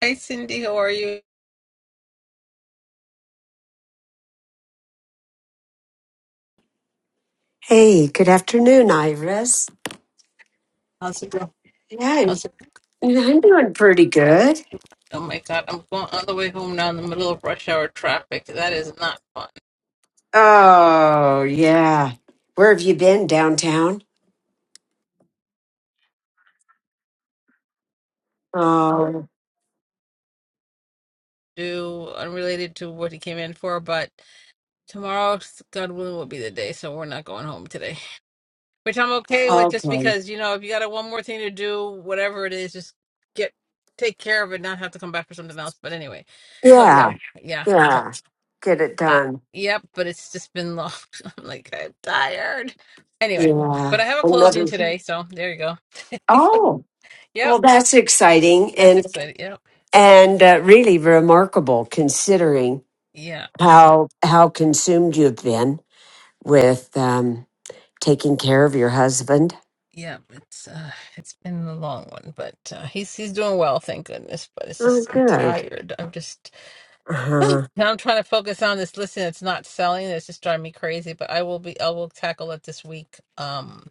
Hi Cindy, how are you? Hey, good afternoon, Iris. How's it going? Yeah, I'm, How's it going? I'm doing pretty good. Oh my God, I'm going all the way home now in the middle of rush hour traffic. That is not fun. Oh, yeah. Where have you been downtown? Oh, Do unrelated to what he came in for, but tomorrow, God willing, will be the day, so we're not going home today. Which I'm okay with, just okay. because you know, if you got a, one more thing to do, whatever it is, just get take care of it, not have to come back for something else. But anyway, so yeah, Yeah, yeah. So. yeah. Get it I, done. yep, but it's just been long. I'm like, I'm tired. Anyway, Yeah. but I have a closing Another. today, so there you go. Oh, Yep, well, that's exciting that's and exciting. Yep, and uh, really remarkable considering yeah. So how how consumed you've been with um, taking care of your husband. yeah, it's uh, it's been a long one, but uh, he's he's doing well, thank goodness. But it's Oh, just I'm good. tired. I'm just Uh-huh. now I'm trying to focus on this listing. It's not selling. It's just driving me crazy. But I will be. I will tackle it this week. Um,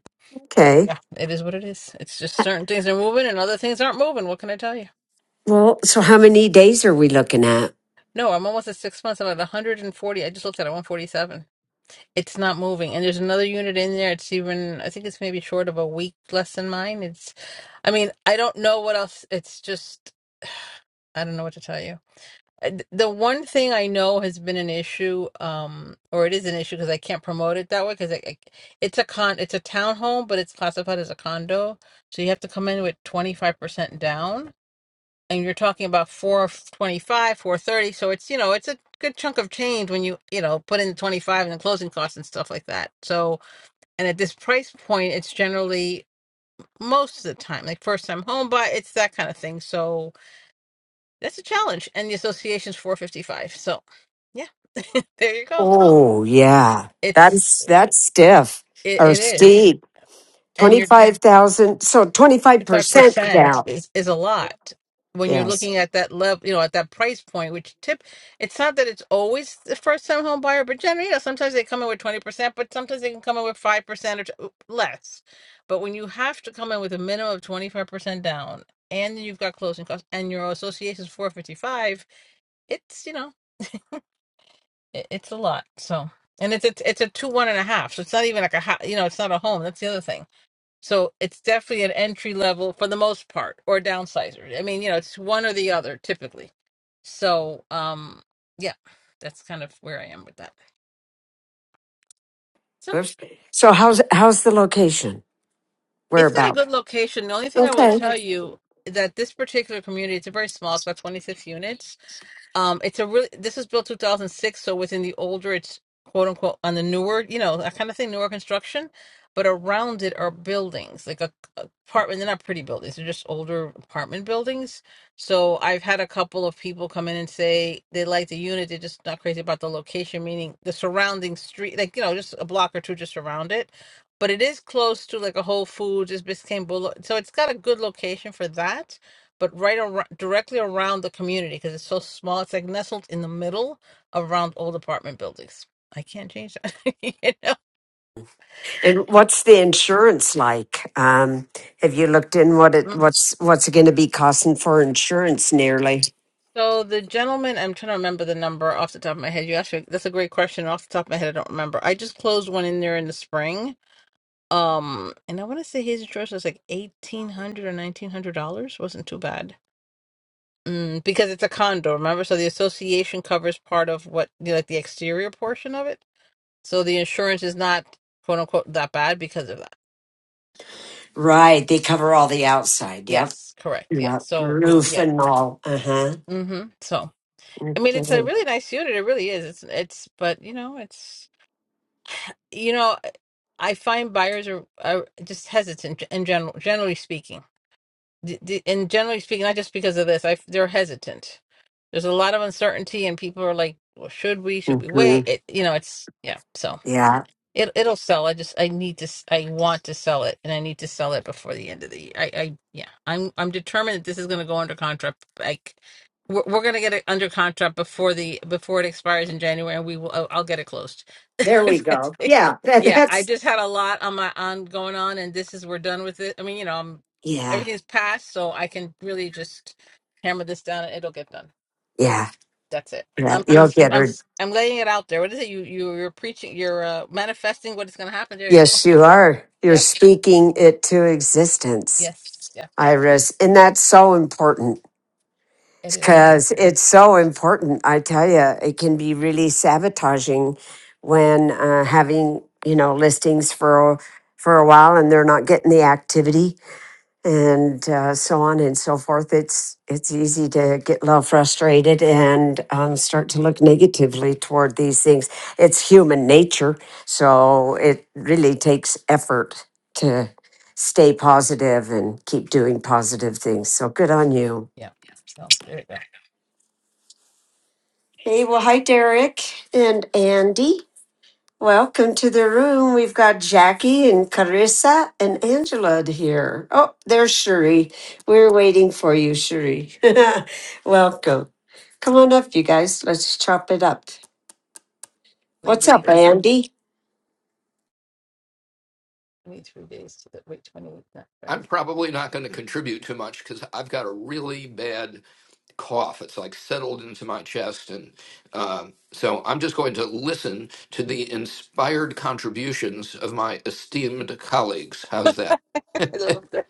Okay. yeah, it is what it is. It's just certain things are moving and other things aren't moving. What can I tell you? Well, so how many days are we looking at? No, I'm almost at six months. I'm at 140. I just looked at it, 147. It's not moving. And there's another unit in there. It's even, I think it's maybe short of a week less than mine. It's, I mean, I don't know what else. It's just, I don't know what to tell you. Uh, th- The one thing I know has been an issue, um, or it is an issue because I can't promote it that way because I, I, it's a con, it's a townhome, but it's classified as a condo. So you have to come in with 25% down and you're talking about 425 430 so it's you know it's a good chunk of change when you you know put in the 25 and the closing costs and stuff like that so and at this price point it's generally most of the time like first time home buy it's that kind of thing so that's a challenge and the association's 455 so yeah there you go Oh, yeah. it's That's that's stiff it, or it is steep. And you're. 25,000, so five 25% percent down. is is a lot when you're Yes. looking at that level you know at that price point which tip it's not that it's always the first time home buyer but generally you know, sometimes they come in with 20% but sometimes they can come in with 5% or t- less but when you have to come in with a minimum of 25% down and then you've got closing costs and your association is 455 it's you know it, it's a lot so and it's it's it's a two one and a half so it's not even like a ho- you know it's not a home that's the other thing so it's definitely an entry level for the most part, or a downsizer. I mean, you know, it's one or the other typically. So, um, yeah, that's kind of where I am with that. So Oops. So how's how's the location? it's got a Whereabout? good location. The only thing I will Okay. tell you that this particular community, it's a very small, it's about 26 units Um, it's a really this was built 2006, so within the older, it's quote unquote on the newer, you know, I kind of think newer construction. But around it are buildings, like a, a apartment. They're not pretty buildings; they're just older apartment buildings. So I've had a couple of people come in and say they like the unit, they're just not crazy about the location, meaning the surrounding street, like you know, just a block or two just around it. But it is close to like a Whole Foods, it's Biscayne Boulevard, so it's got a good location for that but right around, directly around the community because it's so small. It's like nestled in the middle around old apartment buildings. I can't change that. you And what's the insurance like? Um, have you looked in what it know? what's what's it going to be costing for insurance nearly? So the gentleman, I'm trying to remember the number off the top of my head. You asked me, that's a great question. Off the top of my head, I don't remember. I just closed one in there in the spring. Um, and I want to say his insurance was like eighteen hundred or nineteen hundred dollars. wasn't too bad. Mm, because it's a condo, remember? So the association covers part of what, you know, like the exterior portion of it So the insurance is not quote unquote that bad because of that. Right, they cover all the outside. Yep. Yes, correct. Yeah. Yeah, So roof yeah. and all. Uh-huh. Mm-hmm. So I mean, it's a Okay. really nice unit. It really is. It's it's, but you know, it's you know, I find buyers are, are just hesitant in general. Generally speaking, D- d- and generally speaking, not just because of this, I they're hesitant. There's a lot of uncertainty, and people are like, "Well, should we? Should we hmm wait?" It, you know, it's yeah. So. Yeah. It it'll sell. I just I need to s- I want to sell it and I need to sell it before the end of the year. I I yeah. I'm I'm determined that this is going to go under contract. Like we're, we're going to get it under contract before the before it expires in January and we will I'll, I'll get it closed. There we go. Yeah. That, yeah, I that's. just had a lot on my on going on and this is we're done with it. I mean, you know, I'm Yeah. everything's passed so I can really just hammer this down and it'll get done. Yeah. That's it. Yeah. I'm I'm You'll get I'm her. I'm laying it out there. What is it? You you you're preaching. You're uh, manifesting what is going to happen. There you go. Yes, you are. You're Yep. speaking it to existence, Yes. Yeah. Iris. And that's so important It is. it because is. it's so important. I tell you, it can be really sabotaging when uh, having, you know, listings for, a- for a while and they're not getting the activity and uh, so on and so forth. It's it's easy to get a little frustrated and um, start to look negatively toward these things. It's human nature, so it really takes effort to stay positive and keep doing positive things. So good on you. Yeah. So there you go. Hey, well, hi Derek and Andy. Welcome to the room. We've got Jackie and Carissa and Angela here. Oh, there's Shuri. We're waiting for you, Shuri. Welcome. Come on up, you guys. Let's chop it up. Leave What's it up, for Andy? 23 days to the wait 28, not I'm 24. probably not going to contribute too much because I've got a really bad cough. It's like settled into my chest. And um, so I'm just going to listen to the inspired contributions of my esteemed colleagues. How's that? I love that.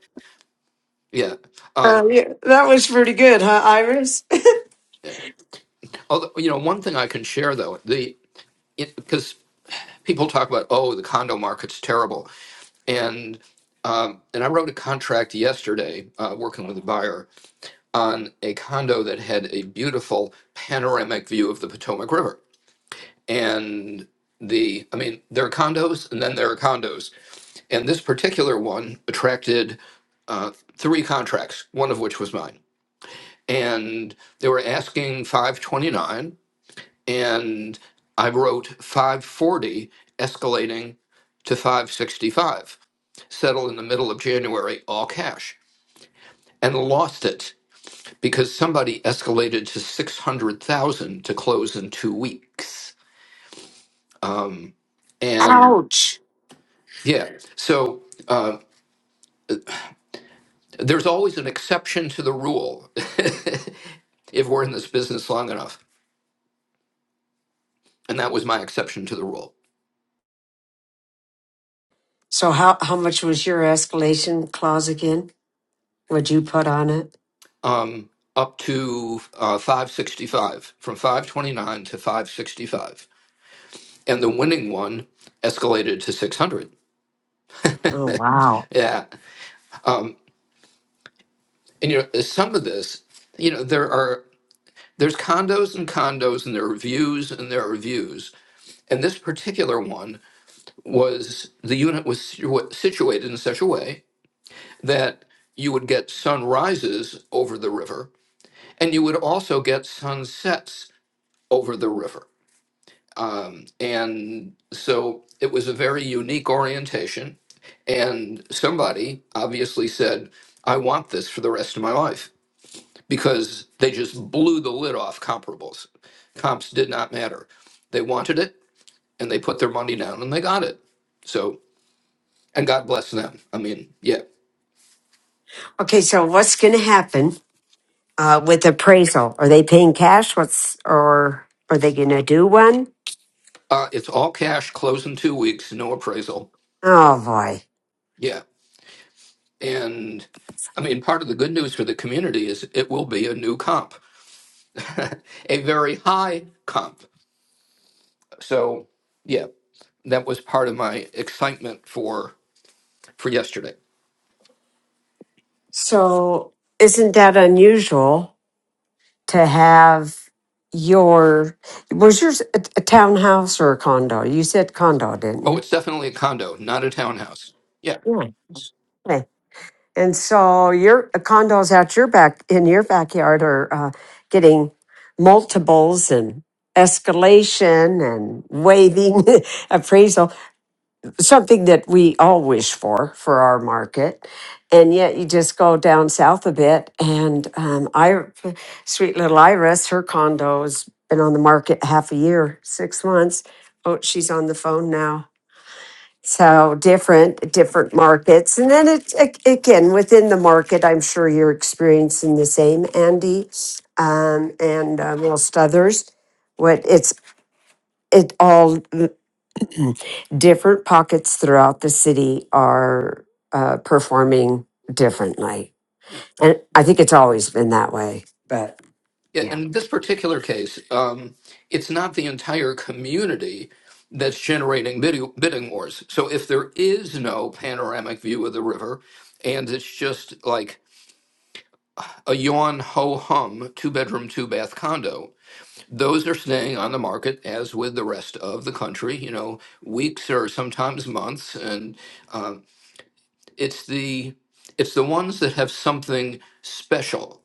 Yeah. Um, Um, yeah, that was pretty good, huh, Iris? although, you know, one thing I can share though, the because people talk about, oh, the condo market's terrible. And um, and I wrote a contract yesterday uh, working with a buyer on a condo that had a beautiful panoramic view of the Potomac River. And the, I mean, there are condos and then there are condos. And this particular one attracted uh, three contracts, one of which was mine. And they were asking 529, and I wrote 540, escalating to 565, settle in the middle of January, all cash, and lost it because somebody escalated to 600,000 to close in two weeks. Um, and Ouch. yeah, so uh, there's always an exception to the rule if we're in this business long enough. And that was my exception to the rule. So how how much was your escalation clause again? What'd you put on it? Um, up to uh, 565, from 529 to 565. And the winning one escalated to 600. Oh wow. Yeah. Um, and, you know, some of this, you know, there are. There's condos and condos, and there are views and there are views. And this particular one was the unit was situ- situated in such a way that you would get sunrises over the river, and you would also get sunsets over the river. Um, and so it was a very unique orientation. And somebody obviously said, I want this for the rest of my life because they just blew the lid off comparables. Comps did not matter. They wanted it and they put their money down and they got it. So, and God bless them. I mean, yeah. Okay, so what's gonna happen? uh, with appraisal. Are they paying cash? What's or are they going to do one? Uh, it's all cash, close in two weeks, no appraisal. Oh boy! Yeah. And I mean, part of the good news for the community is it will be a new comp, a very high comp. So, yeah, that was part of my excitement for for yesterday. So isn't that unusual to have your was yours a, a townhouse or a condo? You said condo, didn't Oh, you? it's definitely a condo, not a townhouse. Yeah. Yeah. Okay. And so your uh, condos out your back in your backyard are uh, getting multiples and escalation and waiving appraisal something that we all wish for for our market and yet you just go down south a bit and um, i sweet little iris her condo's been on the market half a year six months oh she's on the phone now so different different markets and then it a- again within the market i'm sure you're experiencing the same andy um, and uh, most others what it's it all different pockets throughout the city are uh, performing differently. And I think it's always been that way. But Yeah, yeah. in this particular case, um, it's not the entire community that's generating bidding, bidding wars. So if there is no panoramic view of the river and it's just like a yawn ho hum two bedroom, two bath condo, those are staying on the market as with the rest of the country, you know, weeks or sometimes months. And um, it's the it's the ones that have something special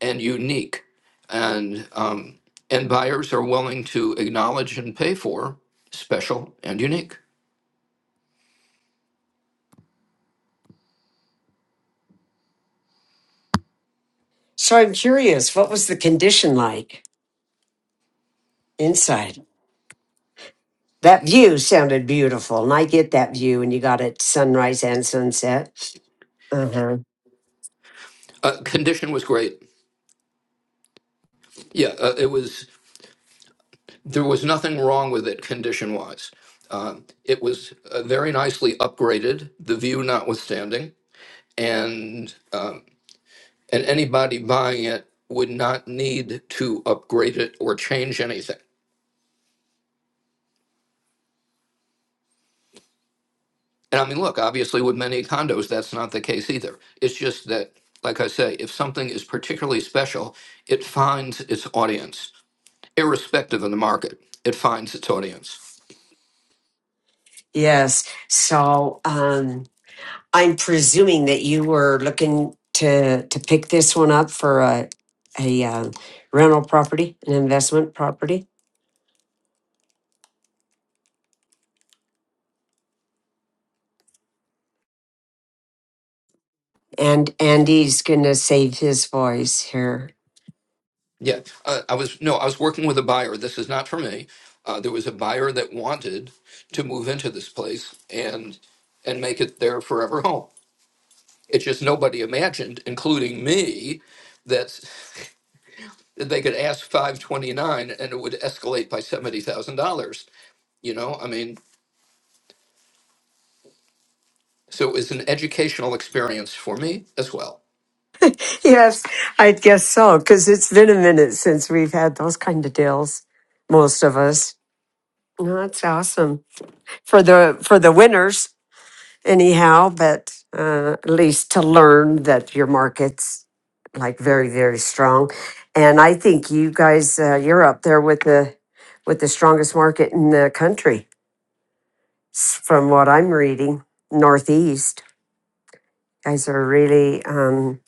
and unique, and um, and buyers are willing to acknowledge and pay for special and unique. So I'm curious, what was the condition like inside? That view sounded beautiful. And I get that view, and you got it sunrise and sunset. Uh-huh. Uh, condition was great. Yeah, uh, it was. There was nothing wrong with it condition wise. Uh, it was uh, very nicely upgraded, the view notwithstanding, and um, and anybody buying it would not need to upgrade it or change anything. And I mean, look, obviously with many condos, that's not the case either. It's just that, like I say, if something is particularly special, it finds its audience, irrespective of the market. It finds its audience. Yes. So, um, I'm presuming that you were looking to to pick this one up for a a uh, rental property, an investment property, and Andy's going to save his voice here. Yeah, uh, I was no, I was working with a buyer. This is not for me. Uh, there was a buyer that wanted to move into this place and and make it their forever home. It's just nobody imagined, including me, that they could ask 529 and it would escalate by $70,000. You know, I mean, so it was an educational experience for me as well. Yes, I guess so, because it's been a minute since we've had those kind of deals, most of us. No, That's awesome for the for the winners anyhow, but uh, at least to learn that your market's like very very strong, and I think you guys uh, you're up there with the with the strongest market in the country s- from what I'm reading. Northeast guys are really um,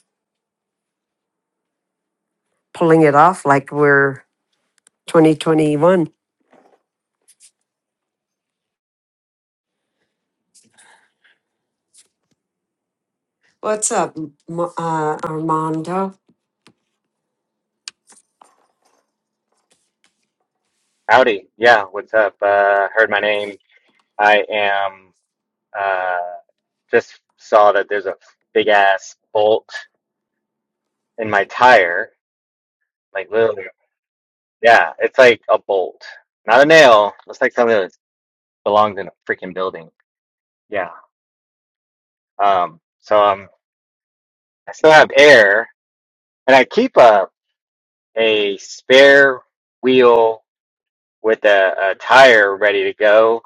pulling it off like we're 2021. What's up, M- uh, Armando? Howdy. Yeah, what's up? Uh, heard my name. I am, uh, just saw that there's a big ass bolt in my tire. Like literally, yeah, it's like a bolt, not a nail. Looks like something that belongs in a freaking building. Yeah. Um, so um, I still have air and I keep a, a spare wheel with a, a tire ready to go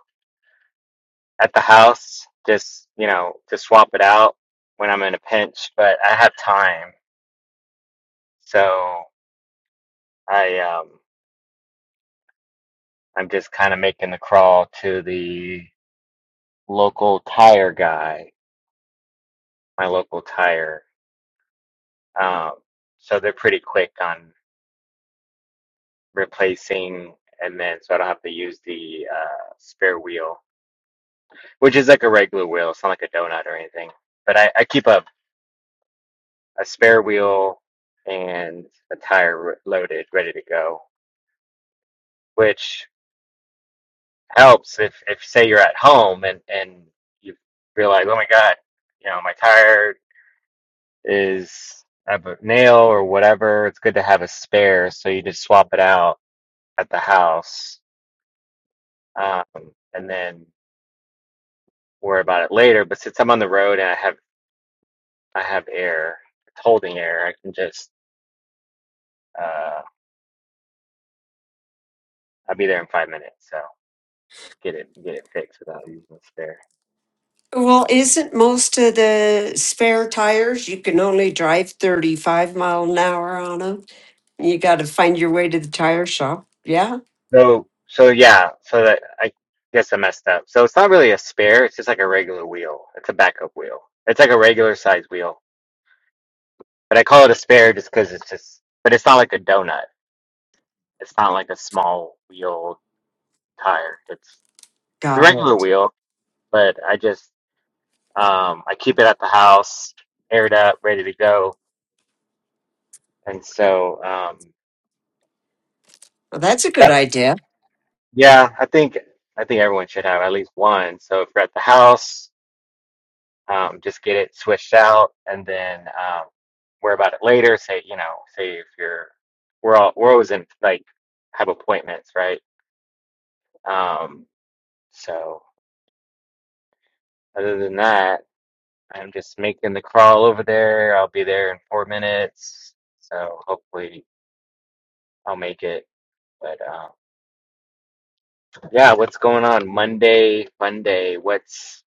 at the house, just you know, to swap it out when I'm in a pinch. But I have time, so I um I'm just kind of making the crawl to the local tire guy, my local tire. Um, so they're pretty quick on replacing, and then so I don't have to use the uh, spare wheel, which is like a regular wheel. It's not like a donut or anything. But I, I keep a, a spare wheel and a tire r- loaded, ready to go. Which helps if if say you're at home and and you realize, oh my God, you know, my tire is I have a nail or whatever. It's good to have a spare, so you just swap it out at the house, um, and then worry about it later. But since I'm on the road and I have I have air, it's holding air, I can just uh, I'll be there in five minutes, so get it get it fixed without using a spare. Well, isn't most of the spare tires you can only drive 35 mile an hour on them? You got to find your way to the tire shop. Yeah, So, so yeah, so that I guess I messed up. So it's not really a spare, it's just like a regular wheel. It's a backup wheel. It's like a regular size wheel. But I call it a spare just because it's just, but it's not like a donut. It's not like a small wheel tire. It's the got regular it. wheel, but I just um I keep it at the house, aired up, ready to go. And so um Well, that's a good that's idea. yeah, I think I think everyone should have at least one. So if you're at the house um, just get it switched out and then um, worry about it later. Say, you know, say if you're, we're all, we're always in like have appointments, right? Um, so other than that, I'm just making the crawl over there. I'll be there in four minutes, so hopefully I'll make it. But um, yeah, what's going on Monday? Monday, what's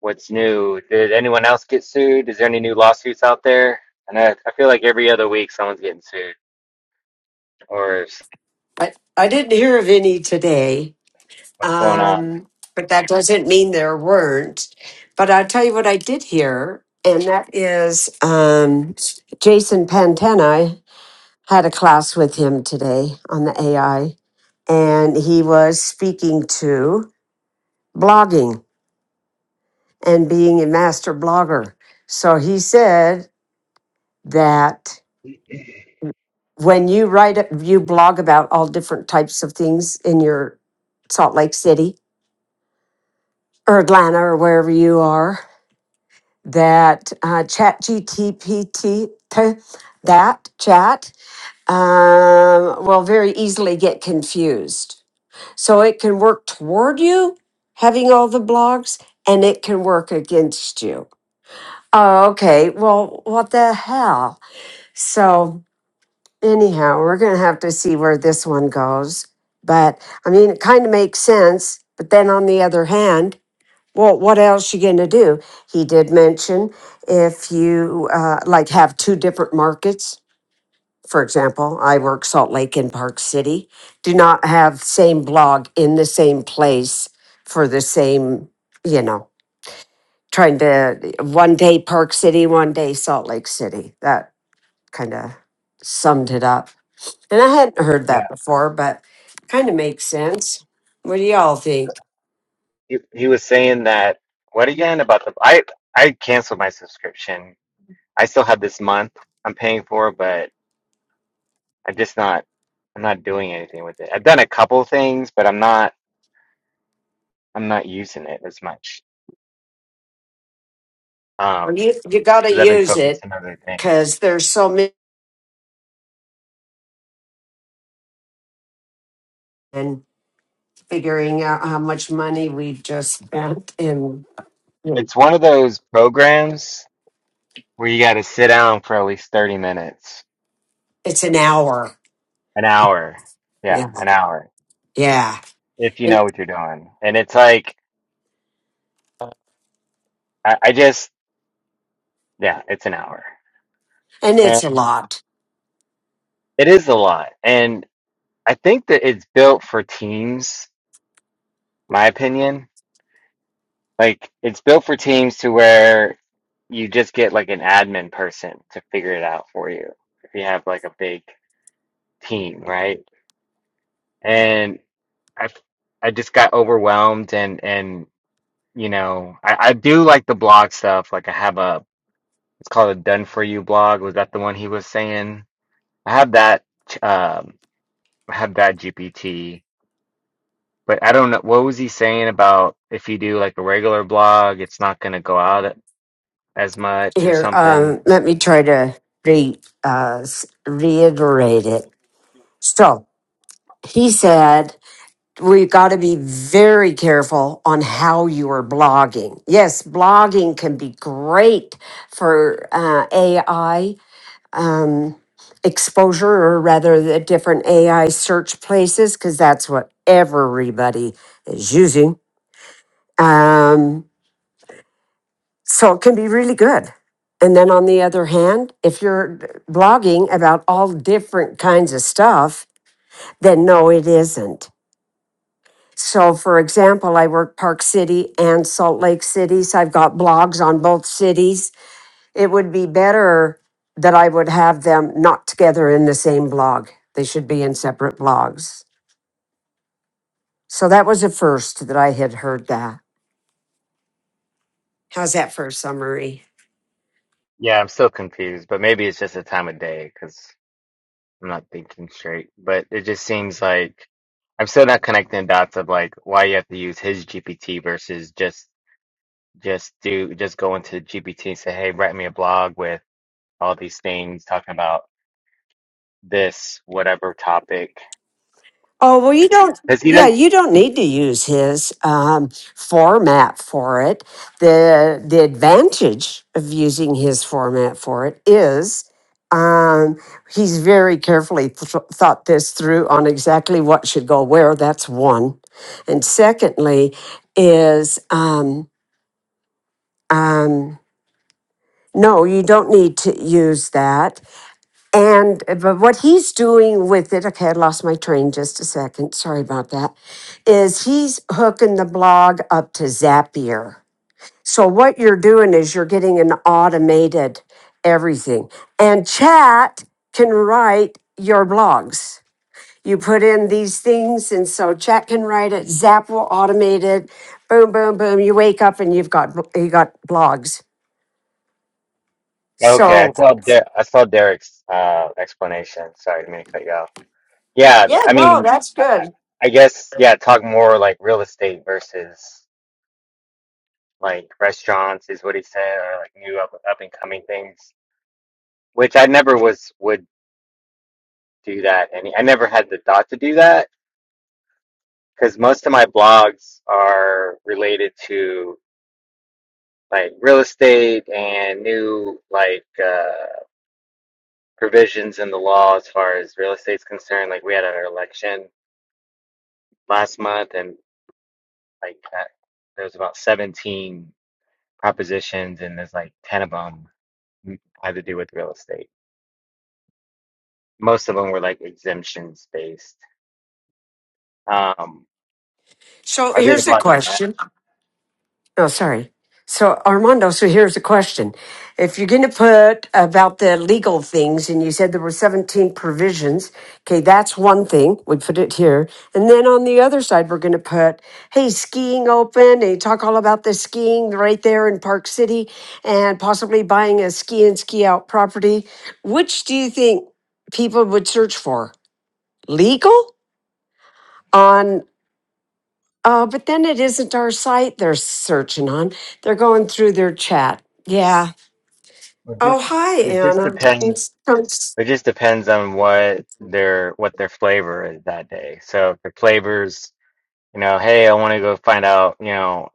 what's new? Did anyone else get sued? Is there any new lawsuits out there? And I, I feel like every other week someone's getting sued. Or I, I didn't hear of any today, What's going on? um, but that doesn't mean there weren't. But I'll tell you what I did hear, and that is um, Jason Pantena. I had a class with him today on the AI, and he was speaking to. blogging and being a master blogger. So he said that when you write, you blog about all different types of things in your Salt Lake City or Atlanta or wherever you are, that uh, chat GTPT, that chat um, will very easily get confused. So it can work toward you having all the blogs and it can work against you Oh, okay. Well, what the hell? So, anyhow, we're going to have to see where this one goes. But I mean, it kind of makes sense. But then on the other hand, well, what else you going to do? He did mention if you uh, like have two different markets. For example, I work Salt Lake and Park City. Do not have same blog in the same place for the same, you know, trying to one day Park City, one day Salt Lake City. That kind of summed it up. And I hadn't heard Yeah. that before, but kind of makes sense. What do y'all So think? he, he was saying that what again about the I I canceled my subscription. I still have this month I'm paying for, but I'm just not I'm not doing anything with it. I've done a couple things, but I'm not I'm not using it as much. Um, Well, You you got to because I've been use focused it on other things. because there's so many and figuring out how much money we have just spent in. in- It's one of those programs where you got to sit down for at least 30 minutes, It's an hour. an hour. Yeah, Yeah, an hour yeah, if you and know what you're doing. And it's like I, I just Yeah, it's an hour. and And it's a lot. it is a lot. And I think that it's built for teams, my opinion. Like it's built for teams to where you just get like an admin person to figure it out for you if you have like a big team, right? And I I just got overwhelmed and and you know, I, I do like the blog stuff. Like I have a it's called a done for you blog. Was that the one he was saying? I have that um I have that GPT But I don't know what was he saying about if you do like a regular blog, it's not going to go out as much or Here, something. um, let me try to re uh, s- reiterate it. So he said we have got to be very careful on how you are blogging. Yes, blogging can be great for uh, AI um, exposure, or rather, the different AI search places, because that's what everybody is using. Um, so it can be really good. And then on the other hand, if you're blogging about all different kinds of stuff, then no, it isn't So, for example, I work Park City and Salt Lake City, so I've got blogs on both cities. It would be better that I would have them not together in the same blog. They should be in separate blogs. So that was a first that I had heard that. How's that for a summary? Yeah, I'm still confused, but maybe it's just a time of day because I'm not thinking straight. But it just seems like I'm still not connecting dots of like why you have to use his GPT versus just just do just go into GPT and say, hey, write me a blog with all these things talking about this whatever topic Oh, well, you don't, because he yeah, does. you don't need to use his um, format for it. The, the advantage of using his format for it is um, he's very carefully th- thought this through on exactly what should go where. That's one. And secondly, is um, um, no, you don't need to use that and uh, but what he's doing with it, okay, I lost my train just a second. Sorry about that. Is he's hooking the blog up to Zapier. So what you're doing is you're getting an automated everything. And chat can write your blogs. You put in these things, and so chat can write it. Zap will automate it. Boom, boom, boom. You wake up and you've got you got blogs. Okay, I So saw Der I saw Derek's uh, explanation. Sorry, I didn't mean to cut you off. Yeah, th- yeah, I no, mean, that's I, I good. I guess yeah. Talk more like real estate versus like restaurants is what he said, or like new up up and coming things, which I never was would do that, and I never had the thought to do that because most of my blogs are related to. like real estate and new like uh, provisions in the law as far as real estate's concerned. Like we had our election last month, and like uh, there was about 17 propositions, and there's like 10 of them had to do with real estate. Most of them were like exemptions based. Um, So I did a here's a blog on that. question. Oh, sorry. So, Armando, so here's a question. If you're going to put about the legal things, and you said there were 17 provisions, okay, that's one thing. We put it here. And then on the other side, we're going to put, hey, skiing open, and you talk all about the skiing right there in Park City and possibly buying a ski in ski out property. Which do you think people would search for? Legal? on. Uh, but then it isn't our site they're searching on. They're going through their chat. Yeah. It Oh, just hi, it just Anna. depends. It's, it's- It just depends on what their what their flavor is that day. So if the flavors you know, hey, I want to go find out, you know,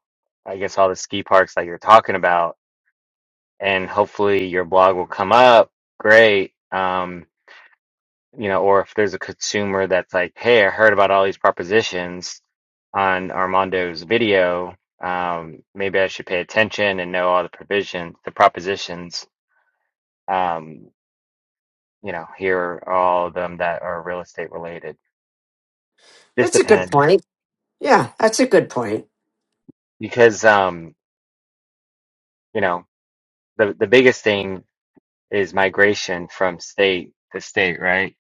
I guess all the ski parks that you're talking about, and hopefully your blog will come up. Great. Um, you know, or if there's a consumer that's like, hey, I heard about all these propositions on Armando's video, um, maybe I should pay attention and know all the provisions, the propositions. Um, you know, here are all of them that are real estate related. This that's a good depends point. Yeah, that's a good point. because, um, you know, the the biggest thing. is migration from state to state, right?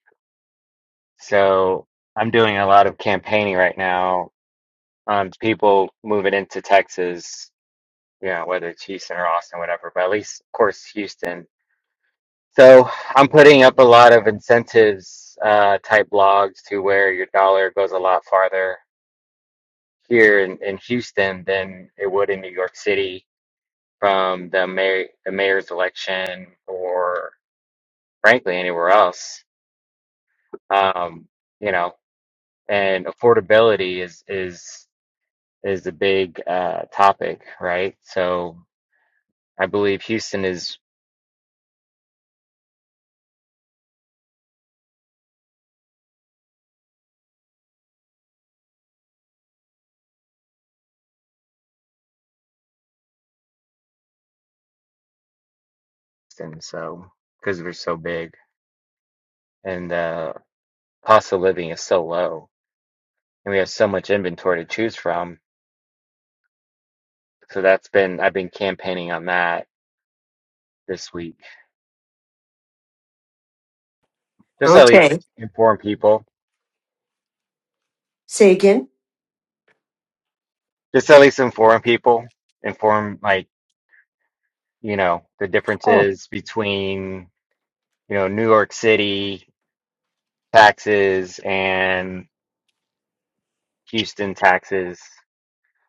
So I'm doing a lot of campaigning right now on people moving into Texas, you know, whether it's Houston or Austin, whatever, but at least, of course, Houston. So I'm putting up a lot of incentives uh, type blogs to where your dollar goes a lot farther here in, in Houston than it would in New York City from the mayor the mayor's election or frankly anywhere else. Um, you know. and affordability is is is a big uh topic, right? So I believe Houston is and so because we're so big and the cost of living is so low and we have so much inventory to choose from. So that's been I've been campaigning on that this week. Just at least Okay. inform people. Say again. Just at least inform people. Inform like, you know, the Oh. differences between, you know, New York City taxes and. Houston, Texas,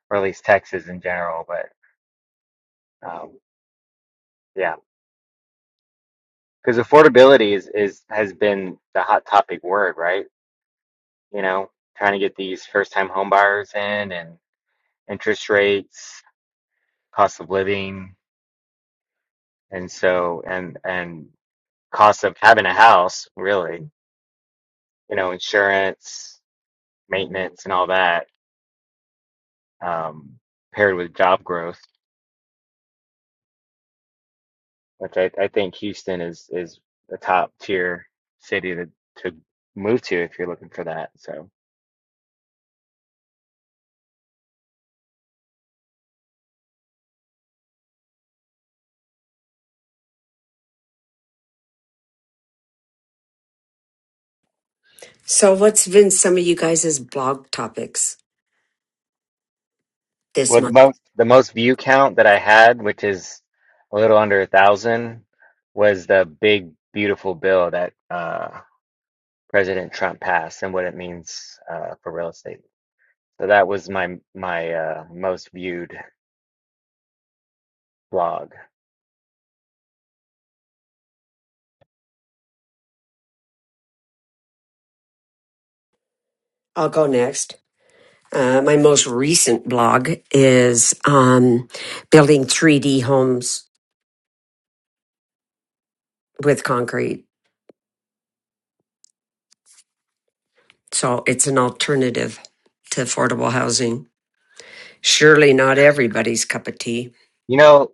or at least Texas in general. But um, yeah, because affordability is, is has been the hot topic word, right? You know, trying to get these first-time home buyers in and interest rates, cost of living, and so and and cost of having a house, really. You know, insurance, maintenance, and all that, um, paired with job growth. which I, I think Houston is is a top tier city to to move to if you're looking for that. So, So, what's been some of you guys' blog topics this well, the month? most the most view count that I had, which is a little under a thousand, was the big beautiful bill that uh, President Trump passed and what it means uh, for real estate. So that was my my uh, most viewed blog. I'll go next. Uh, my most recent blog is um, building 3D homes with concrete. So, it's an alternative to affordable housing. Surely not everybody's cup of tea. You know,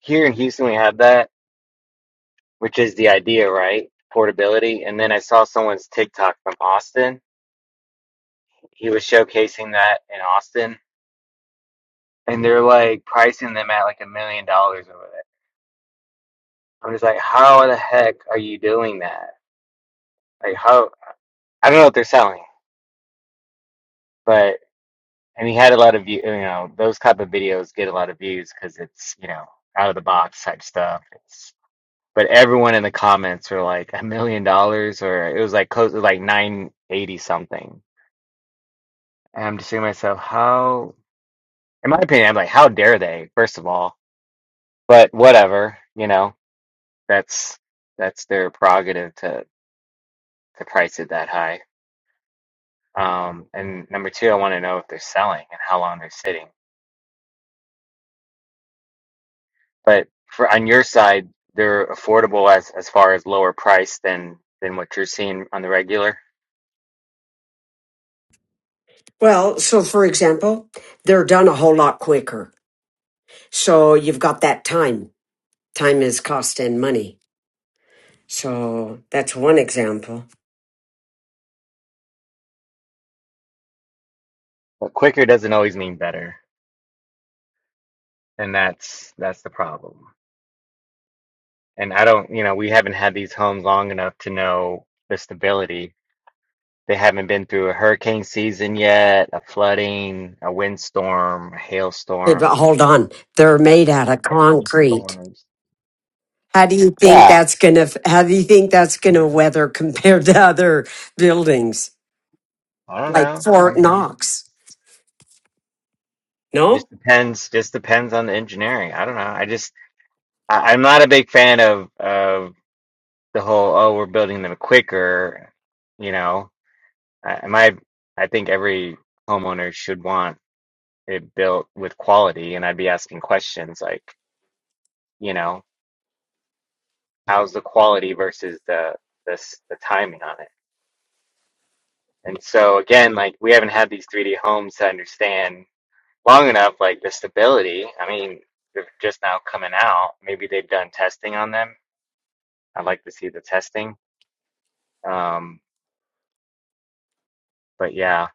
here in Houston we have that, which is the idea, right? Portability. And then I saw someone's TikTok from Austin he was showcasing that in Austin, and they're like pricing them at like a million dollars over there. I'm just like, how the heck are you doing that? Like, how I don't know what they're selling, but and he had a lot of view. You know, those type of videos get a lot of views because it's you know out of the box type stuff. It's but everyone in the comments were like a million dollars, or it was like close to like nine eighty something. And I'm just thinking to myself, how? In my opinion, I'm like, how dare they? First of all, but whatever, you know that's that's their prerogative to to price it that high. Um, and number two, I want to know if they're selling and how long they're sitting. But for on your side, they're affordable as as far as lower price than than what you're seeing on the regular. Well, so for example, they're done a whole lot quicker. So you've got that time. Time is cost and money. So that's one example. But quicker doesn't always mean better, and that's that's the problem. And I don't, you know, we haven't had these homes long enough to know the stability. They haven't been through a hurricane season yet, a flooding, a windstorm, a Hey, hailstorm But hold on, they're made out of ice concrete. storms. How do you think Yeah. that's gonna? How do you think that's gonna weather compared to other buildings I don't like know. I Fort mean, Knox? just No. depends. Just depends on the engineering. I don't know. I just I, I'm not a big fan of of the whole oh we're building them quicker. You know, I, my I think every homeowner should want it built with quality, and I'd be asking questions like, you know, how's the quality versus the the s- the timing on it. And so again, like we haven't had these 3D homes to understand. long enough, like the stability. I mean, they're just now coming out. Maybe they've done testing on them. I'd like to see the testing. Um, but yeah,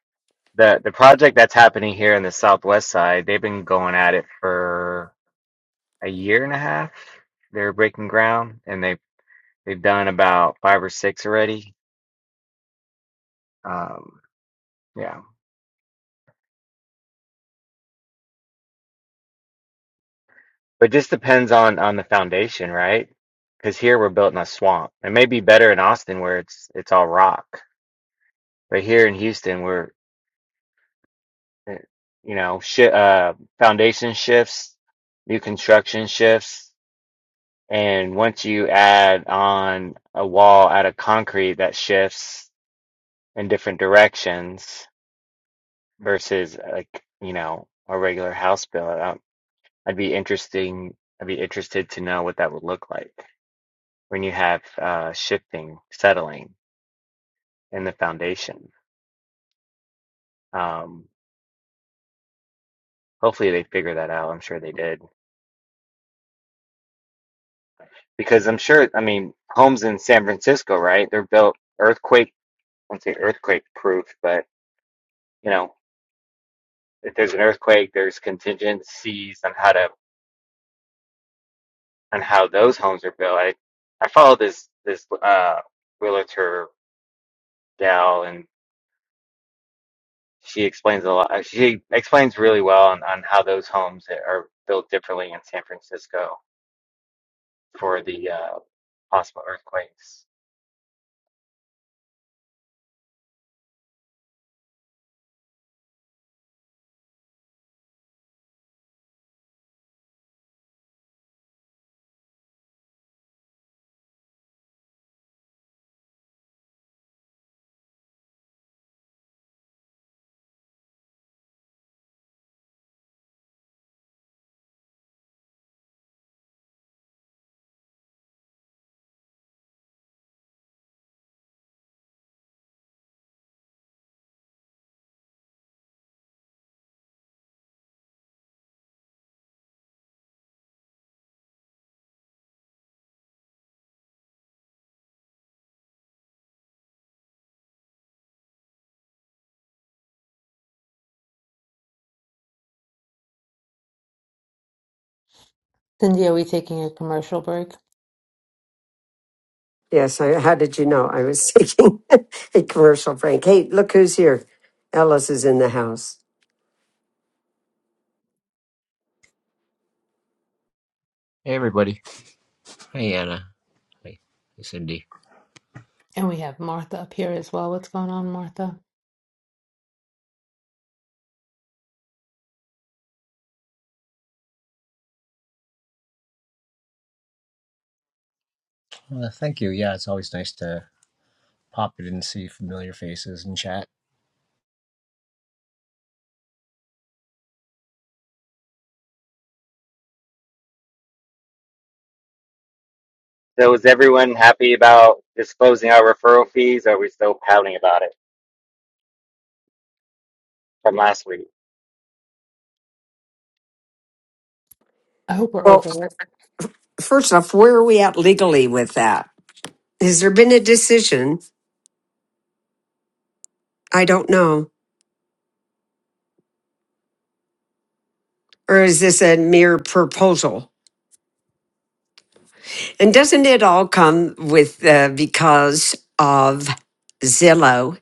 the the project that's happening here in the Southwest side, they've been going at it for a year and a half. They're breaking ground, and they they've done about five or six already. Um, yeah, but just depends on on the foundation, right? Because here we're built in a swamp. It may be better in Austin where it's it's all rock. But here in Houston, we're uh, you know, shi uh, foundation shifts, new construction shifts, and once you add on a wall out of concrete that shifts in different directions versus like, you know, a regular house build, I- I'd be interesting, I'd be interested to know what that would look like when you have uh, shifting, settling in the foundation. Um, hopefully they figure that out. I'm sure they did Because I'm sure, I mean, homes in San Francisco, right? They're built earthquake, I won't say earthquake proof, but you know, if there's an earthquake, there's contingencies on how to on how those homes are built. I I follow this this uh realtor gal, and she explains a lot. She explains really well on on how those homes are built differently in San Francisco for the uh, possible earthquakes. Cindy, are we taking a commercial break? Yes. I, how did you know? I was taking a commercial break. Hey, look who's here. Ellis is in the house. Hey everybody. Hey Anna. Hey, hey Cindy. And we have Martha up here as well. What's going on, Martha? Well, thank you. Yeah, it's always nice to pop in and see familiar faces and chat. So is everyone happy about disclosing our referral fees? Or are we still pouting about it? from last week. I hope we're Well, over it. first off, where are we at legally with that? Has there been a decision? I don't know. Or is this a mere proposal? And doesn't it all come with uh, because of Zillow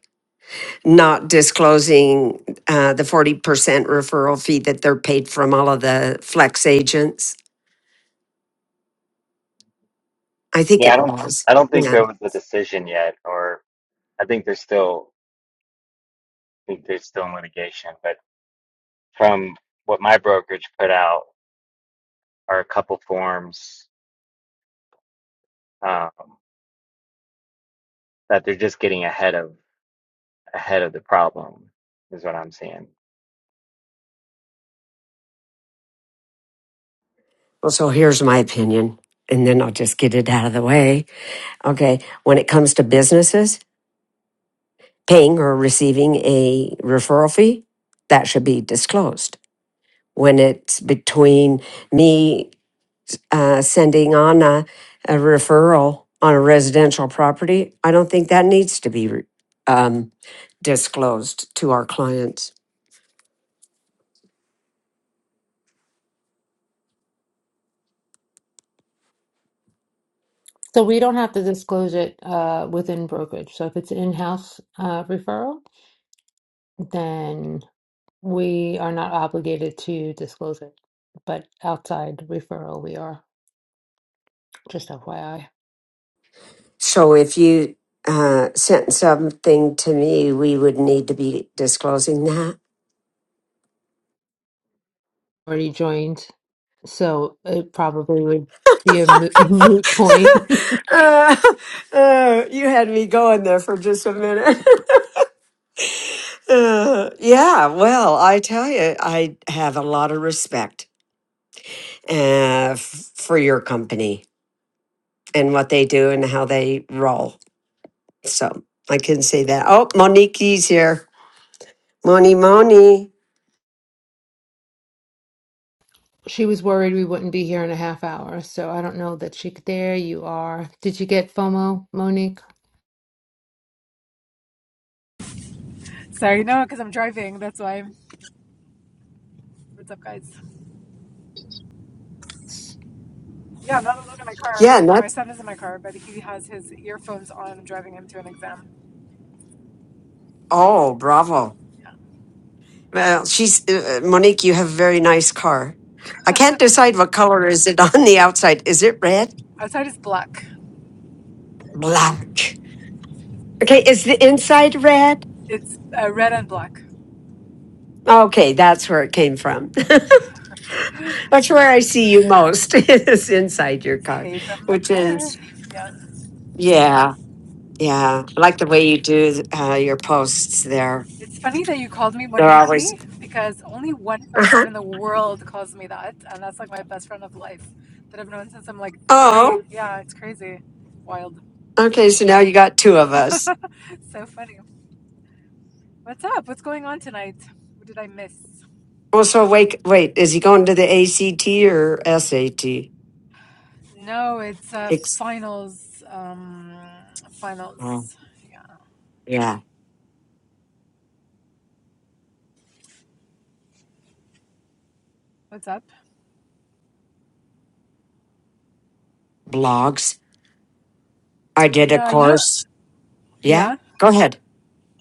not disclosing uh, the 40% referral fee that they're paid from all of the flex agents? I think Yeah, I it don't was. I don't think Yeah. there was a decision yet, or I think there's still I think there's still in litigation. But from what my brokerage put out are a couple forms um, that they're just getting ahead of ahead of the problem is what I'm seeing. Well, so here's my opinion, and then I'll just get it out of the way. Okay. When it comes to businesses, paying or receiving a referral fee, that should be disclosed. When it's between me uh, sending on a, a referral on a residential property, I don't think that needs to be re- um, disclosed to our clients. So we don't have to disclose it uh, within brokerage. So if it's an in-house uh, referral, then we are not obligated to disclose it. But outside referral, we are. Just FYI, So if you uh, sent something to me, we would need to be disclosing that. already joined, so it probably would be a mo- moot point. Uh, uh, you had me going there for just a minute. Uh, yeah, well, I tell you, I have a lot of respect uh, f- for your company and what they do and how they roll. So I can say that. Oh, Monique's here. Moni, Moni. She was worried we wouldn't be here in a half hour, so I don't know that she could. There you are. Did you get FOMO, Monique? Sorry, no, because I'm driving. That's why. What's up, guys? Yeah, I'm not alone in my car. Yeah, and My that's, son is in my car, but he has his earphones on. I'm driving him to an exam. oh, bravo. Well, she's, uh, uh, Monique, you have a very nice car. I can't decide what color is it on the outside. Is it red? Outside is black. Black. Okay, is the inside red? It's uh, red and black. Okay, that's where it came from. That's where I see you most is inside your It's car, hay from the which car. is Yeah. yeah, yeah. I like the way you do uh, your posts there. It's funny that you called me They're always Moniki because only one person uh-huh. in the world calls me that. And that's like my best friend of life that I've known since I'm like three. oh Yeah, it's crazy. Wild. okay. So now you got two of us. so funny. What's up? What's going on tonight? What did I miss? Well, so wait, wait. Is he going to the ACT or SAT? No, it's uh, Ex- finals. Um, oh, finals. Yeah. yeah, What's up? blogs. I Oh did a yeah, you know. course. Yeah, Yeah. go ahead.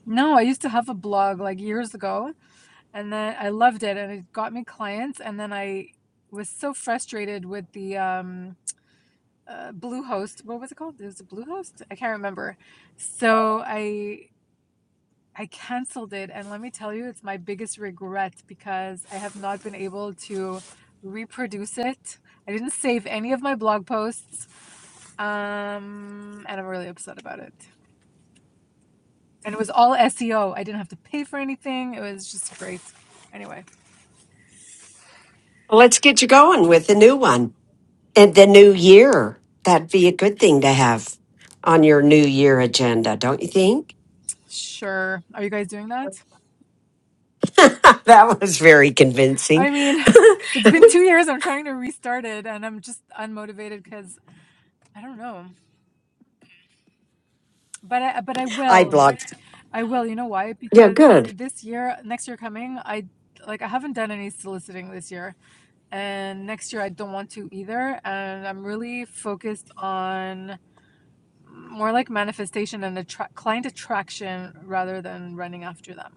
No, I used to have a blog like years ago, and then I loved it, and it got me clients. And then I was so frustrated with the um, uh, Bluehost. What was it called? It was a Bluehost. I can't remember. So I I canceled it, and let me tell you, it's my biggest regret because I have not been able to reproduce it. I didn't save any of my blog posts. Um, and I'm really upset about it. And it was all SEO. I didn't have to pay for anything. It was just great. Anyway, Let's get you going with the new one. And the new year, that'd be a good thing to have on your new year agenda, don't you think? sure. Are you guys doing that? that was very I convincing. mean, it's been two years. I'm trying to restart it, and I'm just unmotivated because I don't know. But I, but I I will. blocked. I will. You know why? Yeah, Because good. this year, next year coming, I like I haven't done any soliciting this year, and next year I don't want to either. And I'm really focused on more like manifestation and attra- client attraction rather than running after them.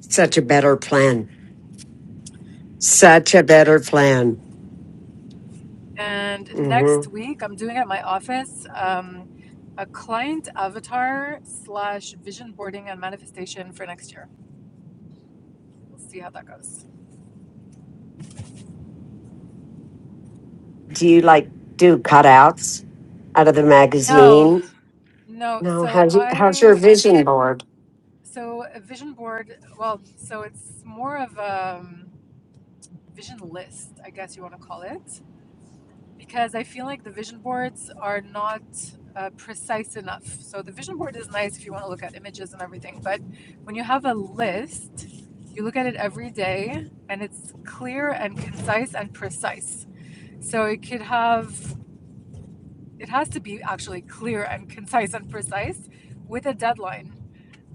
Such a better plan. Such a better plan. And hmm next week, I'm doing at my office um, a client avatar slash vision boarding and manifestation for next year. We'll see how that goes. Do you like do cutouts out of the No, magazine? no. No. So How's you, how's your I vision board? so a vision board. Well, so it's more of a um, vision list, I guess you want to call it. because I feel like the vision boards are not uh, precise enough. So the vision board is nice if you want to look at images and everything, but when you have a list, you look at it every day and it's clear and concise and precise. So it could have it has to be actually clear and concise and precise with a deadline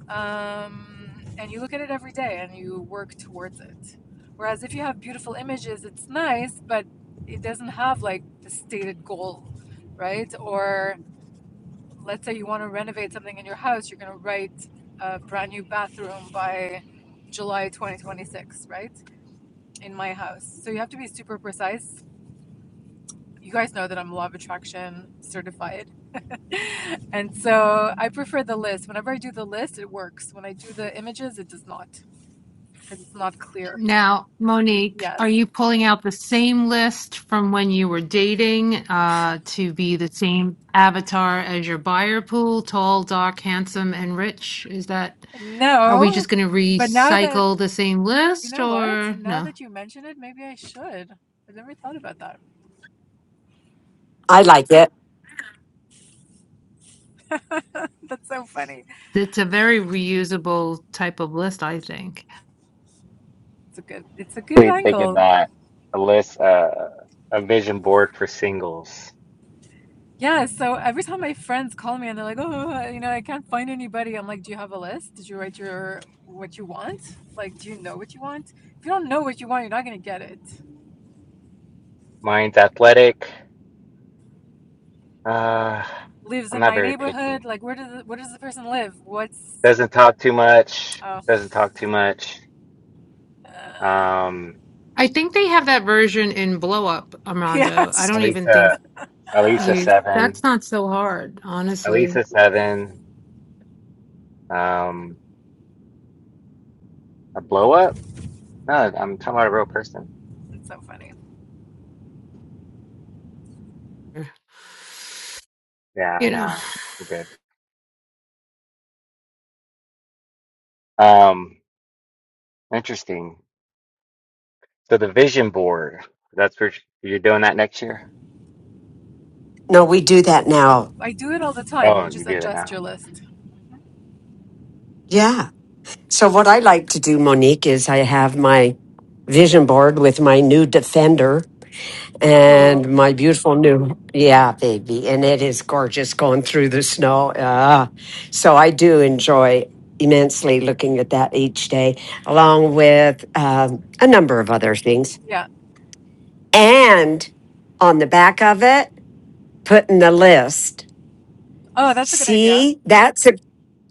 um, and you look at it every day and you work towards it. Whereas if you have beautiful images, it's nice, but it doesn't have like the stated goal, right? Or let's say you want to renovate something in your house, you're going to write a brand new bathroom by July 2026, right? In my house. So you have to be super precise. You guys know that I'm law of attraction certified. and so I prefer the list. Whenever I do the list, it works. When I do the images, it does not because it's not clear. Now, Monique, Yes. are you pulling out the same list from when you were dating uh, to be the same avatar as your buyer pool? Tall, dark, handsome, and rich? Is that, are we No, just going to but now that recycle the same you list know what, or now no? that you mention it, maybe I should. I never thought about that. I like it. That's so funny. It's a very reusable type of list, I think. It's a good. It's a good They they could angle. not a list uh, a vision board for singles. Yeah. So every time my friends call me and they're like, "Oh, uh, you know, I can't find anybody," I'm like, "Do you have a list? Did you write your what you want? Like, do you know what you want? If you don't know what you want, you're not gonna get it. Mine's athletic. Uh, Lives I'm in not my very neighborhood. picky. Like, where does where does the person live? What's Doesn't talk too much. Oh, Doesn't talk too much. uh, Um, I think they have that version in Blow Up, yeah. Armando. I it's don't even think. Elisa, Elisa you Seven, that's not so hard, honestly. Elisa Seven, um, a blow up? No, I'm talking about a real person. it's so funny. You Yeah, know. no, we're good. Um, interesting. So the vision board, that's where you're doing that next year? No, we do that now. I do it all the time. Oh, You you just do that adjust now. your list. Yeah. So what I like to do, Monique, is I have my vision board with my new Defender Ooh, and my beautiful new yeah baby and it is gorgeous going through the snow Ah, so i do enjoy immensely looking at that each day along with um, a number of other things yeah. and on the back of it putting the list Oh, that's a good idea. see that's a,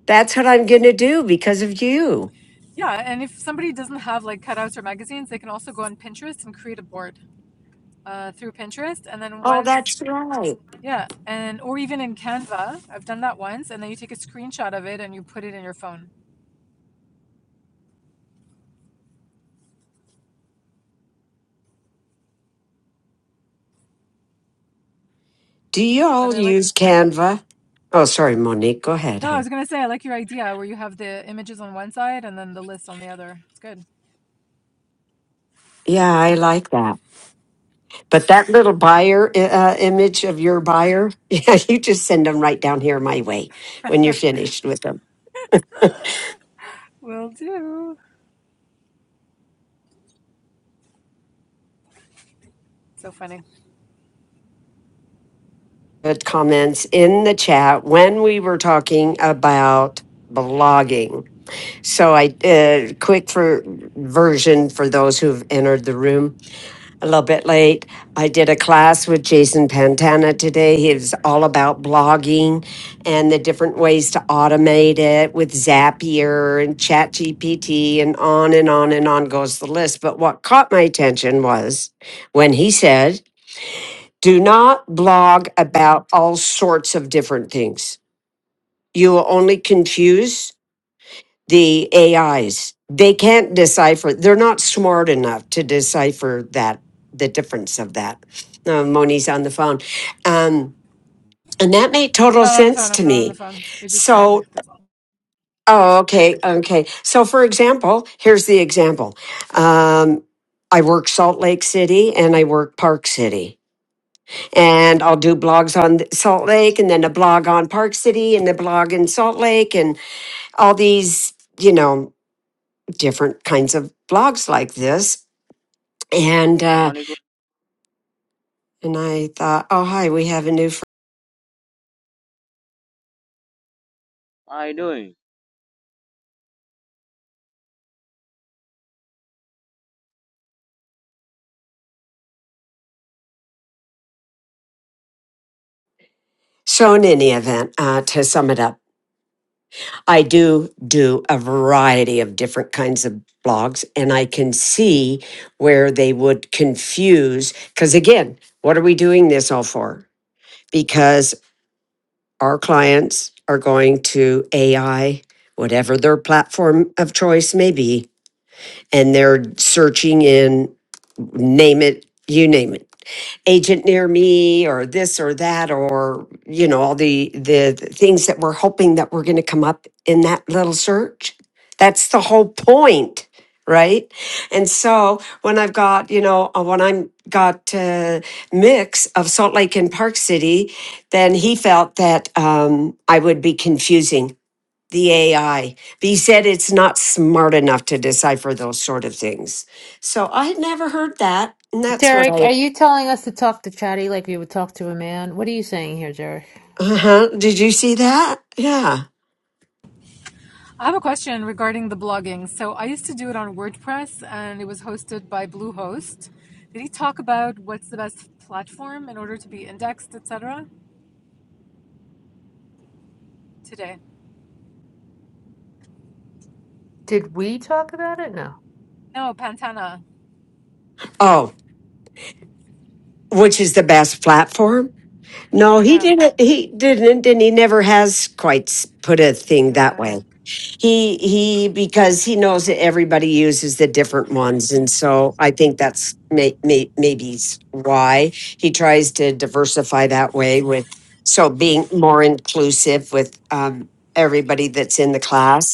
that's what i'm gonna do because of you Yeah, and if somebody doesn't have like cutouts or magazines, they can also go on Pinterest and create a board uh, through Pinterest. And then oh that's once, right yeah, and or even in Canva, I've done that once. And then you take a screenshot of it and you put it in your phone. do you But all I like. use canva oh sorry monique go ahead No, I hon was gonna say I like your idea where you have the images on one side and then the list on the other. It's good. yeah i like that But that little buyer uh, image of your buyer, yeah, you just send them right down here my way when you're finished with them. Will do. So funny. Good comments in the chat when we were talking about blogging. So I uh, quick for version for those who've entered the room. a little bit late. I did a class with Jason Pantana today. He was all about blogging and the different ways to automate it with Zapier and ChatGPT and on and on and on goes the list. But what caught my attention was when he said, do not blog about all sorts of different things. You will only confuse the AIs. They can't decipher. They're not smart enough to decipher that the difference of that. Uh, Moni's on the phone, um, and that made I'm total not on the sense phone. I'm to not on the me. phone. It just rang. So, That's all. oh, okay, okay. So, for example, here's the example. Um, I work Salt Lake City and I work Park City. And I'll do blogs on th- Salt Lake and then a blog on Park City and a blog in Salt Lake and all these, you know, different kinds of blogs like this. And Hello, uh, Monica. and I thought, oh hi, we have a new. Friend. How are you doing? So in any event, uh, to sum it up, I do do a variety of different kinds of blogs, and I can see where they would confuse. Because again, what are we doing this all for? Because our clients are going to AI, whatever their platform of choice may be, and they're searching in name it, you name it agent near me or this or that or you know all the the things that we're hoping that we're going to come up in that little search that's the whole point right and so when i've got you know uh, when i'm got uh, mix of salt lake and park city then he felt that um, i would be confusing the ai but he said it's not smart enough to decipher those sort of things so i had never heard that and that's what Derek, i are you telling us to talk to Chatty like we would talk to a man? What are you saying here, Derek? Uh huh. Did you see that? Yeah. I have a question regarding the blogging. So I used to do it on WordPress and it was hosted by Bluehost. Did he talk about what's the best platform in order to be indexed, etc. today? Did we talk about it? No. No, Pantana. Oh, which is the best platform? No, he Yeah. didn't. He didn't, and he never has quite s- put a thing that Mm. way. He he because he knows that everybody uses the different ones, and so I think that's may, may, maybe s- why he tries to diversify that way with so being more inclusive with um, everybody that's in the class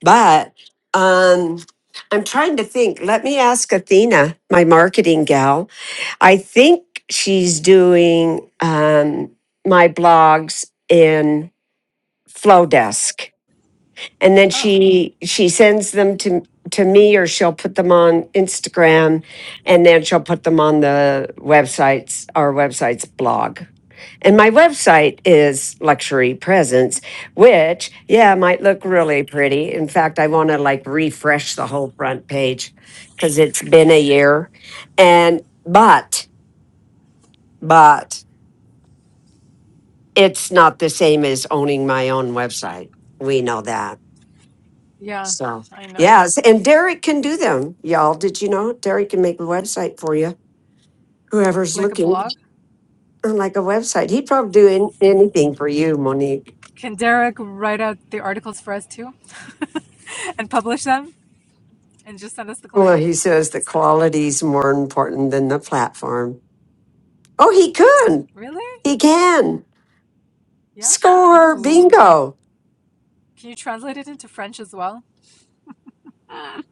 But um, I'm trying to think. Let me ask Athena, my marketing gal. I think she's doing um, my blogs in Flowdesk, and then Oh. she she sends them to to me, or she'll put them on Instagram, and then she'll put them on the websites our website's blog. And my website is Luxury Presence, which, yeah, might look really pretty. In fact, I want to like refresh the whole front page because it's been a year. And, but, but it's not the same as owning my own website. We know that. Yeah, So, I know. yes. And Derek can do them, y'all. Did you know Derek can make a website for you? Whoever's Like a looking blog? for like a website, he'd probably do an- anything for you, Monique. Can Derek write out the articles for us too? and publish them and just send us the Well, clients? he says the That's funny. quality's more important than the platform. Oh, he could. Really? He can. Yeah. Score. Ooh. Bingo. Can you translate it into French as well? Mm.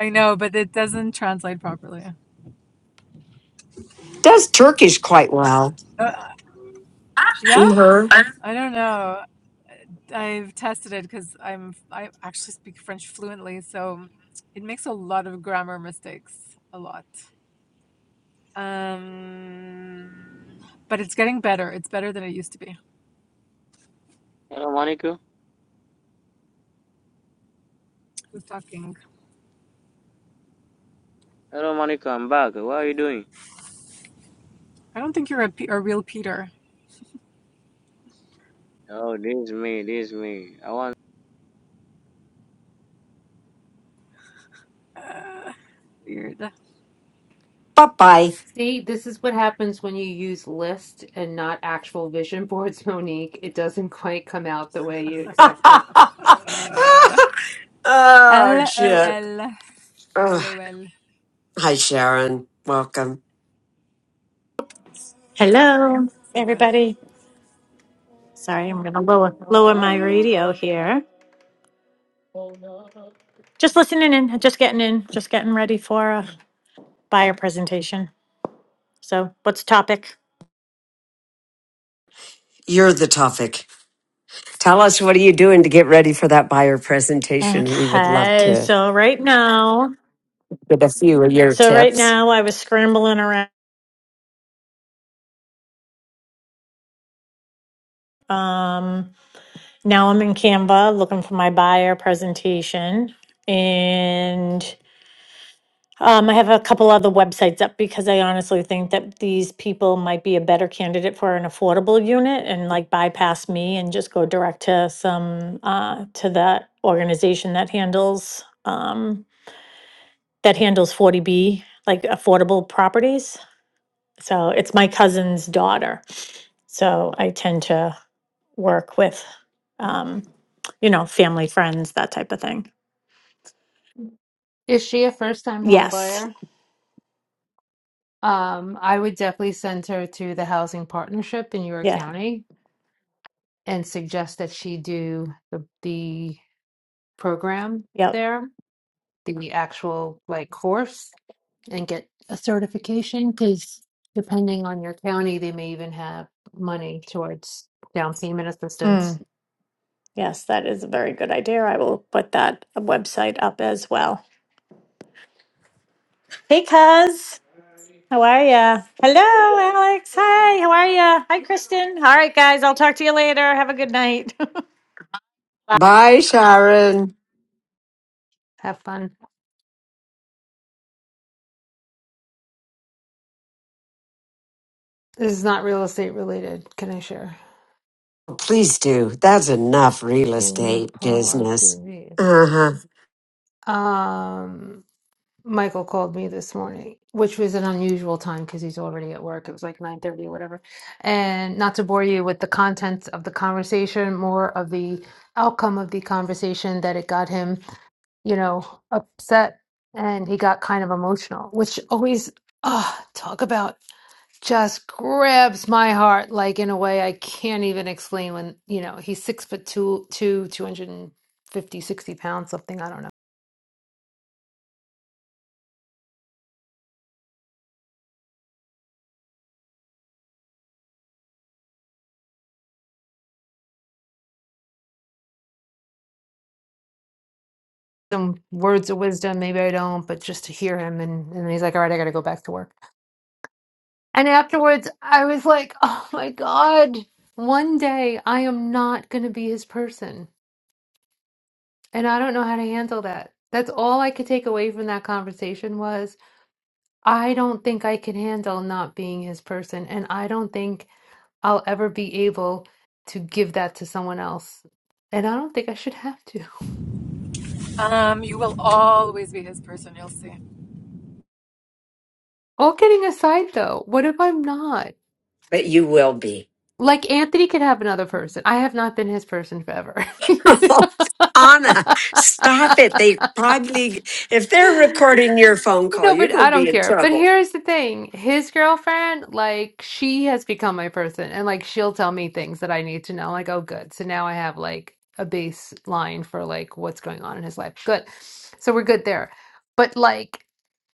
I know, but it doesn't translate properly. Does Turkish quite well. Uh, yeah, Mm-hmm. I don't know. I've tested it because I'm I actually speak French fluently, so it makes a lot of grammar mistakes, a lot. Um, but it's getting better. It's better than it used to be. Hello, Monica. Who's talking? Hello, Monica. I'm back. What are you doing? I don't think you're a, P- a real Peter. Oh, this is me. This is me. I want. Uh, weird. Bye-bye. See, this is what happens when you use list and not actual vision boards, Monique. It doesn't quite come out the way you expected. Uh, oh, shit. LOL. Ugh. Hi, Sharon. Welcome. Hello, So funny. everybody. Sorry, I'm going to lower lower my Hi. radio here. Just listening in, just getting in, just getting ready for a buyer presentation. So, what's the topic? You're the topic. Tell us what are you doing to get ready for that buyer presentation. We would love Okay, to so right now, get a few of your so right tips. now I was scrambling around. Um, now I'm in Canva looking for my buyer presentation, and Um, I have a couple other websites up because I honestly think that these people might be a better candidate for an affordable unit and like bypass me and just go direct to some, uh, to that organization that handles, um, that handles forty B, like affordable properties. So it's my cousin's daughter. So I tend to work with, um, you know, family, friends, that type of thing. Is she a first-time Yes. homebuyer? Um, I would definitely send her to the housing partnership in York Yeah. County and suggest that she do the program Yep. there, the actual like course, and get a certification because depending on your county, they may even have money towards down payment Mm. assistance. Yes, that is a very good idea. I will put that website up as well. Hey, Cuz. How are ya? Hello, Alex. Hi, how are ya? Hi, Kristen. All right, guys. I'll talk to you later. Have a good night. Bye, Sharon. Have fun. This is not real estate related. Can I share? Please do. That's enough real Can you estate pull up the business. read? Uh huh. Um, Michael called me this morning, which was an unusual time because he's already at work. It was like 9:30 or whatever. And not to bore you with the contents of the conversation, more of the outcome of the conversation that it got him, you know, upset and he got kind of emotional, which always ah talk about just grabs my heart like in a way I can't even explain when, you know, he's six foot two, two, two hundred fifty, sixty pounds, something, I don't know some words of wisdom. Maybe I don't, but just to hear him. And, and he's like, all right, I got to go back to work. And afterwards, I was like, oh my God, one day I am not going to be his person. And I don't know how to handle that. That's all I could take away from that conversation was I don't think I can handle not being his person. And I don't think I'll ever be able to give that to someone else. And I don't think I should have to. Um, you will always be his person. You'll see. All kidding aside, though, what if I'm not? But you will be. Like Anthony could have another person. I have not been his person forever. Anna, stop it. They probably, if they're recording your phone call, No, you're but going I to be don't in care. But trouble. here's the thing. His girlfriend, like, she has become my person and like she'll tell me things that I need to know. Like, oh good. So now I have like a baseline for like what's going on in his life. Good. So we're good there. But like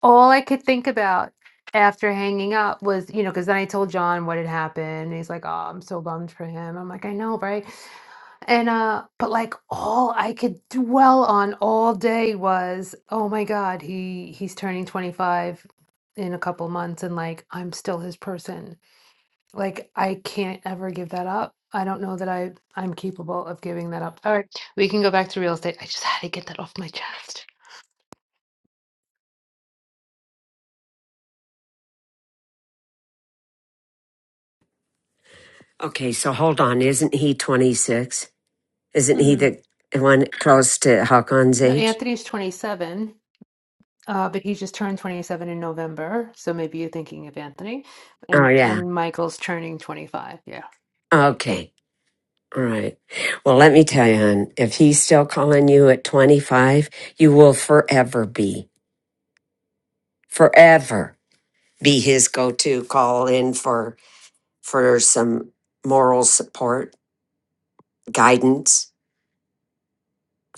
all I could think about after hanging up was, you know, because then I told John what had happened. And he's like, Oh, I'm so bummed for him. I'm like, I know, right? And uh but like all I could dwell on all day was, oh my God, he he's turning 25 in a couple months and like I'm still his person. Like I can't ever give that up. I don't know that I I'm capable of giving that up. All right, we can go back to real estate. I just had to get that off my chest. Okay, so hold on. Isn't he 26? Isn't he Mm. the one close to Hakon's No, age? Anthony's 27, uh, but he just turned 27 in November, so maybe you're thinking of Anthony, Oh, and yeah. and Michael's turning 25. yeah. Okay. All right. Well, let me tell you, hon, if he's still calling you at 25, you will forever be, forever be his go to call in for, for some moral support, guidance,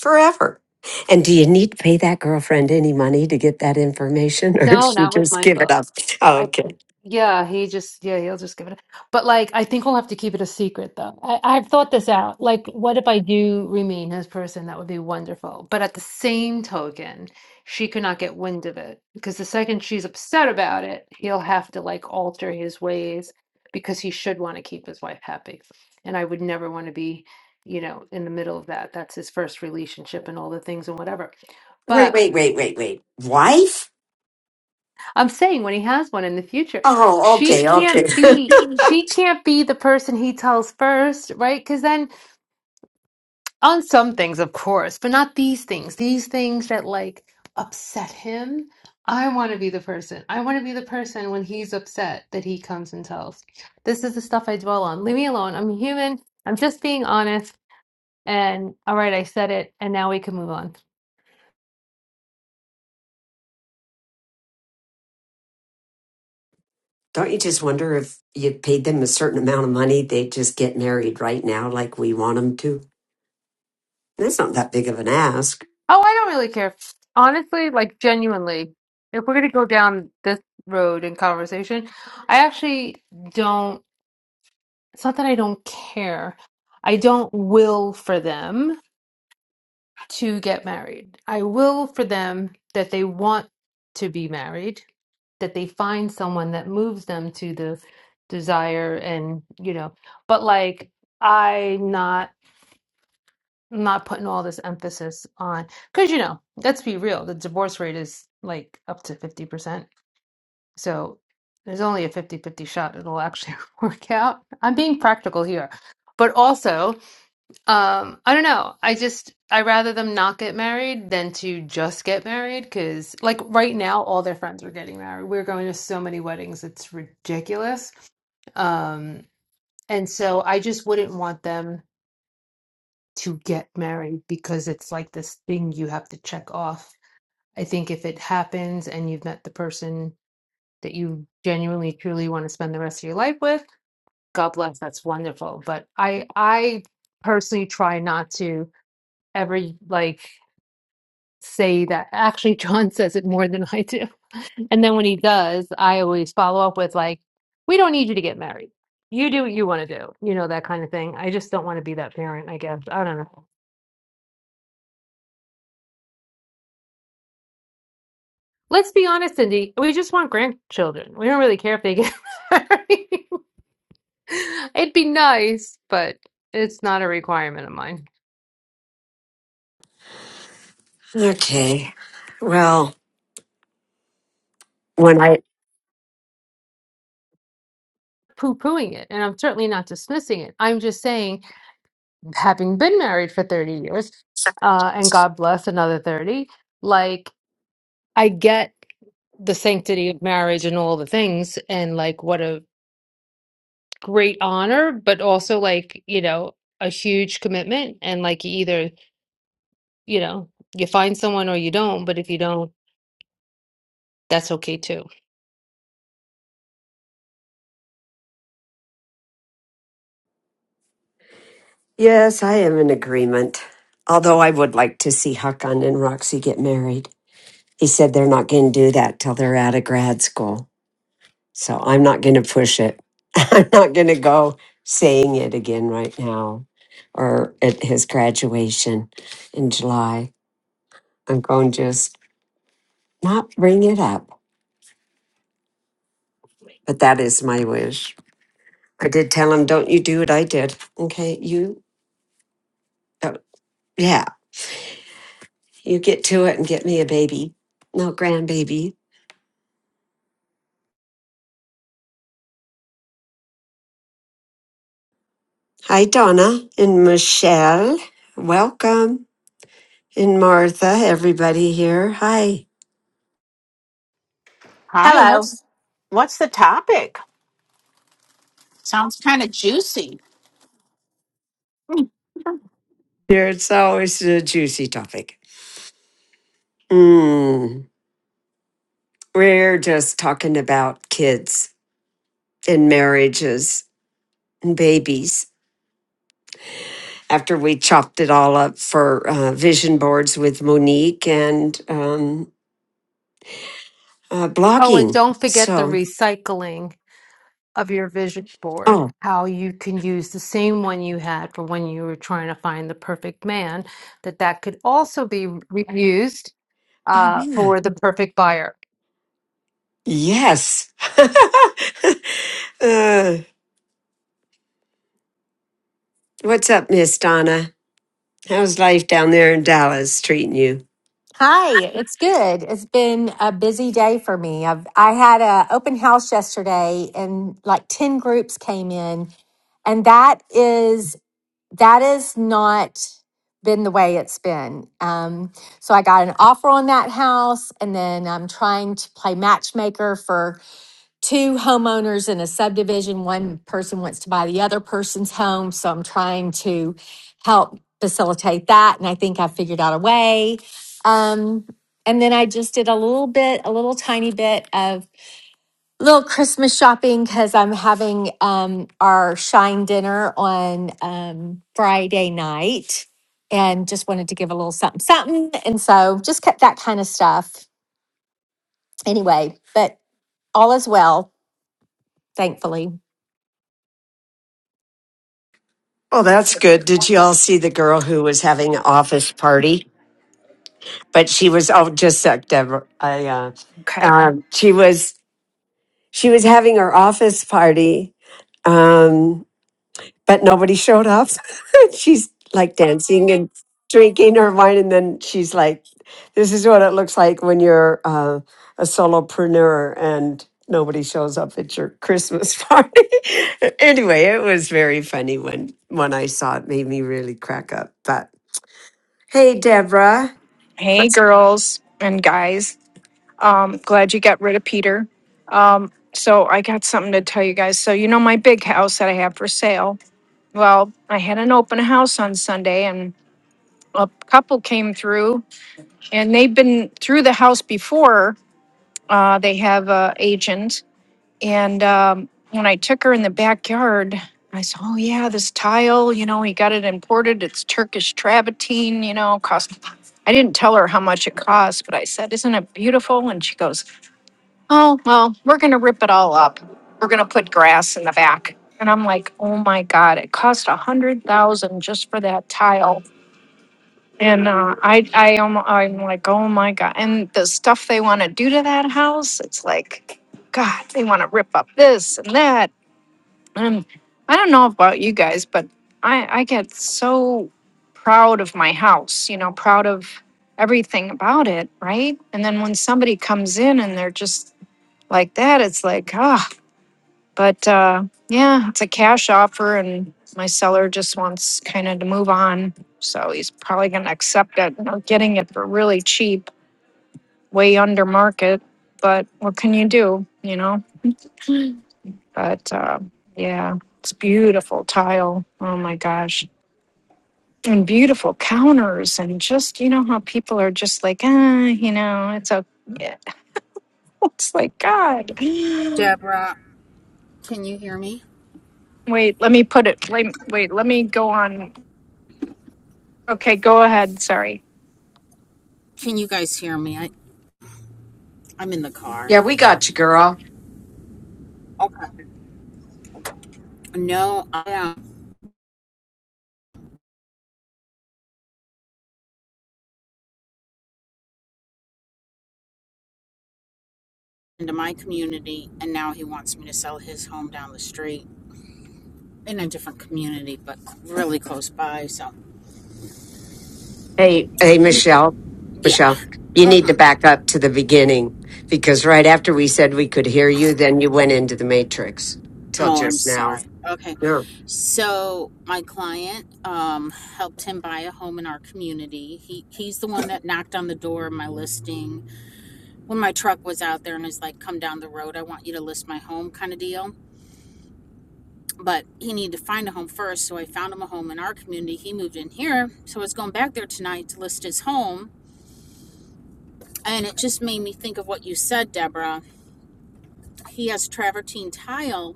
forever. And do you need to pay that girlfriend any money to get that information or did No, she not with just give Michael. it up? I Okay. yeah, he just yeah, he'll just give it. But like I think we'll have to keep it a secret though. I, I've thought this out. Like, what if I do remain his person? That would be wonderful. But at the same token, she could not get wind of it because the second she's upset about it, he'll have to like alter his ways because he should want to keep his wife happy. And I would never want to be, you know, in the middle of that. That's his first relationship and all the things and whatever. But. Wait, wait, wait, wait, wait. Wife? I'm saying when he has one in the future, Oh, she okay, can't okay. be she can't be the person he tells first, right? Because then on some things, of course, but not these things. These things that like upset him. I want to be the person. I want to be the person when he's upset that he comes and tells. This is the stuff I dwell on. Leave me alone. I'm human. I'm just being honest. And all right, I said it, and now we can move on. Don't you just wonder if you paid them a certain amount of money, they'd just get married right now like we want them to? That's not that big of an ask. Oh, I don't really care. Honestly, like genuinely, if we're gonna go down this road in conversation, I actually don't. It's not that I don't care. I don't will for them to get married. I will for them that they want to be married, that they find someone that moves them to the desire and, you know, but like, I not. not putting all this emphasis on because you know let's be real the divorce rate is like up to 50% so there's only a fifty-fifty shot it'll actually work out i'm being practical here but also um i don't know i just i rather them not get married than to just get married because like right now all their friends are getting married we're going to so many weddings it's ridiculous um and so i just wouldn't want them to get married because it's like this thing you have to check off. I think if it happens and you've met the person that you genuinely truly want to spend the rest of your life with, God bless, that's wonderful. But I I personally try not to ever like say that. Actually, John says it more than I do. And then when he does, I always follow up with like, we don't need you to get married. You do what you want to do, you know, that kind of thing. I just don't want to be that parent, I guess. I don't know. Let's be honest, Cindy. We just want grandchildren. We don't really care if they get married. It'd be nice, but it's not a requirement of mine. Okay. Well, when I. Poo pooing it, and I'm certainly not dismissing it. I'm just saying, having been married for 30 years, uh, and God bless another 30, like, I get the sanctity of marriage and all the things, and like, what a great honor, but also, like, you know, a huge commitment. And like, you either, you know, you find someone or you don't, but if you don't, That's okay too. Yes, I am in agreement. Although I would like to see Hakan and Roxy get married. He said they're not going to do that till they're out of grad school. So I'm not going to push it. I'm not going to go saying it again right now or at his graduation in July. I'm going to just not bring it up. But that is my wish. I did tell him, don't you do what I did. Okay, you, uh, yeah, you get to it and get me a baby. No grandbaby. Hi, Donna and Michelle. Welcome. And Martha, everybody here. Hi. Hi, Hello. what's what's the topic? Sounds kind of juicy. Hmm. Here, it's always a juicy topic. Mm, we're just talking about kids and marriages and babies. After we chopped it all up for uh, vision boards with Monique and um, uh, Oh, and blogging. don't forget the So, recycling of your vision board, oh, how you can use the same one you had for when you were trying to find the perfect man, that that could also be reused oh, uh, yeah. for the perfect buyer. Yes. uh, what's up, Miss Donna? How's life down there in Dallas treating you? Hi. It's good. It's been a busy day for me. I've I had a open house yesterday and like 10 groups came in and that is that is not been the way it's been. Um, so I got an offer on that house and then I'm trying to play matchmaker for two homeowners in a subdivision. One person wants to buy the other person's home. So I'm trying to help facilitate that. And I think I figured out a way. Um, and then I just did a little bit, a little tiny bit of little Christmas shopping because I'm having um, our shine dinner on um, Friday night and just wanted to give a little something, something. And so just kept that kind of stuff anyway, but all is well, thankfully. Well, that's good. Did you all see the girl who was having an office party? but she was oh just sec Deborah. I uh, Okay. um, she was she was having her office party, um, but nobody showed up. she's like dancing and drinking her wine, and then she's like, "This is what it looks like when you're uh, a solopreneur and." Nobody shows up at your Christmas party. anyway, it was very funny when when I saw it. Made me really crack up. But hey, Deborah, Hey, what's girls and guys. Um, glad you got rid of Peter. So I got something to tell you guys. So you know my big house that I have for sale. Well, I had an open house on Sunday, and a couple came through, and they've been through the house before. Uh, they have a agent, And um, when I took her in the backyard, I said, "Oh yeah, this tile. You know, he got it imported. It's Turkish travertine. You know, cost." I didn't tell her how much it cost, but I said, "Isn't it beautiful?" And she goes, "Oh well, we're gonna rip it all up. We're gonna put grass in the back." And I'm like, "Oh my god, it cost a hundred thousand just for that tile." And uh, I, I am, I'm like, "Oh my god!" And the stuff they want to do to that house, it's like, God, they want to rip up this and that um, I don't know about you guys, but I, I get so proud of my house, you know, proud of everything about it, right? And then when somebody comes in and they're just like that, it's like, ah, but uh, yeah, it's a cash offer, and my seller just wants kind of to move on. So he's probably going to accept it, you know, getting it for really cheap, way under market. But what can you do, you know? But um, yeah, it's beautiful tile. Oh my gosh. And beautiful counters, and just, you know, how people are just like, ah, you know, it's a, yeah. it's like, God. Deborah, can you hear me? Wait, let me put it, wait, wait, let me go on. Okay, go ahead. Sorry. Can you guys hear me? I, I'm in the car. yeah, we got you, girl. Okay. No, I am into my community, and now he wants me to sell his home down the street in a different community, but really close by. So Hey, hey, he, Michelle, yeah. Michelle, you need to hmm back up to the beginning because right after we said we could hear you, then you went into the matrix till Oh, I'm just now. sorry. Okay. Yeah. So my client um, helped him buy a home in our community. He he's the one that knocked on the door of my listing when my truck was out there and is like, come down the road, I want you to list my home kind of deal. But he needed to find a home first. So I found him a home in our community. He moved in here. So I was going back there tonight to list his home. And it just made me think of what you said, Deborah. He has travertine tile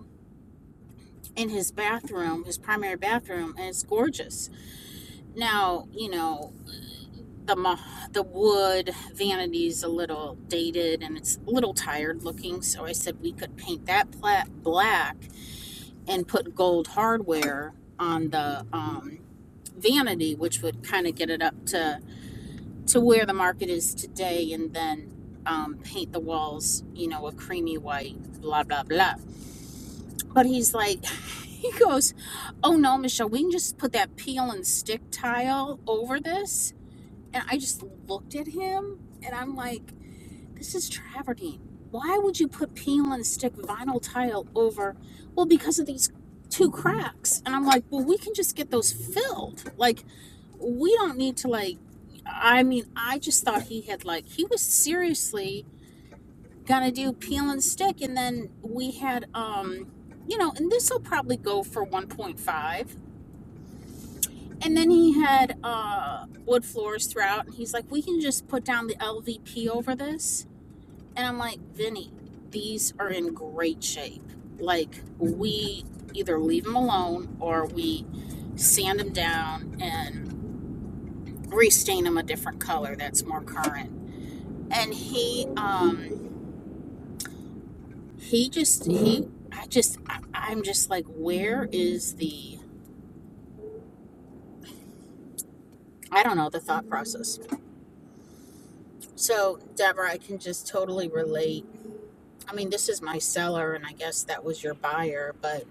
in his bathroom, his primary bathroom, and it's gorgeous. Now, you know, the ma- the wood vanity's a little dated and it's a little tired looking, so I said we could paint that plat black and put gold hardware on the um, vanity, which would kind of get it up to to where the market is today, and then um, paint the walls, you know, a creamy white, blah blah blah. But he's like, he goes, "Oh no, Michelle, we can just put that peel and stick tile over this." And I just looked at him, and I'm like. This is travertine. Why would you put peel and stick vinyl tile over? Well, because of these two cracks. And I'm like, well, we can just get those filled. Like, we don't need to, like, I mean, I just thought he had, like, he was seriously gonna do peel and stick. And then we had, um, you know, and this will probably go for 1.5. And then he had uh, wood floors throughout, and he's like, "We can just put down the LVP over this." And I'm like, Vinny, these are in great shape. Like, we either leave them alone or we sand them down and restain them a different color that's more current. And he, um, he just, he, I just, I, I'm just like, where is the, I don't know, the thought process. So, Deborah, I can just totally relate. I mean, this is my seller, and I guess that was your buyer, but,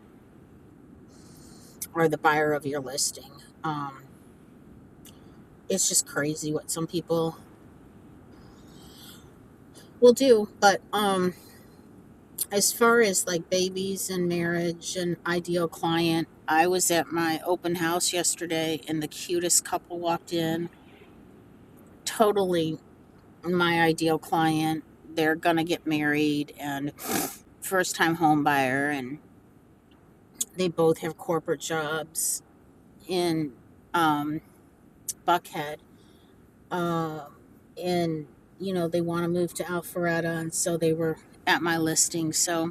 or the buyer of your listing. Um, it's just crazy what some people will do but um as far as like babies and marriage and ideal client i was at my open house yesterday and the cutest couple walked in totally my ideal client they're gonna get married and first time home buyer and they both have corporate jobs in um buckhead um and you know they want to move to alpharetta and so they were at my listing so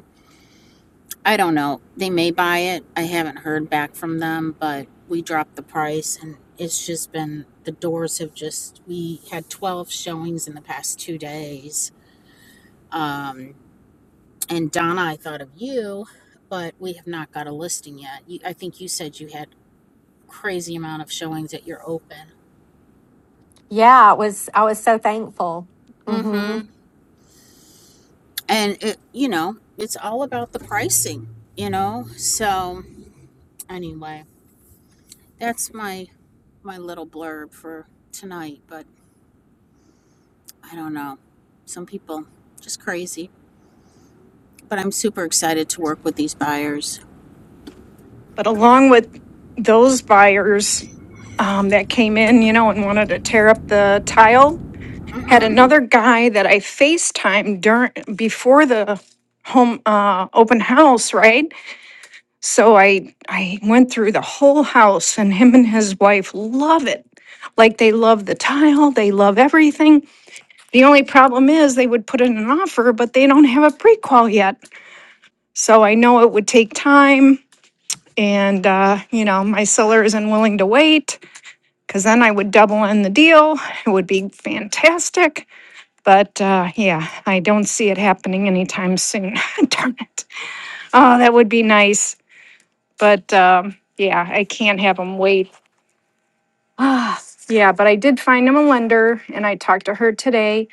I don't know. They may buy it. I haven't heard back from them, but we dropped the price and it's just been the doors have just we had 12 showings in the past 2 days. Um and Donna, I thought of you, but we have not got a listing yet. You, I think you said you had crazy amount of showings that you're open. Yeah, it was I was so thankful. hmm Mhm. And it you know, it's all about the pricing, you know? So anyway, that's my my little blurb for tonight, but I don't know. Some people just crazy. But I'm super excited to work with these buyers. But along with those buyers um, that came in, you know, and wanted to tear up the tile, had Mm-hmm. another guy that I FaceTimed during, before the home uh, open house, right? So I I went through the whole house and him and his wife love it. Like they love the tile, they love everything. The only problem is they would put in an offer, but they don't have a prequal yet. So I know it would take time and uh, you know, my seller isn't willing to wait cuz then I would double in the deal. It would be fantastic. But uh, yeah, I don't see it happening anytime soon. Darn it. Oh, that would be nice. But um, yeah, I can't have them wait Ah, yeah, but I did find him a lender and I talked to her today.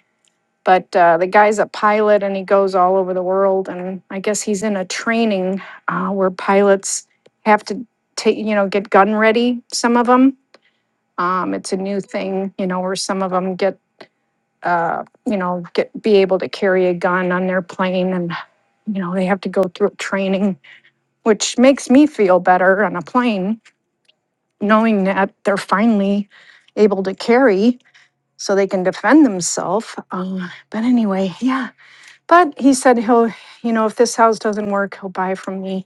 But uh, the guy's a pilot and he goes all over the world. And I guess he's in a training uh, where pilots have to take, you know, get gun ready, some of them. Um, it's a new thing, you know, where some of them get, uh, you know, get be able to carry a gun on their plane and, you know, they have to go through training, which makes me feel better on a plane knowing that they're finally able to carry so they can defend themselves. Um, but anyway, yeah. But he said he'll, you know, if this house doesn't work, he'll buy from me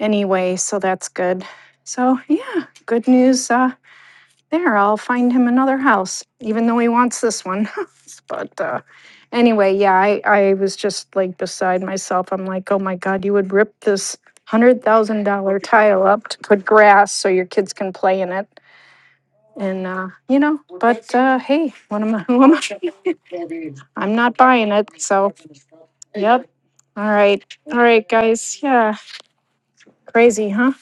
anyway. So that's good. So yeah, good news uh, there. I'll find him another house, even though he wants this one. but uh, anyway, yeah, I, I was just like beside myself. I'm like, oh my God, you would rip this $100,000 tile up to put grass so your kids can play in it. And, uh, you know, but uh, hey, what am I? What am I? I'm not buying it. So, yep. All right. All right, guys. Yeah. Crazy, huh?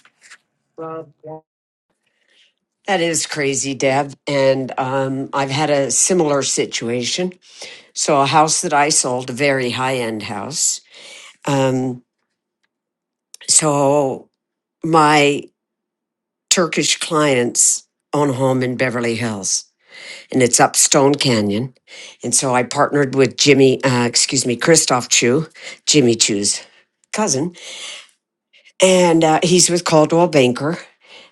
That is crazy, Deb. And um, I've had a similar situation. So, a house that I sold, a very high end house. Um, so, my Turkish clients own a home in Beverly Hills. and it's up Stone Canyon. And so I partnered with Jimmy, uh, excuse me, Christoph Chu, Jimmy Chu's cousin, and uh, he's with Caldwell Banker.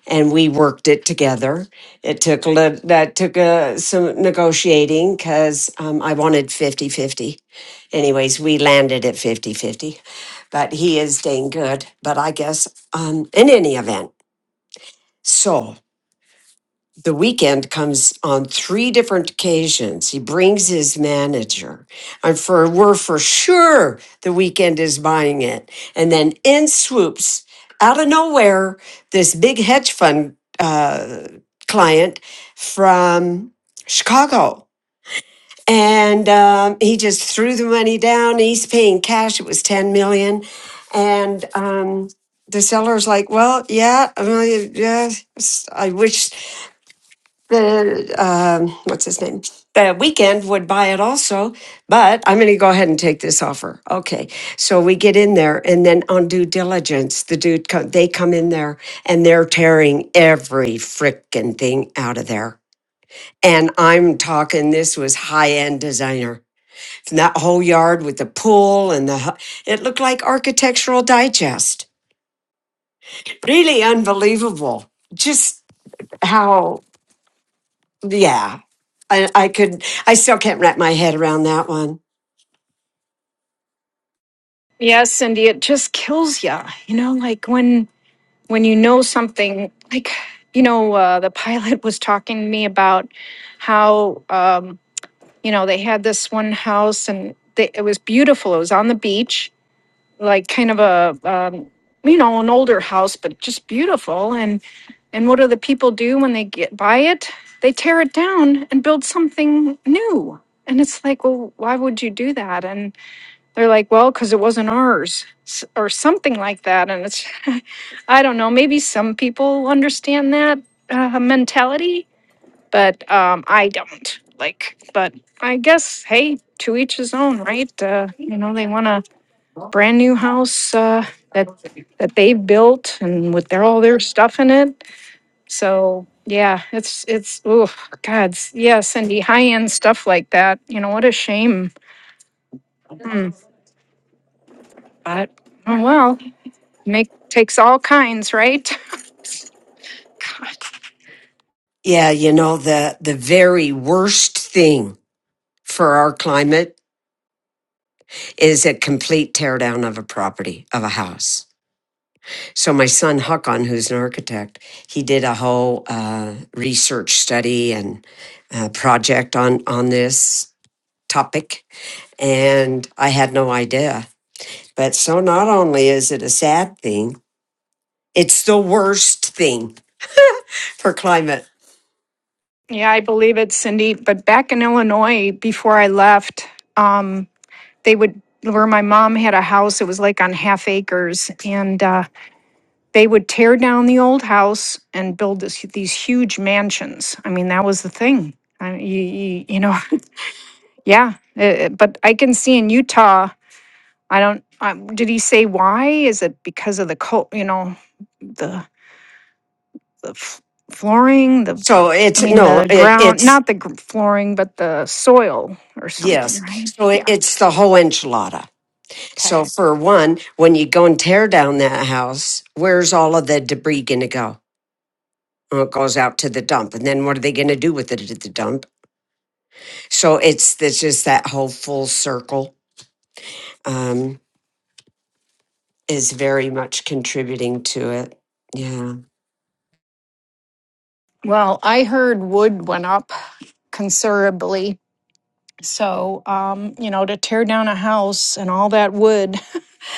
And we worked it together. It took a lit- that took uh, some negotiating because um, I wanted fifty-fifty. Anyways, we landed at fifty-fifty, but he is dang good. But I guess um, in any event, so the weekend comes on three different occasions. He brings his manager. And for we're for sure the weekend is buying it. And then in swoops, out of nowhere, this big hedge fund uh, client from Chicago. And um, he just threw the money down. He's paying cash. It was 10 million. And um, the seller's like, well, yeah, uh, yeah, s- I wish the um, what's his name the weekend would buy it also but i'm going to go ahead and take this offer okay so we get in there and then on due diligence the dude co- they come in there and they're tearing every frickin' thing out of there and i'm talking this was high-end designer and that whole yard with the pool and the hu- it looked like architectural digest really unbelievable just how yeah, I, I could, I still can't wrap my head around that one. Yes, Cindy, it just kills ya. You know, like when when you know something, like you know, uh, the pilot was talking to me about how um, you know they had this one house and they, it was beautiful. It was on the beach, like kind of a um, you know an older house, but just beautiful. and. And what do the people do when they get buy it? They tear it down and build something new. And it's like, well, why would you do that? And they're like, well, because it wasn't ours, s- or something like that. And it's, I don't know. Maybe some people understand that uh, mentality, but um, I don't. Like, but I guess, hey, to each his own, right? Uh, you know, they want a brand new house uh, that that they built and with their all their stuff in it so yeah, it's it's oh God, s- yeah, Cindy, high end stuff like that. You know what a shame. Mm, but oh well, make takes all kinds, right? God. Yeah, you know, the, the very worst thing for our climate is a complete teardown of a property, of a house. So my son Huckon, who's an architect, he did a whole uh, research study and uh, project on, on this topic. And I had no idea. But so not only is it a sad thing, it's the worst thing for climate. Yeah, I believe it, Cindy. But back in Illinois, before I left, um, they would where my mom had a house. It was like on half acres, and uh, they would tear down the old house and build this, these huge mansions. I mean, that was the thing. I, you, you, you know, Yeah, eh, eh, but I can see in Utah, I don't, um, did he say why? Is it because of the cold, you know, the, the f- flooring, the, So I it's mean, no, the it ground, it's not the gr- flooring, but the soil or something, yes. right? So it, Yeah. it's the whole enchilada. So Okay. for one, when you go and tear down that house, where's all of the debris going to go? Well, it goes out to the dump, and then what are they going to do with it at the dump? So it's it's just that whole full circle um, is very much contributing to it. Yeah. Well, I heard wood went up considerably. So, um, you know, to tear down a house and all that wood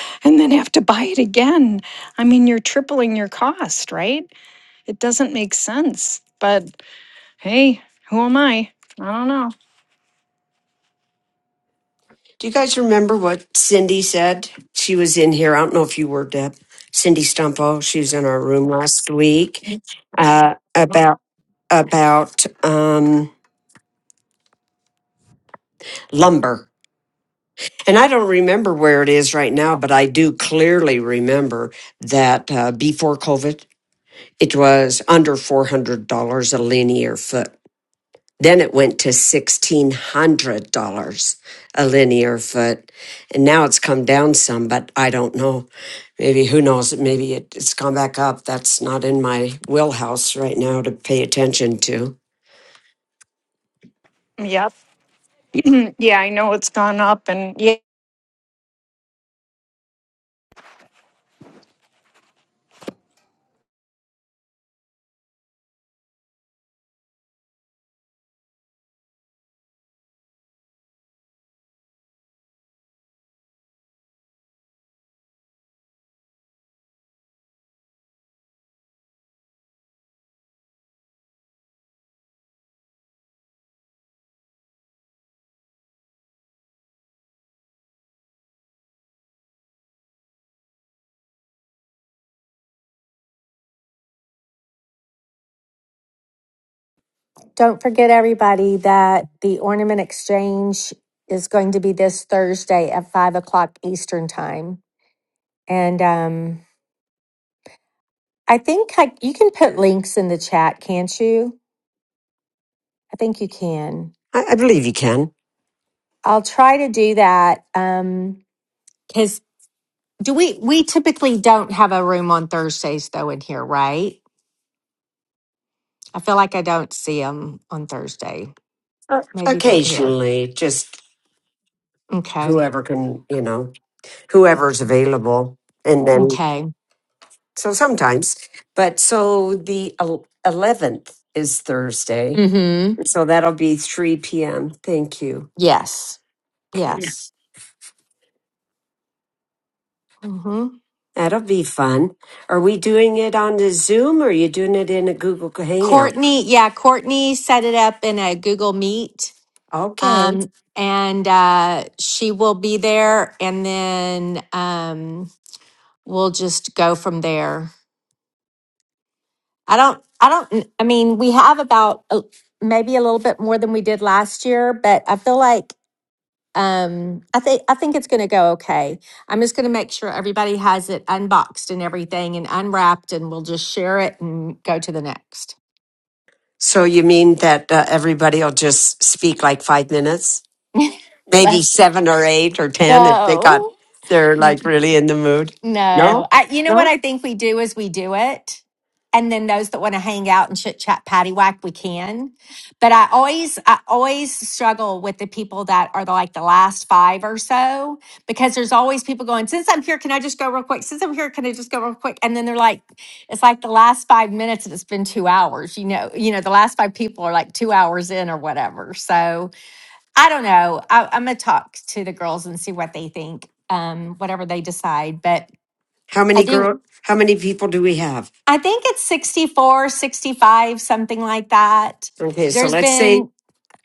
and then have to buy it again. I mean, you're tripling your cost, right? It doesn't make sense. But Hey, who am I? I don't know. Do you guys remember what Cindy said? She was in here. I don't know if you were Deb. Cindy Stumpo. She was in our room last week uh, about about um, lumber. And I don't remember where it is right now, but I do clearly remember that uh, before COVID, it was under $400 a linear foot. Then it went to $1,600 a linear foot. And now it's come down some, but I don't know. Maybe, who knows? Maybe it, it's gone back up. That's not in my wheelhouse right now to pay attention to. Yep. yeah, I know it's gone up. And yeah, Don't forget everybody that the ornament exchange is going to be this Thursday at five o'clock Eastern time. And um I think I, you can put links in the chat, can't you? I think you can. I, I believe you can. I'll try to do that. Um because do we we typically don't have a room on Thursdays though in here, right? I feel like I don't see them on Thursday. Uh, Maybe they're there. occasionally, just Okay. whoever can, you know, whoever's available. And then, Okay. so sometimes, but so the el- 11th is Thursday. So that'll be 3 p.m. Thank you. Yes. Okay. Yeah. Yes. hmm That'll be fun. Are we doing it on the Zoom or are you doing it in a Google Hangout? Courtney, yeah, Courtney set it up in a Google Meet. Okay. Um, and uh, she will be there and then um, we'll just go from there. I don't, I don't, I mean, we have about uh, maybe a little bit more than we did last year, but I feel like um, I think, I think it's going to go okay. I'm just going to make sure everybody has it unboxed and everything and unwrapped and we'll just share it and go to the next. So you mean that uh, everybody will just speak like five minutes? Maybe seven or eight or 10 if they got, No, they're N- like really in the mood? No? no. I, you know No? what I think we do is we do it. And then those that want to hang out and chit chat paddywhack, we can. But I always, I always struggle with the people that are the, like the last five or so, because there's always people going, since I'm here, can I just go real quick? Since I'm here, can I just go real quick? And then they're like, it's like the last five minutes and it's been two hours, you know, you know, the last five people are like two hours in or whatever. So, I don't know. I, I'm gonna talk to the girls and see what they think, um, whatever they decide. But How I many do, girl? How many people do we have? I think it's 64, 65, something like that. Okay, so There's let's say been,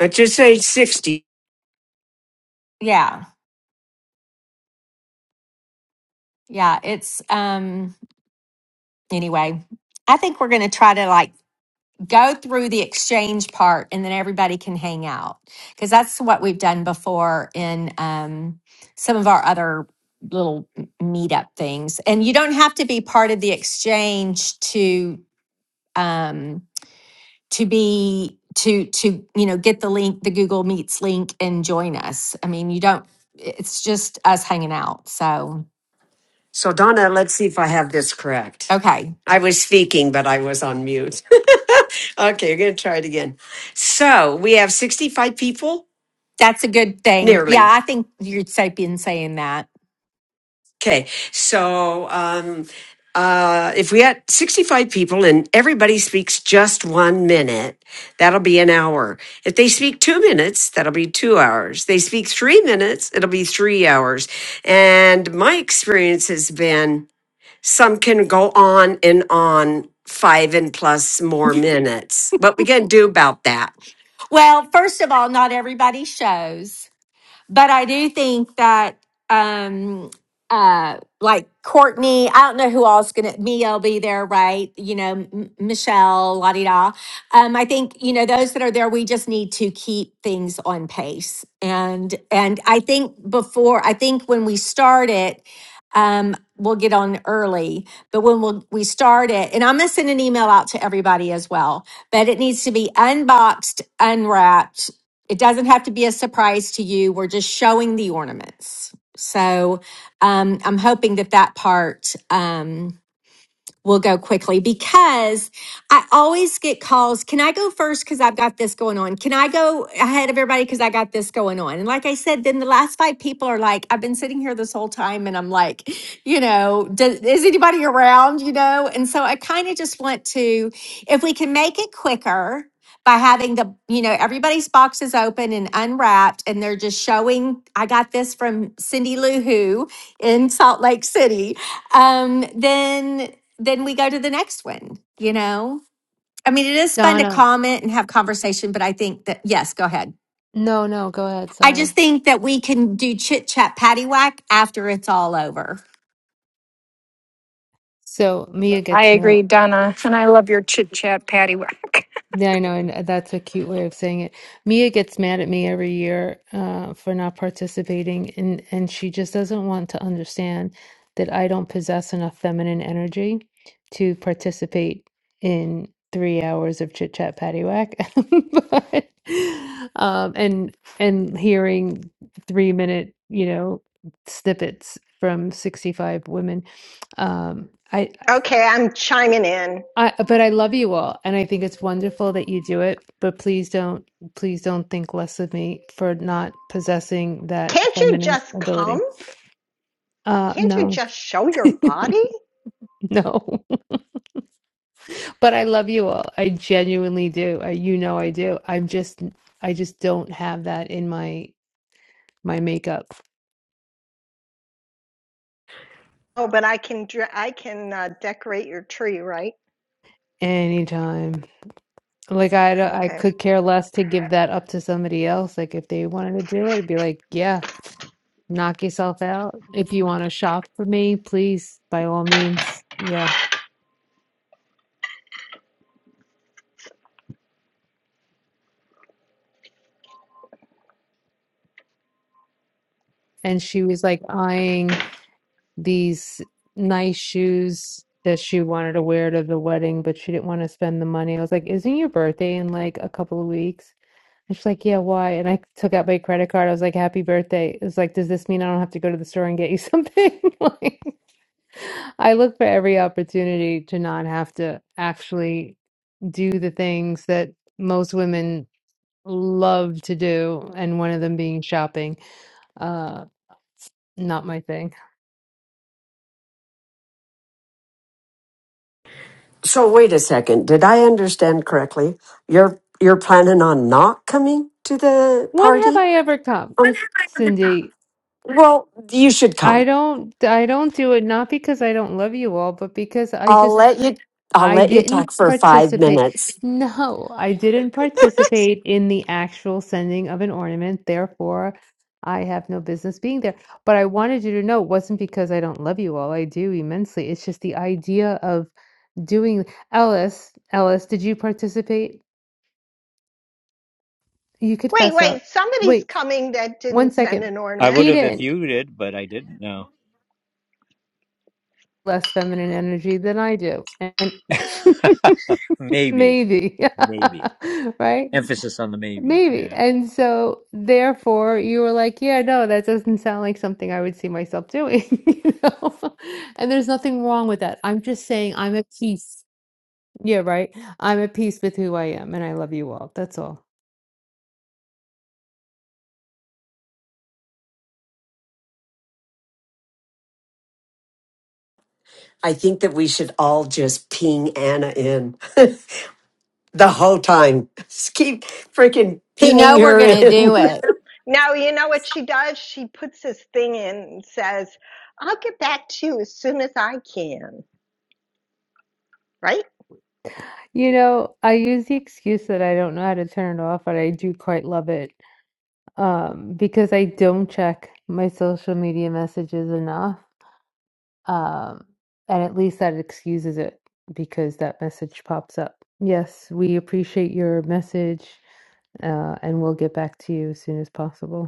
let's just say sixty. yeah, yeah, it's, um, anyway, I think we're gonna try to like go through the exchange part and then everybody can hang out because that's what we've done before in, um, some of our other little meetup things. And you don't have to be part of the exchange to um, to be to to you know get the link the google meets link and join us i mean you don't it's just us hanging out so So Donna, let's see if I have this correct. okay I was speaking, but I was on mute. okay, we're gonna try it again. So we have sixty-five people, that's a good thing nearly. yeah i think you're sapien saying that Okay, so um, uh, if we had 65 people and everybody speaks just one minute, that'll be an hour. If they speak two minutes, that'll be two hours. They speak three minutes, it'll be three hours. And my experience has been some can go on and on five and plus more minutes. What we can do about that? well first of all not everybody shows but I do think that um uh like Courtney, I don't know who all's gonna me'll be there, right? You know, M- Michelle, la di da. Um, I think you know those that are there. We just need to keep things on pace, and and I think before I think when we start it, um, we'll get on early. But when we'll, we start it, and I'm gonna send an email out to everybody as well. But it needs to be unboxed, unwrapped it doesn't have to be a surprise to you. We're just showing the ornaments. So um, I'm hoping that that part. um, we'll go quickly because I always get calls. Can I go first? Because I've got this going on. Can I go ahead of everybody? Because I got this going on. And like I said, then the last five people are like, I've been sitting here this whole time and I'm like, you know, does, is anybody around? You know? And so I kind of just want to, if we can make it quicker by having the, you know, everybody's boxes open and unwrapped and they're just showing, I got this from Cindy Lou Who in Salt Lake City um, then then we go to the next one, you know? I mean, it is fun to Donna, comment and have conversation, but I think that, yes, go ahead. no, no, go ahead. I just Sorry. think that we can do chit chat patty whack after it's all over. So Mia I gets mad. agree, Donna. And I love your chit chat, Patty. Yeah, I know, and uh, that's a cute way of saying it. Mia gets mad at me every year uh, for not participating, and and she just doesn't want to understand that I don't possess enough feminine energy to participate in three hours of chit chat paddywhack. But um, and and hearing three minute, you know, snippets from 65 women. Um, I Okay, I'm chiming in. I, but I love you all, and I think it's wonderful that you do it. But please don't, please don't think less of me for not possessing that Can't you feminine just come? ability. Uh, Can't you no, just show your body? no. But I love you all. I genuinely do. I, you know, I do. I'm just, I just don't have that in my my makeup Oh, but I can dr- I can uh, decorate your tree, right? anytime. Like I, don't- I Okay. could care less to give that up to somebody else. Like if they wanted to do it, it'd be like, yeah. knock yourself out. If you want to shop for me, please, by all means. Yeah. And she was like eyeing these nice shoes that she wanted to wear to the wedding, but she didn't want to spend the money. I was like, Isn't your birthday in like a couple of weeks? And she's like, Yeah, why? And I took out my credit card. I was like, Happy birthday. It was like, Does this mean I don't have to go to the store and get you something? Like, I look for every opportunity to not have to actually do the things that most women love to do, and one of them being shopping. Uh, not my thing. So wait a second. Did I understand correctly? You're you're planning on not coming to the When have party? I ever come, Um, Cindy? well, you should I come. don't I don't do it not because I don't love you all, but because I I'll just let you. I'll I let you didn't talk for five participate. minutes. No, I didn't participate in the actual sending of an ornament, therefore I have no business being there. But I wanted you to know it wasn't because I don't love you all. I do immensely. It's just the idea of doing Ellis, Ellis, did you participate? You could Wait, fess wait. up. Somebody's Wait, coming that one didn't send second. an I ornament. would He have if didn't you did, but I didn't know. less feminine energy than I do. And maybe, maybe. maybe. Right? Emphasis on the maybe. Yeah. Maybe. And so therefore you were like, yeah, no, that doesn't sound like something I would see myself doing, you know? And there's nothing wrong with that. I'm just saying I'm at peace. Yeah, right. I'm at peace with who I am and I love you all. That's all. I think that we should all just ping Anna in the whole time. Just keep freaking You pinging know, we're her going to do in. it. Now you know what she does? She puts this thing in and says, "I'll get back to you as soon as I can." Right? You know, I use the excuse that I don't know how to turn it off, but I do quite love it um, because I don't check my social media messages enough. Um, and at least that excuses it because that message pops up. Yes, we appreciate your message uh, and we'll get back to you as soon as possible.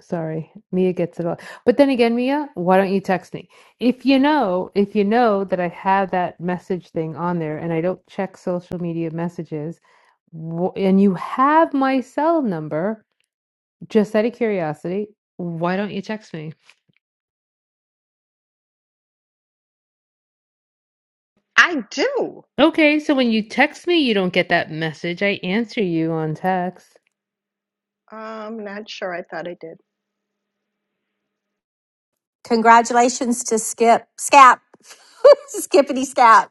Sorry, Mia gets it all. But then again, Mia, why don't you text me? If you know, if you know that I have that message thing on there and I don't check social media messages, wh- and you have my cell number, just out of curiosity, why don't you text me? I do. Okay, so when you text me, you don't get that message. I answer you on text. Uh, I'm not sure. I thought I did. Congratulations to Skip, Scap, Skippity Scap.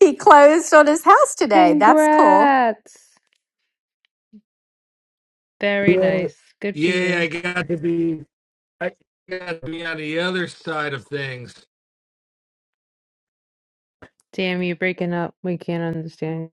He closed on his house today. That's cool. Congrats. Very Yeah, nice. Good for yeah, you. I got to be, I got to be on the other side of things. Damn, you're breaking up. We can't understand.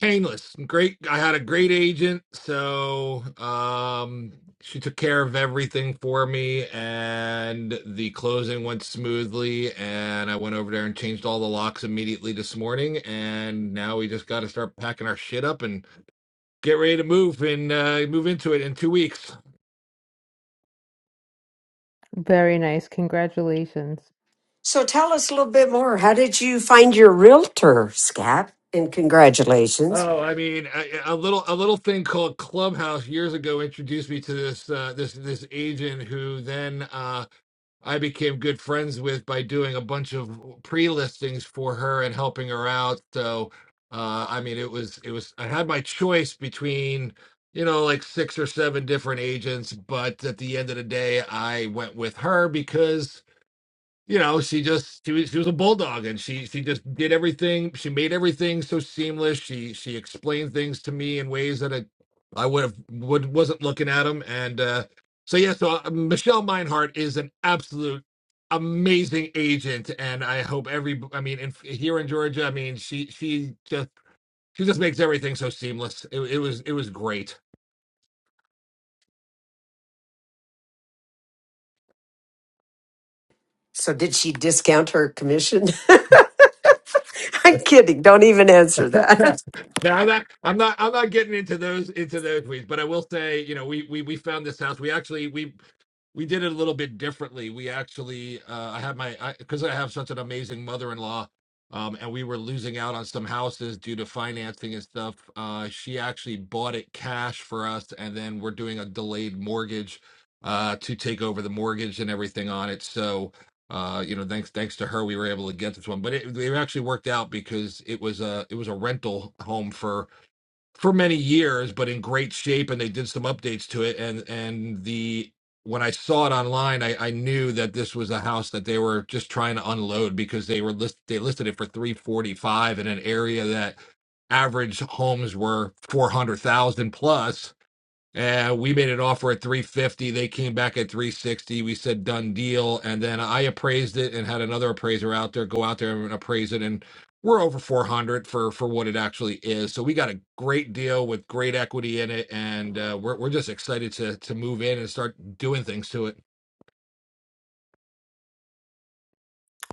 Painless, great. I had a great agent, so um, she took care of everything for me, and the closing went smoothly. And I went over there and changed all the locks immediately this morning, and now we just got to start packing our shit up and get ready to move and uh, move into it in two weeks. Very nice. Congratulations. so tell us a little bit more. How did you find your realtor, Scap? And congratulations. Oh, I mean, a, a little a little thing called Clubhouse years ago introduced me to this uh, this this agent who then uh, I became good friends with by doing a bunch of pre listings for her and helping her out. So, uh, I mean, it was it was I had my choice between you know like six or seven different agents, but at the end of the day, I went with her because you know she just she was she was a bulldog and she she just did everything she made everything so seamless she she explained things to me in ways that i, I would have would wasn't looking at them and uh so yeah so uh, michelle meinhardt is an absolute amazing agent and i hope every i mean in, here in georgia i mean she she just she just makes everything so seamless it, it was it was great So did she discount her commission? I'm kidding. Don't even answer that. now I'm not, I'm not, I'm not getting into those into those weeds, but I will say, you know, we we we found this house. We actually we we did it a little bit differently. We actually, uh, I had my because I, 'cause I have such an amazing mother-in-law, um, and we were losing out on some houses due to financing and stuff. Uh, she actually bought it cash for us, and then we're doing a delayed mortgage uh, to take over the mortgage and everything on it. So uh you know thanks thanks to her we were able to get this one but it, it actually worked out because it was a it was a rental home for for many years but in great shape and they did some updates to it and and the when i saw it online i i knew that this was a house that they were just trying to unload because they were list they listed it for 345 in an area that average homes were 400,000 plus uh, we made an offer at 350. They came back at 360. We said done deal, and then I appraised it and had another appraiser out there go out there and appraise it, and we're over 400 for for what it actually is. So we got a great deal with great equity in it, and uh, we're we're just excited to to move in and start doing things to it.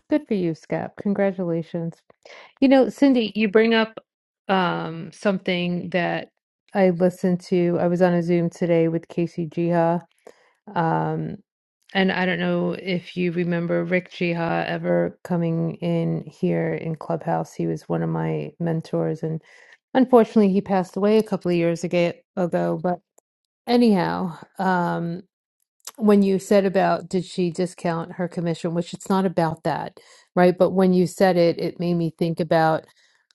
Good for you, Scott. Congratulations. You know, Cindy, you bring up um, something that I listened to. I was on a Zoom today with Casey Jiha. Um, and I don't know if you remember Rick Jiha ever coming in here in Clubhouse. He was one of my mentors, and unfortunately, he passed away a couple of years aga- ago. But anyhow, um, when you said about did she discount her commission, which it's not about that, right? But when you said it, it made me think about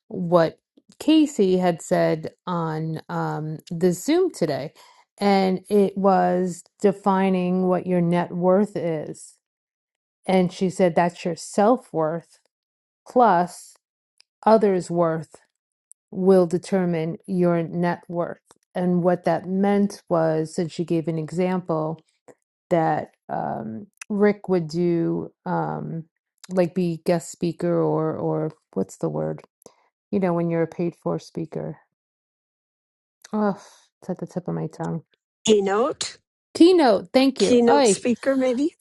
what Casey had said on um, the Zoom today. And it was defining what your net worth is. And she said that's your self worth plus others' worth will determine your net worth. And what that meant was, and she gave an example that um, Rick would do, um, like be guest speaker or or what's the word? You know, when you're a paid for speaker. Oh, it's at the tip of my tongue. Keynote? Keynote, thank you. Keynote Ay, speaker, maybe?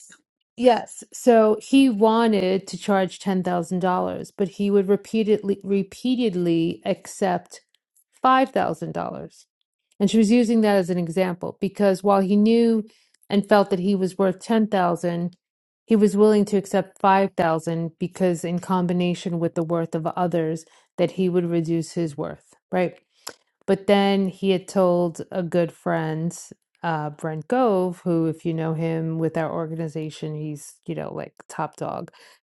Yes. yes. So he wanted to charge ten thousand dollars, but he would repeatedly repeatedly accept five thousand dollars And she was using that as an example because while he knew and felt that he was worth 10,000, he was willing to accept 5,000 because in combination with the worth of others that he would reduce his worth, right? But then he had told a good friend, uh, Brent Gove, who, if you know him with our organization, he's, you know, like top dog,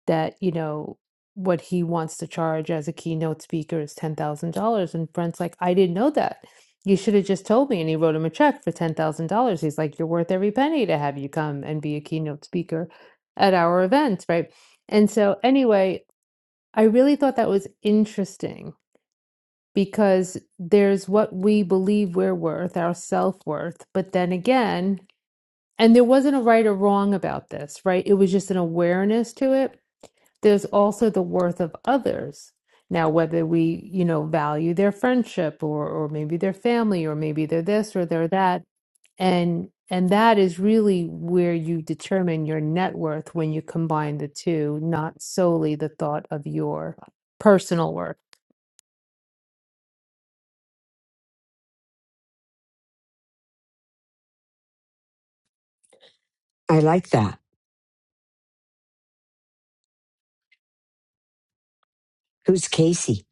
that, you know, what he wants to charge as a keynote speaker is $10,000. And Brent's like, I didn't know that. You should have just told me. And he wrote him a check for $10,000. He's like, You're worth every penny to have you come and be a keynote speaker at our events, right? And so, anyway, I really thought that was interesting because there's what we believe we're worth, our self worth. But then again, and there wasn't a right or wrong about this, right? It was just an awareness to it. There's also the worth of others. Now, whether we, you know, value their friendship or, or maybe their family or maybe they're this or they're that. And and that is really where you determine your net worth when you combine the two, not solely the thought of your personal worth. I like that. Who's Casey?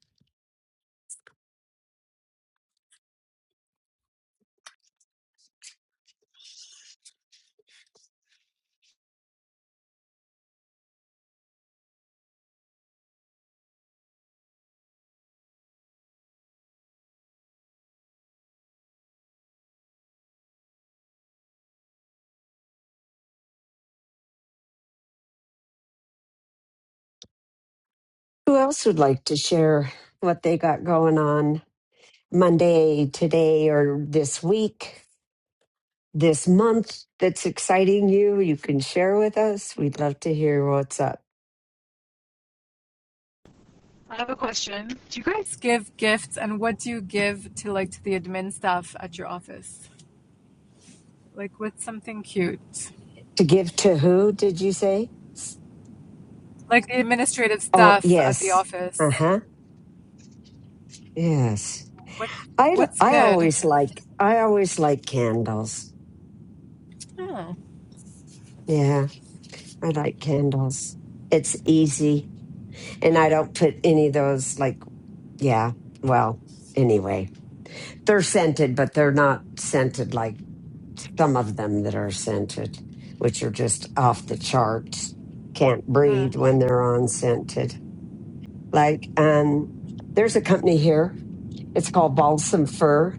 Who else would like to share what they got going on Monday, today, or this week, this month that's exciting you? You can share with us. We'd love to hear what's up. I have a question. Do you guys give gifts and what do you give to like to the admin staff at your office? Like what's something cute? To give to who, did you say? Like the administrative Oh, staff at the yes. Uh office. huh. Yes. What I l- what's I good? always like I always like candles. Oh, Yeah, I like candles. It's easy and I don't put any of those like yeah, well, anyway. They're scented, but they're not scented like some of them that are scented, which are just off the charts. Can't uh, breathe when they're on scented. Like um there's a company here. It's called Balsam Fir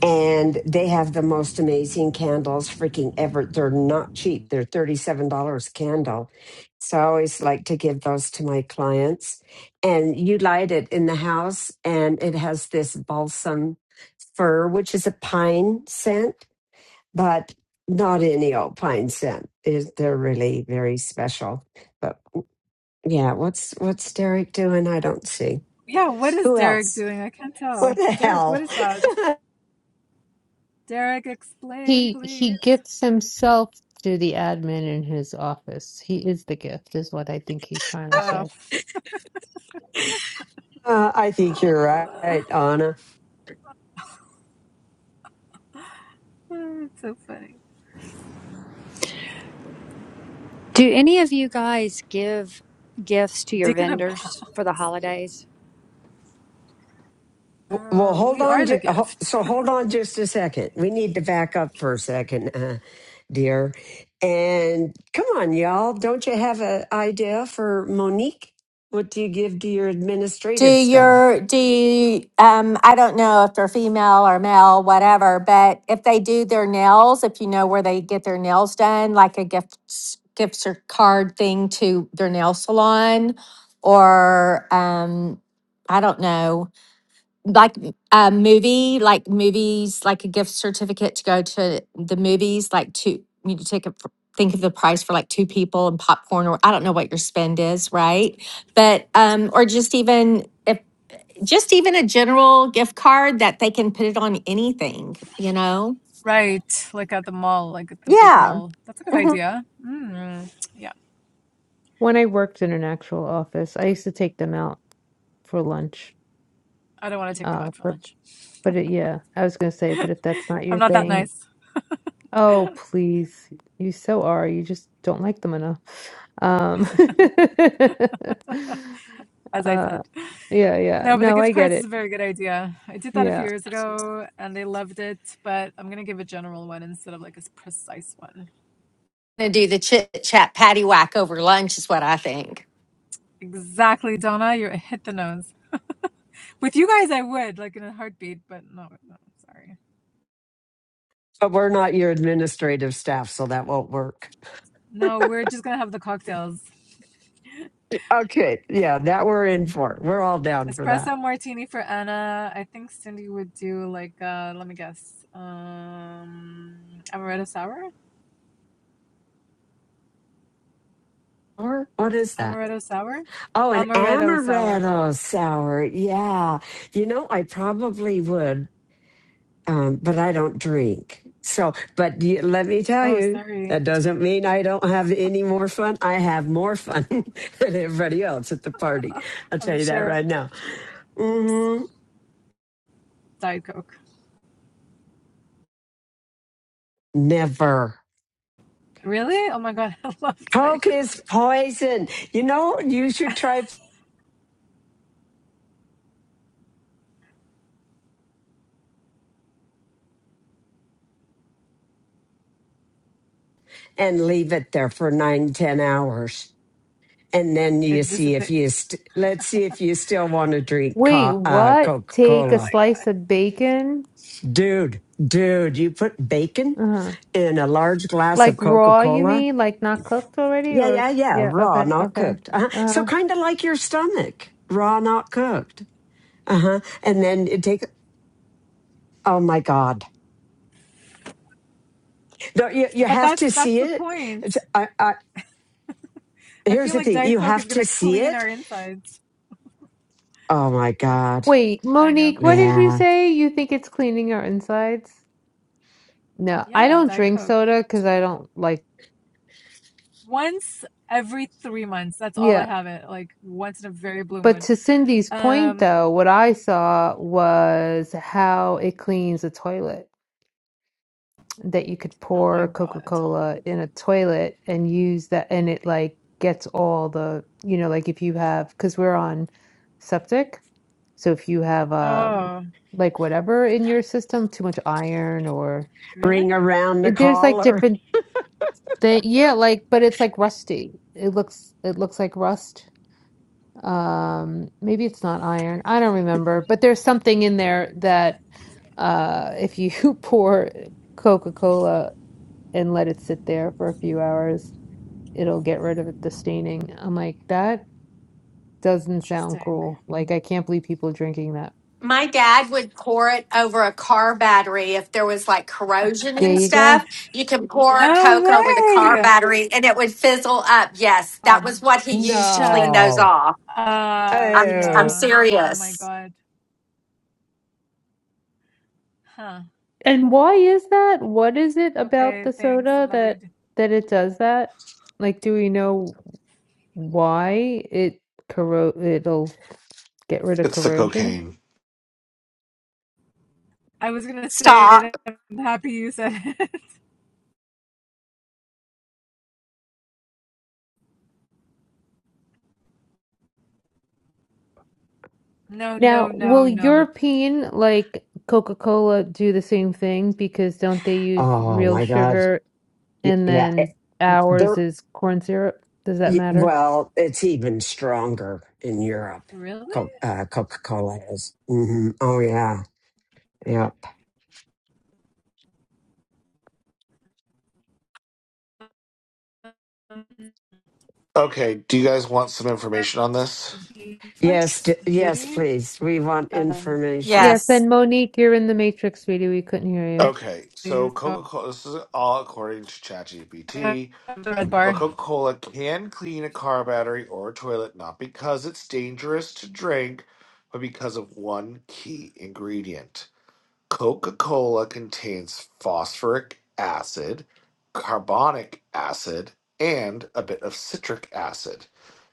and they have the most amazing candles freaking ever. They're not cheap. They're $37 a candle. So I always like to give those to my clients. And you light it in the house and it has this balsam fir, which is a pine scent, but not any old pine scent. Is they're really very special. But yeah, what's what's Derek doing? I don't see. yeah, what is Who Derek else? doing? I can't What tell. the Derek, what hell? is that? Derek, explain He he please. gets himself to the admin in his office. He is the gift, is what I think he's trying to Oh, say. Uh, I think you're right, Anna. it's so funny. Do any of you guys give gifts to your Dick in a vendors ball. for the holidays? Well, Uh, hold we on. are the ju- ho- gift. So hold on just a second. We need to back up for a second, uh, dear. And come on, y'all. Don't you have an idea for Monique? What do you give to your do administrative staff? your do you, um i don't know if they're female or male whatever but if they do their nails if you know where they get their nails done like a gift s- gifts or card thing to their nail salon or um i don't know like a movie like movies like a gift certificate to go to the movies like two you to take a think of the price for like two people and popcorn or i don't know what your spend is right but um or just even if just even a general gift card that they can put it on anything, you know? Right, like at the mall, like at the big Yeah. mall. That's a good hmm idea. Mm. When I worked in an actual office, I used to take them out for lunch. I don't want to take them Uh, out for but lunch. but it, yeah, I was gonna say, but if that's not I'm your not that thing, nice, oh please, you so are. You just don't like them enough. Um, as I uh, said. yeah, yeah. No, but the No, gift I get cards is it. a very good idea. I did that a few Yeah. years ago and they loved it, but I'm going to give a general one instead of like a precise one. To do the chit chat patty whack over lunch is what I think. Exactly, Donna. You hit the nose. With you guys, I would, like in a heartbeat, but no, no, sorry. But we're not your administrative staff, so that won't work. No, we're just going to have the cocktails. Okay. Yeah, that we're in for. We're all down for that. Espresso martini for Anna. I think Cindy would do like, uh, let me guess, um, amaretto sour? Or what is that? Amaretto sour? Oh, an Amaretto sour. amaretto sour. Yeah. You know, I probably would um, but I don't drink. So, but you, let me tell Oh, you, sorry. that doesn't mean I don't have any more fun. I have more fun than everybody else at the party. I'll I'm tell you that sure. right now. Oops. hmm Diet Coke. Never. Really? Oh my god, I love Coke Diet Coke. is poison. You know, you should try and leave it there for nine, ten hours. And then you It see if dissipates. you, st- let's see if you still want to drink Wait, co- uh, what? Coca Take Oh a Cola my slice of bacon? Dude, dude, you put bacon Uh-huh. in a large glass Like of Coca raw, you Cola? mean? Like not cooked already? Yeah, Or yeah, yeah. yeah, Raw, okay, not okay. cooked. Uh-huh. So Uh-huh. kind of like your stomach, raw, not cooked. Uh huh. And then you take. Oh my God! No, you god. you But have that's to that's see the it. point. It's, I, I, I here's feel the like thing: Diet you Coke have is to gonna see clean it. our insides. Oh my No, God! Wait, I know I'm Monique, what crazy. did you Yeah, say? You think it's cleaning our insides? No, I Yeah, don't Diet drink Coke. soda because I don't like, Once every three months. That's all I yeah. have it. Like once in a very blue But moon. to Cindy's point, Um. though, what I saw was how it cleans a toilet, that you could Oh my pour god. Coca-Cola in a toilet and use that, and it like gets all the, you know, like if you have, because we're on septic. So if you have um Oh, like whatever in your system, too much iron or ring really? around the it- there's like collar. different thing yeah, like but it's like rusty. It looks it looks like rust. Um maybe it's not iron. I don't remember, but there's something in there that uh if you pour Coca-Cola and let it sit there for a few hours, it'll get rid of it, the staining. I'm like, that doesn't sound Interesting. cool. Like I can't believe people drinking that. My dad would pour it over a car battery if there was like corrosion There and you go. stuff. You can pour a No Coke over the car way. battery and it would fizzle up. Yes, that God, was what he used to Shut clean those no. off. up. I'm I'm Oh, Uh, oh my serious. god. Huh. And why is that? What is it about Okay, the thanks. soda I'm never gonna that do. that it does that? Like, do we know why it corro it'll get rid of It's the corrosion? cocaine. I was gonna say Stop. it. I'm happy you said it. No, no, Now, no, will no. European like Coca-Cola do the same thing? Because don't they use oh real my God! sugar Y- and Yeah, then It- ours They're is corn syrup? Does that Y- matter? Well, it's even stronger in Europe. Really? Co- uh, Coca-Cola is. hmm Oh yeah, yep. Um, Okay. Do you guys want some the information on this? Yes, d- Netflix yes, Diddy. please. We want Um, information. Yes, Yes. and Monique, you're in the matrix, sweetie. We couldn't hear you. yes, Okay. So please go. Coca Cola. This is all according to The ChatGPT, red but bar. Coca Cola can clean a car battery or a toilet not because it's dangerous to drink, but because of one key ingredient. Coca Cola contains phosphoric acid, carbonic acid, and a bit of citric acid.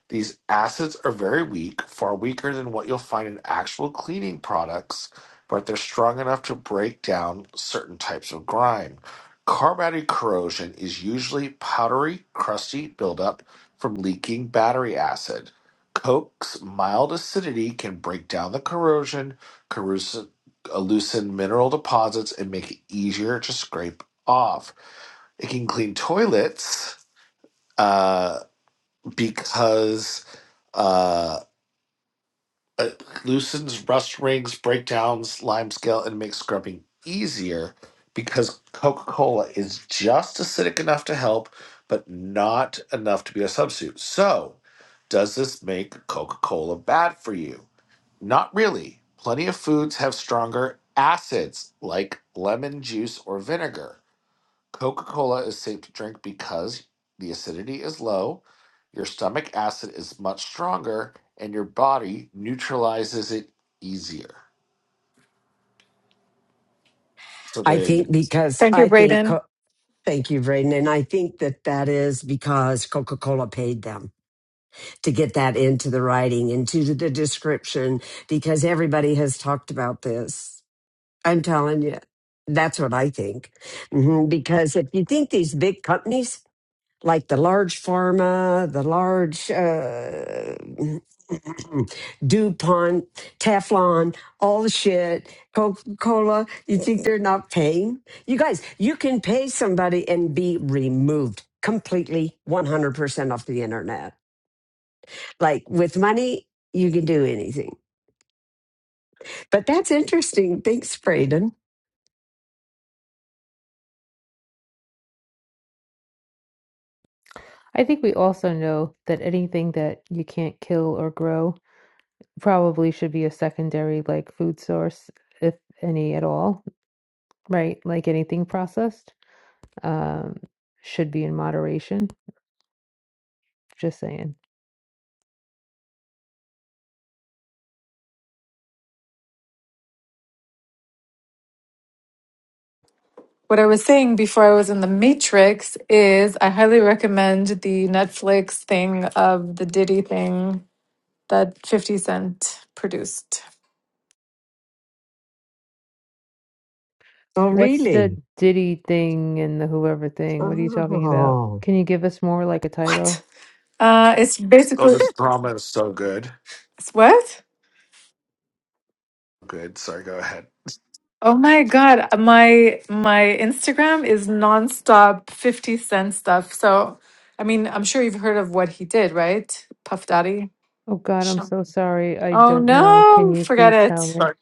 These acids are very weak, far weaker than what you'll find in actual cleaning products, but they're strong enough to break down certain types of grime. Carbonated corrosion is usually powdery, crusty buildup from leaking battery acid. Coke's mild acidity can break down the corrosion, corrosive, uh, loosen mineral deposits, and make it easier to scrape off. It can clean toilets uh, because. Uh, it loosens rust rings, breakdowns, limescale, and makes scrubbing easier because Coca Cola is just acidic enough to help, but not enough to be a substitute. So, does this make Coca Cola bad for you? Not really. Plenty of foods have stronger acids like lemon juice or vinegar. Coca Cola is safe to drink because the acidity is low, your stomach acid is much stronger, and your body neutralizes it easier. So I there you go. think because Thank you, I think. Brayden. Co- Thank you, Braden, and I think that that is because Coca-Cola paid them to get that into the writing, into the description, because everybody has talked about this. I'm telling you, that's what I think. hmm Because if you think these big companies like the large pharma, the large uh, DuPont, Teflon, all the shit, Coca Cola. You think they're not paying? You guys, you can pay somebody and be removed completely 100% off the internet. Like with money, you can do anything. But that's interesting. Thanks, Braden. I think we also know that anything that you can't kill or grow. probably should be a secondary like food source if any at all right like anything processed um should be in moderation just saying What I was saying before I was in the Matrix is I highly recommend the Netflix thing of the Diddy thing that 50 Cent produced. Oh, what's the really? diddy thing and the whoever thing what are you talking about Oh, can you give us more like a What? title Uh, it's Oh, basically, this drama is so good. it's what? Good. Sorry, go ahead. Oh my God, my my Instagram is nonstop 50 Cent stuff. So, I mean, I'm sure you've heard of what he did, right? Puff Daddy. oh god i'm Sure. so sorry i Oh don't know can no, you forget please tell it. me Sorry.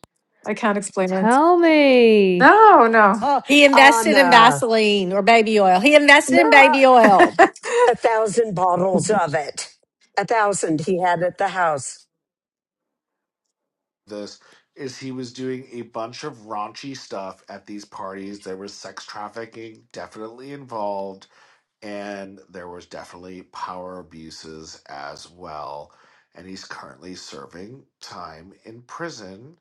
I can't explain it. tell me No, no. oh He invested in Anna, Vaseline or baby oil. He invested in not baby oil. a thousand bottles of it. A thousand he had at the house. This is he was doing a bunch of raunchy stuff at these parties. There was sex trafficking definitely involved, and there was definitely power abuses as well. And he's currently serving time in prison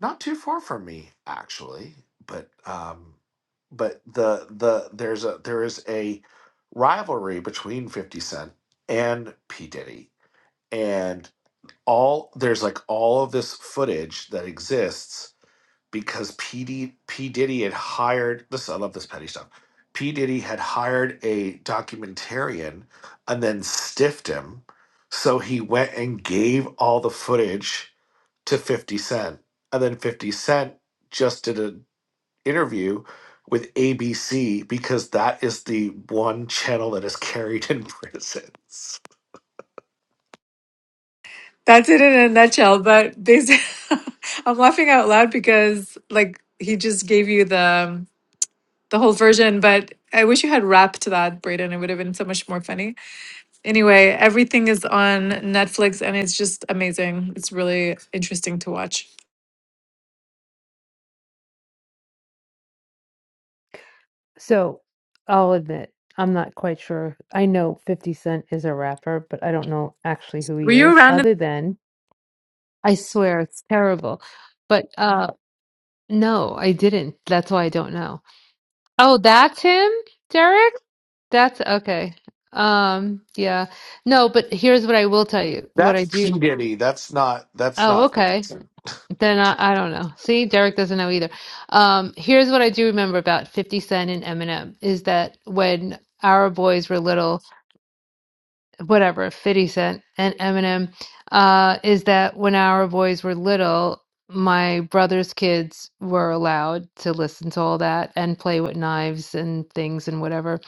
not too far from me actually but um but the the there's a there is a rivalry between 50 cent and p diddy and all there's like all of this footage that exists because p, D, p diddy had hired this i love this petty stuff p diddy had hired a documentarian and then stiffed him so he went and gave all the footage to 50 Cent. And then 50 Cent just did an interview with ABC because that is the one channel that is carried in prisons. That's it in a nutshell. But basically, I'm laughing out loud because like he just gave you the the whole version, but I wish you had rapped that, Brayden. It would have been so much more funny. Anyway, everything is on Netflix and it's just amazing. It's really interesting to watch. So I'll admit, I'm not quite sure. I know 50 Cent is a rapper, but I don't know actually who Were he you is, around? in- other than I swear it's terrible. But uh no, I didn't. That's why I don't know. Oh, that's him, Derek? That's okay. Um, yeah. No, but here's what I will tell you. What That's I do. P. Diddy. That's not that's Oh, not 50 okay. Cent. Then I, I don't know. See, Derek doesn't know either. Um, here's what I do remember about 50 Cent and Eminem is that when our boys were little, whatever 50 Cent and Eminem uh, is that when our boys were little, my brother's kids were allowed to listen to all that and play with knives and things and whatever.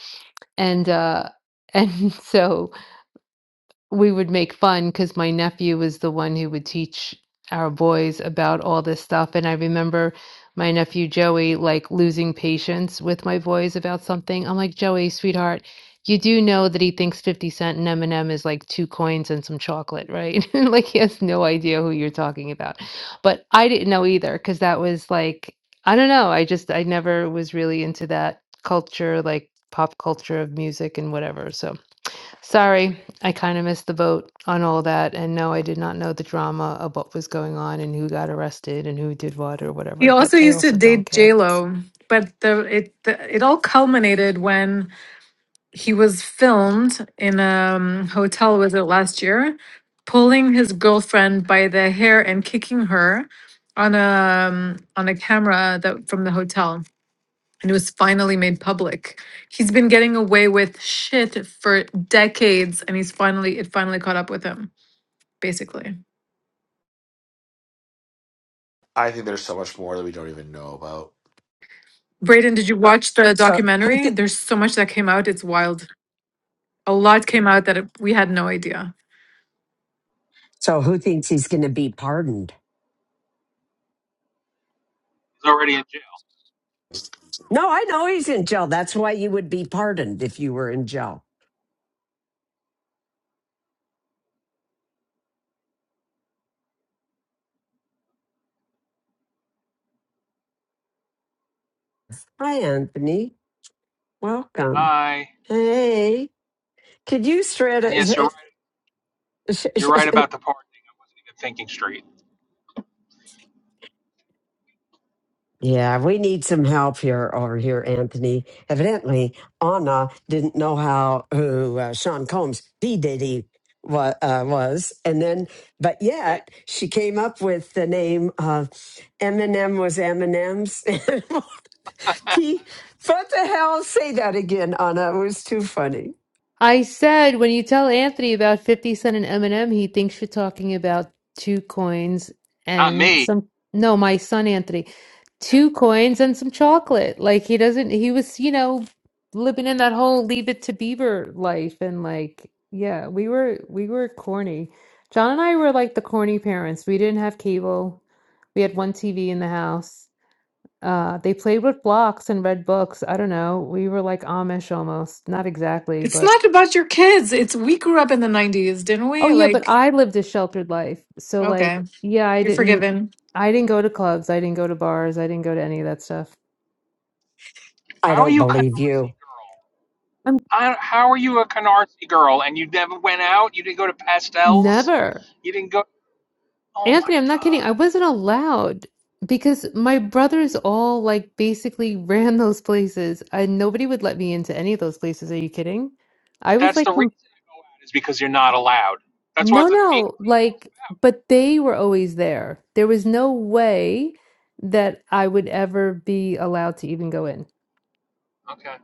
And uh, and so we would make fun because my nephew was the one who would teach our boys about all this stuff. And I remember my nephew Joey like losing patience with my boys about something. I'm like, Joey, sweetheart, you do know that he thinks 50 cent and M&M is like two coins and some chocolate, right? like he has no idea who you're talking about. But I didn't know either because that was like, I don't know. I just, I never was really into that culture, like pop culture of music and whatever. So. Sorry, I kind of missed the boat on all that. And no, I did not know the drama of what was going on and who got arrested and who did what or He whatever, also but I used to also don't date care. J-Lo, but the it the, it all culminated when he was filmed in a um, hotel, was it last year, pulling his girlfriend by the hair and kicking her on a um, on a camera that from the hotel. and it was finally made public. He's been getting away with shit for decades, and he's finally it finally caught up with him, basically. I think there's so much more that we don't even know about. Brayden, did you watch the So who? documentary? Th- There's so much that came out; it's wild. A lot came out that it, we had no idea. so who thinks he's going to be pardoned? is already in jail. No, I know he's in jail. That's why you would be pardoned if you were in jail. Hi, Anthony. Welcome. Aye. Hey, could you shred? And yes, you're right. it? You're right about the park in Thinking Street. Yeah, we need some help here over here, Anthony. Evidently, Anna didn't know how who uh, Sean Combs D Diddy wa- uh, was, and then, but yet she came up with the name of Eminem was Eminem's. P, what the hell? Say that again, Anna. It was too funny. I said when you tell Anthony about 50 Cent and Eminem, he thinks you're talking about two coins Not and me. some, no, my son Anthony, Yeah. two coins and some chocolate. Like he doesn't, he was, you know, living in that whole Leave It to Beaver life. And like, yeah, we were, we were corny. John and I were like the corny parents. We didn't have cable. We had one TV in the house. Uh, they played with blocks and read books. I don't know. We were like Amish almost. Not exactly, It's but. not about your kids. It's we grew up in the 90s, didn't Oh we? yeah, but Like, I lived a sheltered life. So okay, like, yeah, I you're didn't forgiven. I didn't go to clubs, I didn't go to bars, I didn't go to any of that stuff. I How are don't you Canarsie believe you. girl? I'm I, how are you a Canarsie girl? And you never went out? You didn't go to pastels? never. You didn't go? Oh Anthony, my I'm not kidding. god! I wasn't allowed because my brothers all like basically ran those places and nobody would let me into any of those places. Are you kidding? I But was that's like, the some- reason I go out is because you're not allowed. That's no, what the being no, like, but they were always there. There was no way that I would ever be allowed to even go in. about. Okay,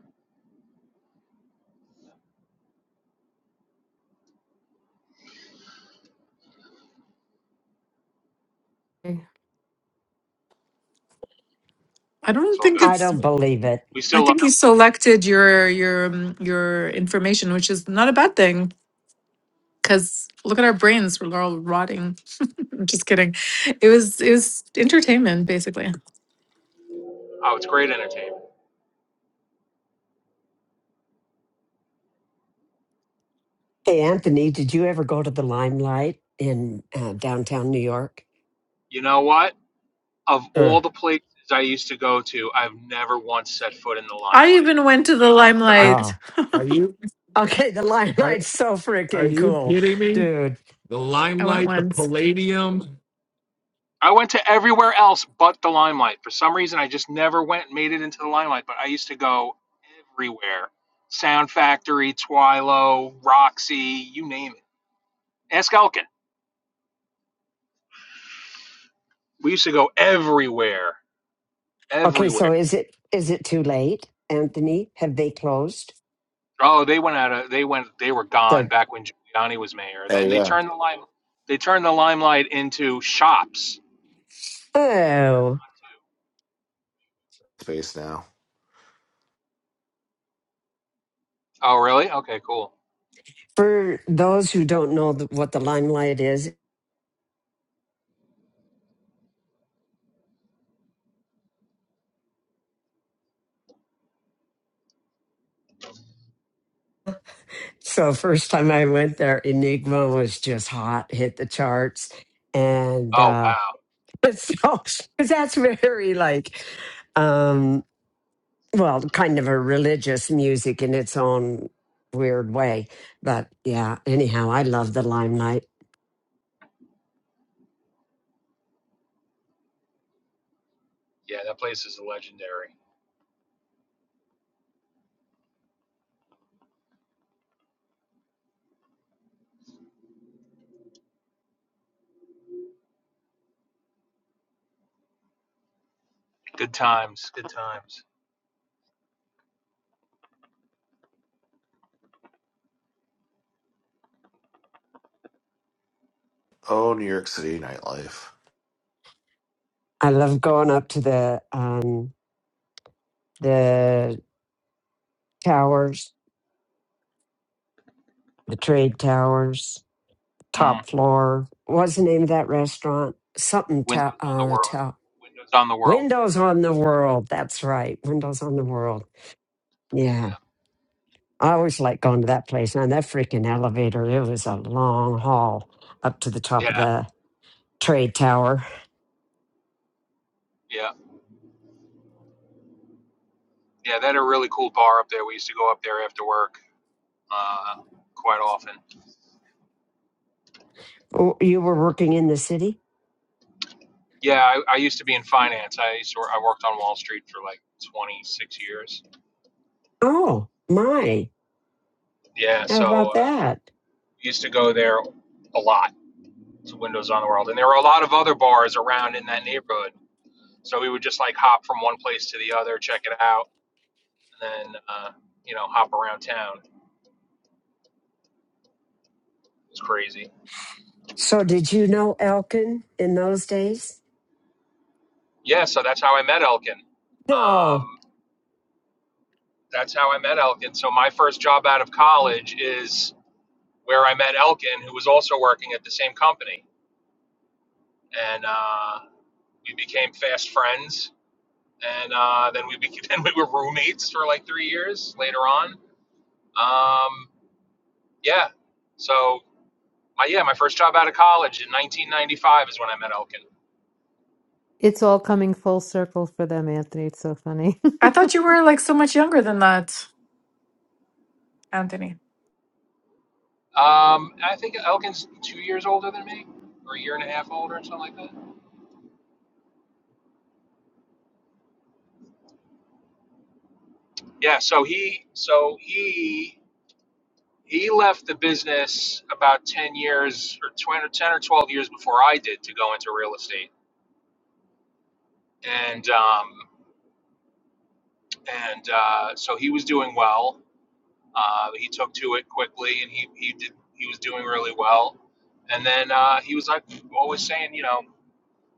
I it's don't all think good. I it's don't believe it. We I still love think you selected your your um, your information, which is not a bad thing. Because look at our brains, we're all rotting. I'm just kidding. It was it was entertainment basically. you. Oh, it's great entertainment. Hey, Anthony, did you ever go to the Limelight in uh, downtown New York? You know what? Of Huh. all the places I used to go to, I've never once set foot in the I limelight. even went to the But limelight. Oh, Are you okay. The are, Limelight's so are freaking you cool, kidding me? dude. The I went limelight, the once. palladium. I went to everywhere else but the limelight. For some reason, I just never went and made it into the limelight, but I used to go everywhere Sound Factory, Twilo, Roxy, you name it. Ask Elkin. We used to go everywhere, Okay, so everywhere. is it is it too late, Anthony? Have they closed? Oh, they went out of, they went, they were gone The back when Giuliani was mayor. Oh Then they yeah. turned the lime, they turned the limelight into shops. Now they're oh, gone Space now. too. Oh, really? Okay, cool. for those who don't know th- what the Limelight is, so first time I went there, Enigma was just hot, hit the charts, and Oh, uh, wow. so 'cause that's very like. um, well, kind of a religious music in its own weird way. But yeah, anyhow, I love the limelight. Yeah, that place is legendary. Good times, good times. Oh, New York City nightlife. I love going up to the um the towers, the trade towers, Mm. top floor. What's the name of that restaurant? Something to Windows on the uh World. to Windows on the World. Windows on the World. That's right. Windows on the World. Yeah. Yeah. I always like going to that place. Now that freaking elevator, it was a long haul up to the top of Yeah. the trade tower. Yeah. Yeah. They had a really cool bar up there. We used to go up there after work uh, quite often. Oh, You were working in the city? Yeah. I, I used to be in finance. I used to, I worked on Wall Street for like 26 years. Oh, my. Yeah. How about So uh, that? used to go there a lot to Windows on the World. And there were a lot of other bars around in that neighborhood. So we would just like hop from one place to the other, check it out, and then, uh, you know, hop around town. It was crazy. So, did you know Elkin in those days? Yeah. So that's how I met Elkin. No. Um, that's how I met Elkin. So my first job out of college is where I met Elkin, who was also working at the same company, and uh, we became fast friends. And uh, then we became, then we were roommates for like three years later on. Um, yeah. So my yeah my first job out of college in 1995 is when I met Elkin. It's all coming full circle for them, Anthony. It's so funny. I thought you were like so much younger than that, Anthony. Um, I think Elkin's two years older than me, or a year and a half older, or something like that. Yeah. So he so he He left the business about 10 years or 20, 10 or 12 years before I did to go into real estate. And, um, and uh, so he was doing well. Uh, he took to it quickly and he, he did, he was doing really well. And then uh, he was like always saying, you know,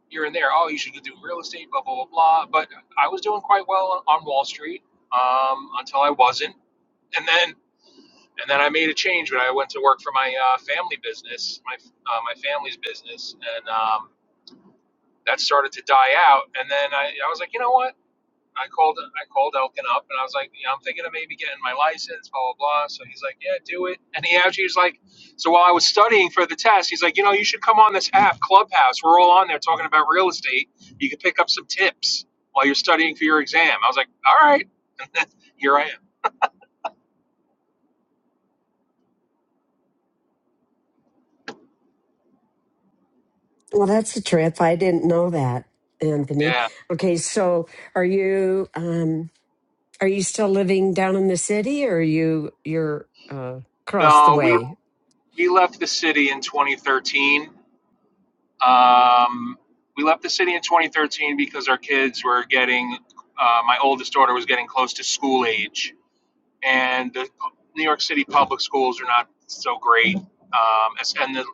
here and there, oh, you should do real estate, blah, blah, blah, blah. But I was doing quite well on Wall Street um, until I wasn't. and then. And then I made a change when I went to work for my uh, family business, my uh, my family's business, and um, that started to die out. And then I, I was like, you know what? I called I called Elkin up, and I was like, you know, I'm thinking of maybe getting my license, blah blah blah. So he's like, yeah, do it. And he actually was like, so while I was studying for the test, he's like, you know, you should come on this app, Clubhouse. We're all on there talking about real estate. You can pick up some tips while you're studying for your exam. I was like, all right, here I am. Well, that's a trip. I didn't know that, Anthony. Yeah. Okay, so are you um are you still living down in the city or are you you're uh across the No, we way? we left the city in 2013 Um, we left the city in 2013 because our kids were getting, uh, my oldest daughter was getting close to school age, and the New York City public schools are not so great. Um, and the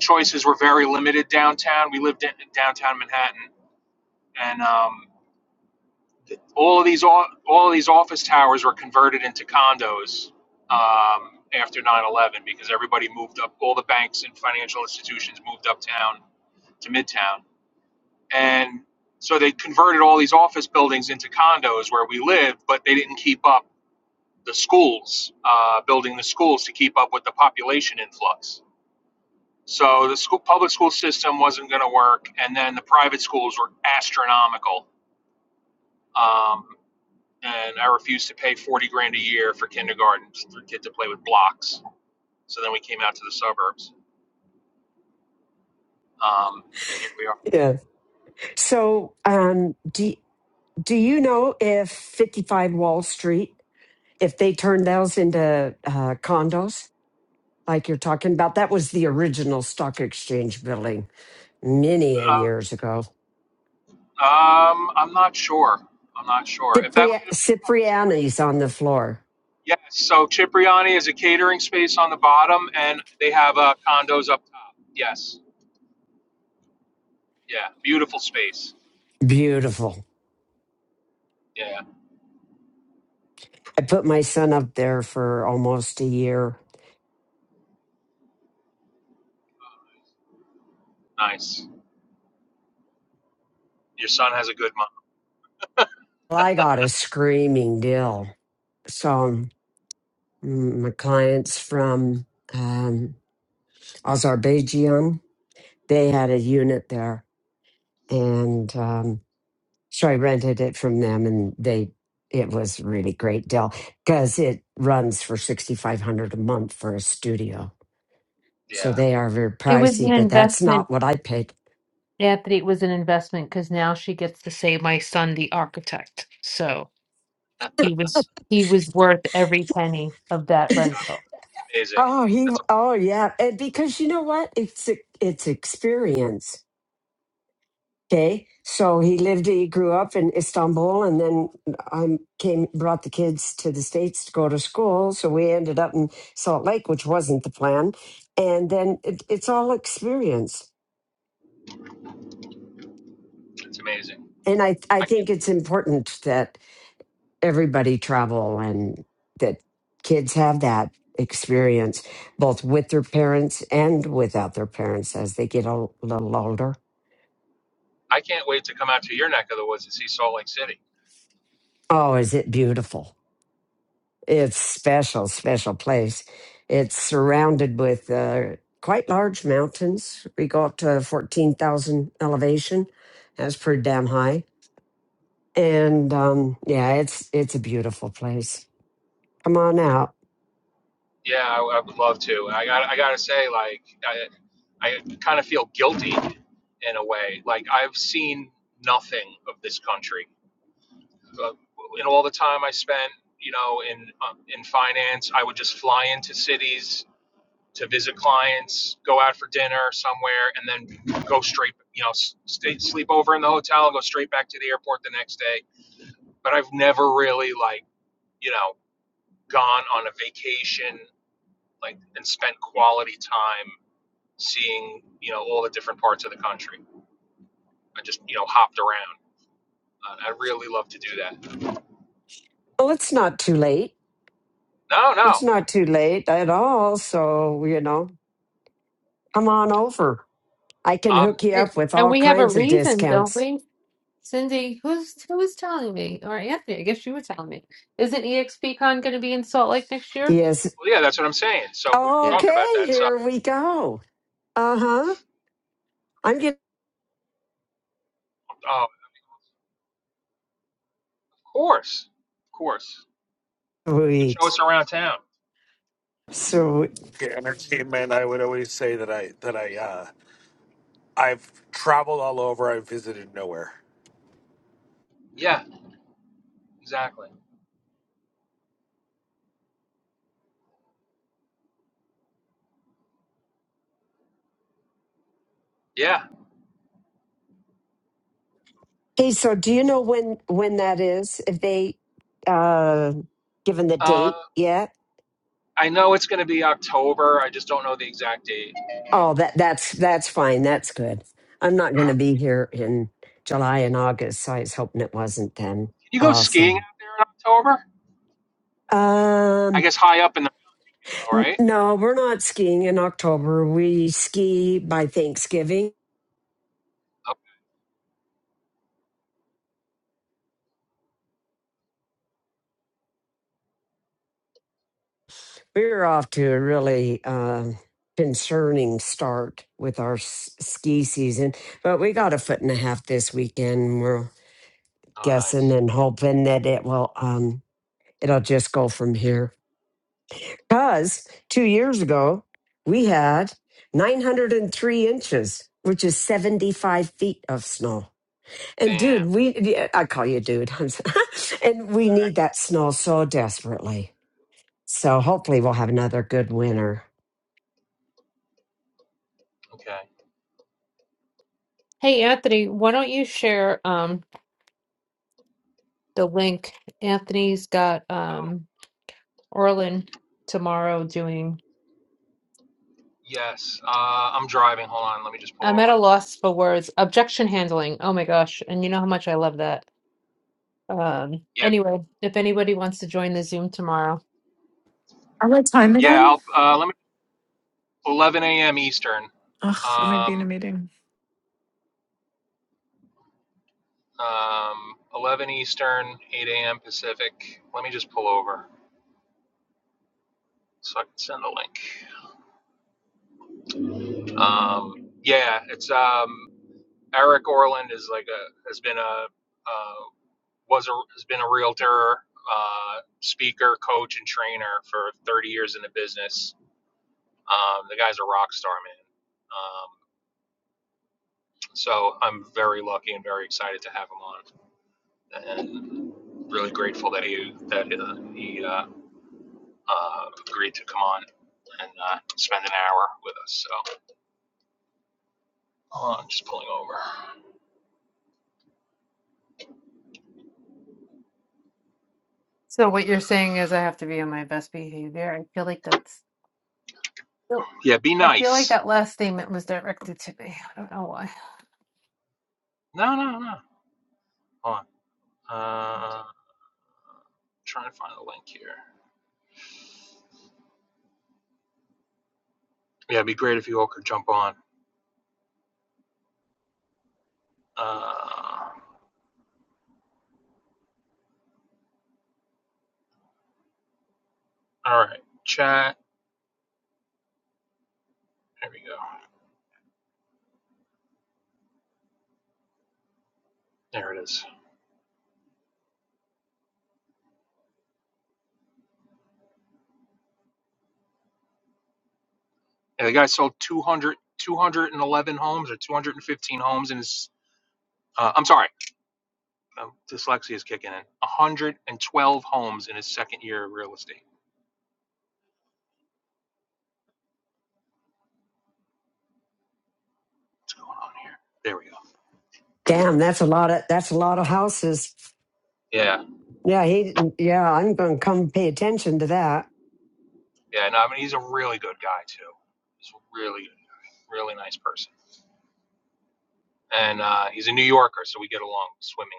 choices were very limited downtown. We lived in downtown Manhattan, and um, all of these all, all of these office towers were converted into condos um, after 9/11 because everybody moved up. All the banks and financial institutions moved uptown to Midtown and so they converted all these office buildings into condos where we live, but they didn't keep up the schools, uh, building the schools to keep up with the population influx. So the school, public school system wasn't going to work, and then the private schools were astronomical. Um, and I refused to pay forty grand a year for kindergarten for a kid to play with blocks. So then we came out to the suburbs, um, and here we are. Yeah. So, um, do do you know if 55 Wall Street, if they turned those into uh, condos, like you're talking about? That was the original stock exchange building many a years ago. Uh, um, I'm not sure. I'm not sure if that Cipri- might have been. Oh, Chippewa. Cipriani's on the floor. Yes, so Cipriani is a catering space on the bottom, and they have uh, condos up top. Yes, yeah, beautiful space. Beautiful. Yeah, I put my son up there for almost a year. nice. Your son has a good mom. Well, I got a screaming deal. So mm, my clients from um, Azerbaijan, they had a unit there, and um, so I rented it from them, and they it was a really great deal because it runs for sixty five hundred a month for a studio. So Yeah, they are very It was an pricey, but that's investment, not what I paid. Anthony. It was an investment because now she gets to say my son, the architect. So he was he was worth every penny of that God, rental. it's amazing. Oh, he. That's Oh, yeah. And because you know what? It's e, it's experience. Okay. So he lived. He grew up in Istanbul, and then I came brought the kids to the states to go to school. So we ended up in Salt Lake, which wasn't the plan. And then it, it's all experience. it's amazing. And I I I can't, think it's important that everybody travel and that kids have that experience both with their parents and without their parents as they get a little older I can't wait to come out to your neck of the woods and see Salt Lake City. Oh, is it beautiful? It's special, special place. It's surrounded with uh, quite large mountains. We go up to 14,000 elevation. That's pretty damn high. And um, yeah, it's it's a beautiful place. Come on out. Yeah, I, I would love to. I got I gotta say, like, I I kind of feel guilty in a way. Like I've seen nothing of this country uh, You know, all the time I spent, you know, in um, in finance, I would just fly into cities to visit clients, go out for dinner somewhere, and then go straight, you know, stay sleep over in the hotel and go straight back to the airport the next day. But I've never really like, you know, gone on a vacation like and spent quality time seeing, you know, all the different parts of the country. I just, you know, hopped around. Uh, I really love to do that. Well, it's not too late. No, It's no. not too late at all. So, you know, come on over. I can um. hook you And up with and all we have a kinds of reason, don't discounts. we? Cindy, who's who was telling me? Or Anthony, I guess you were telling me. Isn't EXPCon gonna be in Salt Lake next year? Yes. Well, yeah, that's what I'm saying. So we were Yeah. talking about Okay, that. So, here we go. Uh huh. I'm oh, of course, of course, you show us Sweet. around town. So, Okay, entertainment. I would always say that I that I uh, I've traveled all over. I've visited nowhere. Yeah, exactly. Yeah, hey, so do you know when when that is? If they uh given the uh, date yet? I know it's going to be October. I just don't know the exact date. Can Oh, that that's that's fine. That's good. I'm not going to be here in July and August, so I was hoping it wasn't then. you go skiing out Awesome. there in October? I Um, guess high up in the Mingo, n- right? no, we're not skiing in October. We ski by Thanksgiving. Oh, We're off to a really um, concerning start with our s- ski season, but we got a foot and a half this weekend. We're oh guessing nice. and hoping that it will um, it'll just go from here. Because two years ago we had 903 inches, which is 75 feet of snow. And Damn. dude, we yeah, I call you dude, I'm so- and we All right. need that snow so desperately. So hopefully we'll have another good winter. Okay. Hey Anthony, why don't you share um the link? Anthony's got Oh, um Orlin tomorrow doing. yes. Uh, I'm driving. Hold on. Let me just pull I'm at a over. loss for words. Objection handling. Oh my gosh. And you know how much I love that. Um, Yeah. anyway, if anybody wants to join the Zoom tomorrow. Are we at time Yeah. again? I'll. Uh, let me. 11 a.m. Eastern. Ugh, I might be in Um, a meeting. um, 11 Eastern, 8 a.m. Pacific. Let me just pull over so I can send the link. Um, yeah, it's um, Eric Orland is like a has been a uh, was a has been a realtor, uh, speaker, coach, and trainer for 30 years in the business. Um, the guy's a rock star, man. Um, so I'm very lucky and very excited to have him on, and really grateful that he that uh, he uh, uh, agreed to come on and uh, spend an hour with us. So hold on, I'm just pulling over. So what you're saying is I have to be on my best behavior. I feel like that's still, Yeah, be I feel like nice. that last statement was directed to me. I don't know why. No, no, no. Hold on. Uh, trying to find the link here. Yeah, it'd be great if you all could jump on. Uh, all right, chat. There we go. There it is. Yeah, the guy sold 200, 211 homes or 215 homes in his. Uh, I'm sorry, um, dyslexia is kicking in. 112 homes in his second year of real estate. What's going on here? There we go. Damn, that's a lot of that's a lot of houses. Yeah. Yeah, he yeah, I'm gonna come pay attention to that. Yeah, no, I mean he's a really good guy too. He's a really, good guy. really nice person, and uh, he's a New Yorker, so we get along swimmingly.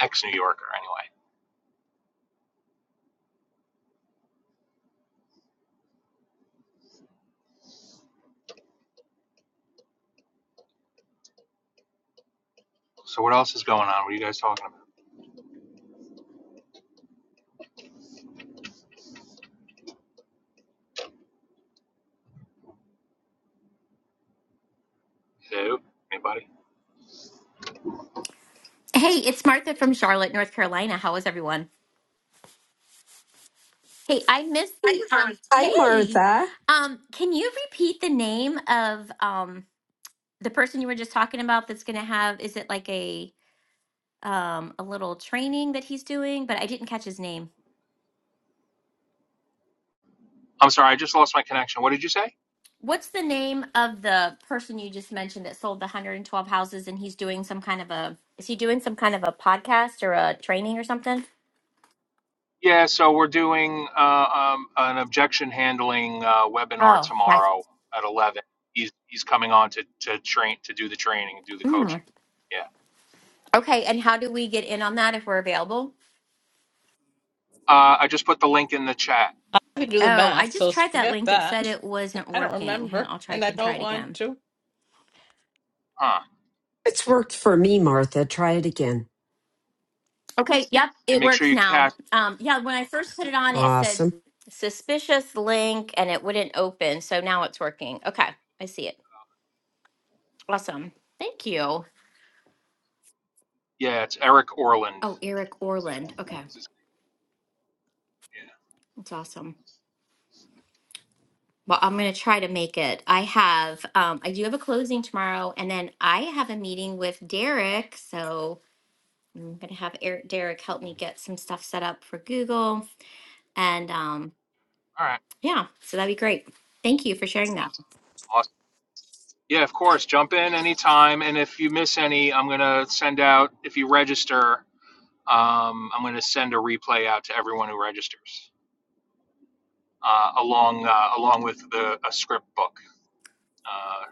Ex-New Yorker, anyway. So what else is going on? What are you guys talking about? Who? Anybody? Hey, it's Martha from Charlotte, North Carolina. How is everyone? Hey, I missed the um, Hi hey. Martha. Um, can you repeat the name of um the person you were just talking about that's gonna have is it like a um a little training that he's doing, but I didn't catch his name. I'm sorry, I just lost my connection. What did you say? What's the name of the person you just mentioned that sold the 112 houses and he's doing some kind of a is he doing some kind of a podcast or a training or something? Yeah, so we're doing uh, um, an objection handling uh, webinar Oh, that's- tomorrow at 11. He's he's coming on to to train to do the training and do the mm. coaching. Yeah. okay. And how do we get in on that if we're available? Uh, I just put the link in the chat. I can do the Oh, I math, just so s- tried that forget link. It that. said it wasn't I don't working. Hang on, remember, I'll try I and I can try don't it want again. to. Huh. It's worked for me, Martha. Try it again. Okay, yep, And it make sure works you now. catch. Um yeah, when I first put it on it said Awesome. suspicious link and it wouldn't open. So now it's working. Okay, I see it. Awesome. Thank you. Yeah, it's Eric Orland. Oh, Eric Orland. Okay, Is his- name? Yeah. that's awesome. Well, I'm going to try to make it. I have um I do have a closing tomorrow and then I have a meeting with Derek, so I'm going to have Eric Derek help me get some stuff set up for Google and um All right. Yeah, so that'd be great. Thank you for sharing that. Awesome. Yeah, of course. Jump in anytime. And if you miss any, I'm going to send out, if you register, um, I'm going to send a replay out to everyone who registers, uh, along uh, along with the a script book, uh,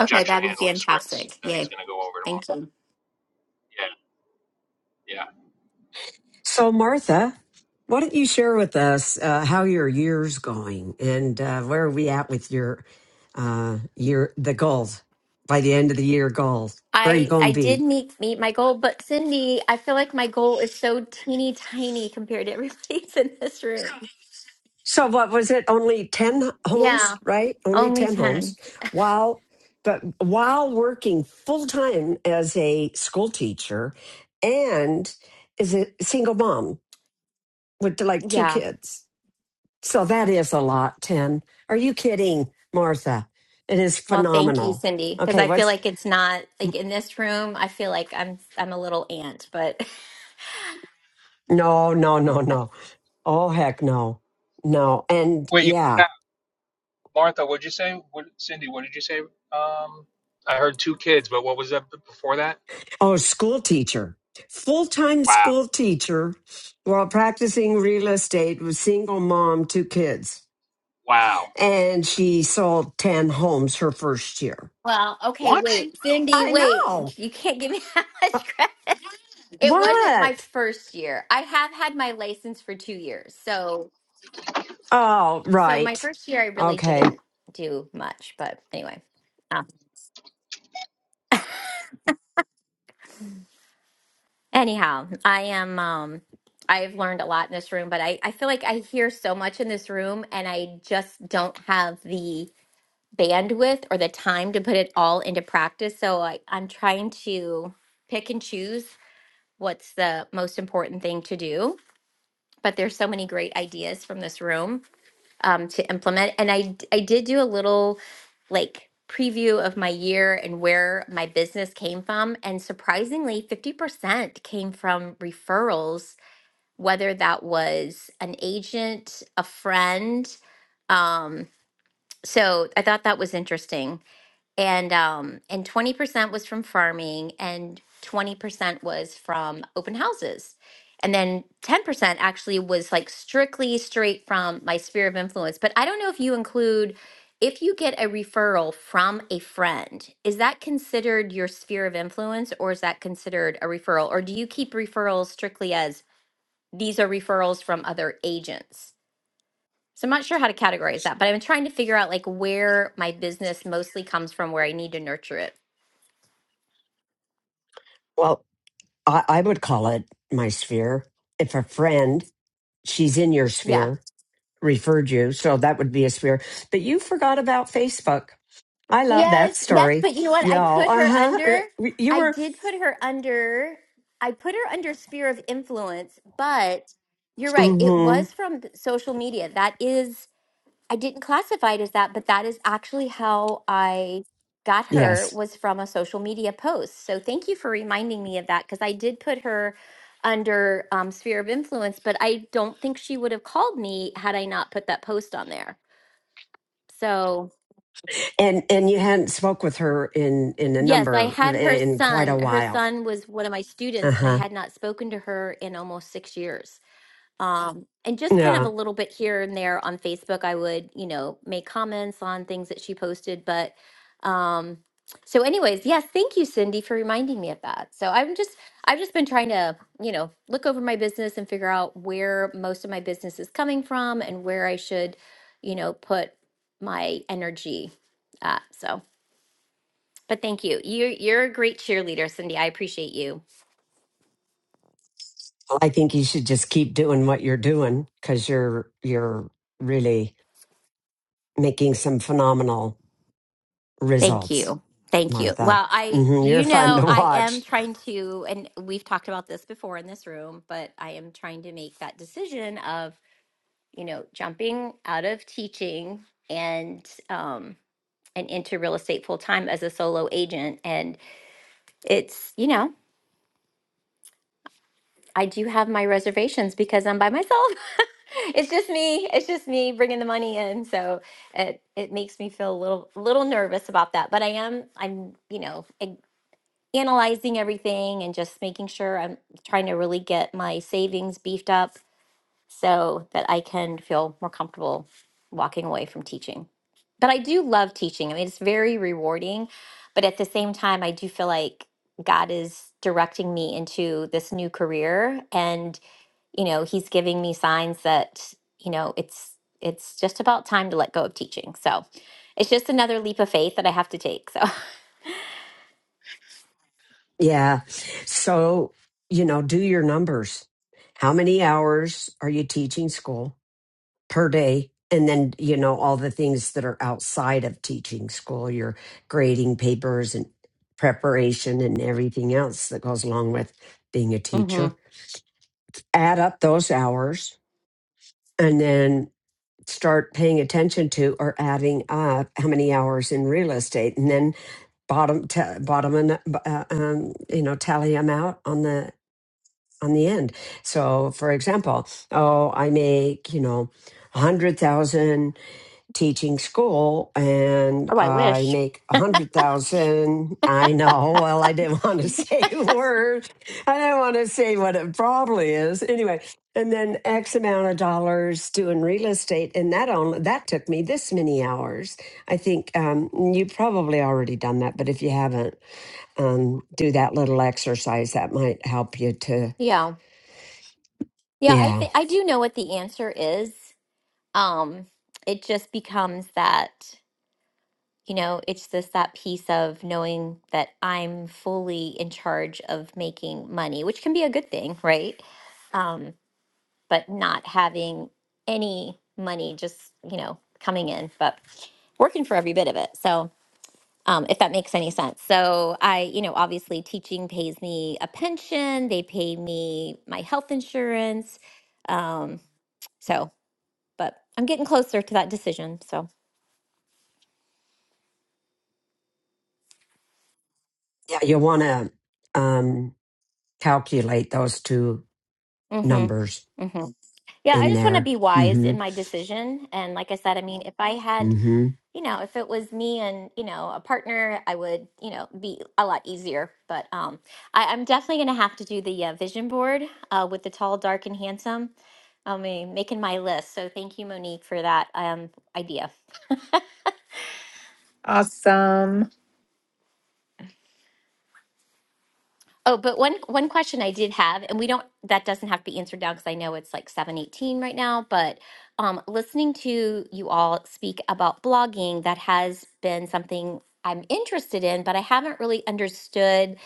Okay, that'd be handling scripts fantastic. that he's Yay. going to go over Thank tomorrow. you. Yeah, yeah. So Martha, why don't you share with us uh, how your year's going and uh, where are we at with your uh your the goals by the end of the year goals? Where are you I gonna I be? did meet meet my goal, but Cindy, I feel like my goal is so teeny tiny compared to everybody's in this room. So what was it? Only 10 Yeah, homes, right? Only only 10 10. homes. While but while working full time as a school teacher and as a single mom with like two Yeah. kids. So that is a lot, 10. Are you kidding, Martha? It is Well, thank you, phenomenal. Cindy, because Okay, I feel what's like it's not like in this room, I feel like I'm I'm a little ant, but no, no, no, no. Oh heck no. No. And Wait, you yeah. cut out. Martha, what'd you say? What, Cindy, what did you say? Um, I heard two kids, but what was that before that? Oh, school teacher. Full time Wow. school teacher while practicing real estate with single mom, two kids. Wow. And she sold 10 homes her first year. well, okay, What? wait. Cindy, I know. wait. You can't give me that Uh, much credit. It wasn't my What? first year. I have had my license for two years. So Oh, so my right. first year I really Okay. didn't do much, but anyway. Um, anyhow, I am um I've learned a lot in this room, but I, I feel like I hear so much in this room and I just don't have the bandwidth or the time to put it all into practice. So I, I'm trying to pick and choose what's the most important thing to do. But there's so many great ideas from this room um, to implement. And I d- I did do a little like preview of my year and where my business came from. And surprisingly, 50% came from referrals, whether that was an agent, a friend. Um, so I thought that was interesting and um and 20% was from farming and 20% was from open houses and then 10% actually was like strictly straight from my sphere of influence but i don't know if you include if you get a referral from a friend is that considered your sphere of influence or is that considered a referral or do you keep referrals strictly as these are referrals from other agents so I'm not sure how to categorize that, but I'm trying to figure out like where my business mostly comes from, where I need to nurture it. Well, I, I would call it my sphere. If a friend, she's in your Yeah. sphere, referred you. So that would be a sphere. But you forgot about Facebook. I love that Yes, yes, story. but you know what? I Y'all, put uh her huh. under. You I were did put her under. I put her under sphere of influence, but you're right. It hmm was from th- social media. That is I didn't classify it as that, but that is actually how I got her Yes. was from a social media post. So thank you for reminding me of that because I did put her under um, sphere of influence, but I don't think she would have called me had I not put that post on there. So, And and you hadn't spoke with her in in a Yes, I number had her in quite a son. Her while. son was one of my Uh students, and I huh. had not spoken to her in almost six years. Um, and just kind of a Yeah, little bit here and there on Facebook, I would, you know, make comments on things that she posted. But um, so, anyways, yes, thank you, Cindy, for reminding me of that. So I'm just, I've just been trying to, you know, look over my business and figure out where most of my business is coming from and where I should, you know, put my energy at. So. But thank you. You're you're a great cheerleader, Cindy. I appreciate you. I think you should just keep doing what you're doing because you're you're really making some phenomenal Thank results, you. Thank you. Martha. Well, I hmm You're you fun know, to I am watch. trying to and we've talked about this before in this room, but I am trying to make that decision of, you know, jumping out of teaching and um and into real estate full time as a solo agent and it's, you know, I do have my reservations because I'm by myself. it's just me. It's just me bringing the money in, so it it makes me feel a little little nervous about that. But I am I'm you know ag- analyzing everything and just making sure I'm trying to really get my savings beefed up so that I can feel more comfortable walking away from teaching. But I do love teaching. I mean, it's very rewarding, but at the same time, I do feel like God is directing me into this new career and you know he's giving me signs that you know it's it's just about time to let go of teaching so it's just another leap of faith that i have to take so Yeah. So you know, do your numbers. How many hours are you teaching school? per day and then you know all the things that are outside of teaching school your grading papers and preparation and everything else that goes along with being a hmm teacher add up those hours and then start paying attention to or adding up how many hours in real estate and then bottom ta bottom and uh, um, you know tally them out on the on the end so for example oh i make you know 100000 teaching school and oh i I wish make a hundred thousand. I know. Well, I didn't want to say a word. I didn't want to say what it probably is. Anyway, and then X amount of dollars doing real estate. And that only that took me this many hours. I think um, you probably already done that, but if you haven't, um, do that little exercise that might help you to yeah yeah i yeah. think i do know what the answer is um it just becomes that you know it's just that piece of knowing that i'm fully in charge of making money which can be a good thing right Um, but not having any money just, you know, coming in, but working for every bit of it. So, um, if that makes any sense. So, I, you know, obviously teaching pays me a pension, they pay me my health insurance. Um, so, but I'm getting closer to that decision. So, Yeah. You wanna um calculate those two mm numbers hmm. Mm-hmm. Yeah, I in just want to there. be mm wise hmm in my decision. And like I said, I mean, if I had mm hmm you know, if it was me and, you know, a partner, I would, you know, be a lot easier. But um, I, I'm definitely going to have to do the uh, vision board uh, with the tall, dark, and handsome. I mean, making my list. So thank you, Monique, for that um, idea. Awesome. Oh, but one one question I did have, and we don't that doesn't have to be answered now because I know it's like seven eighteen right now. But um, listening to you all speak about blogging, that has been something I'm interested in, but I haven't really understood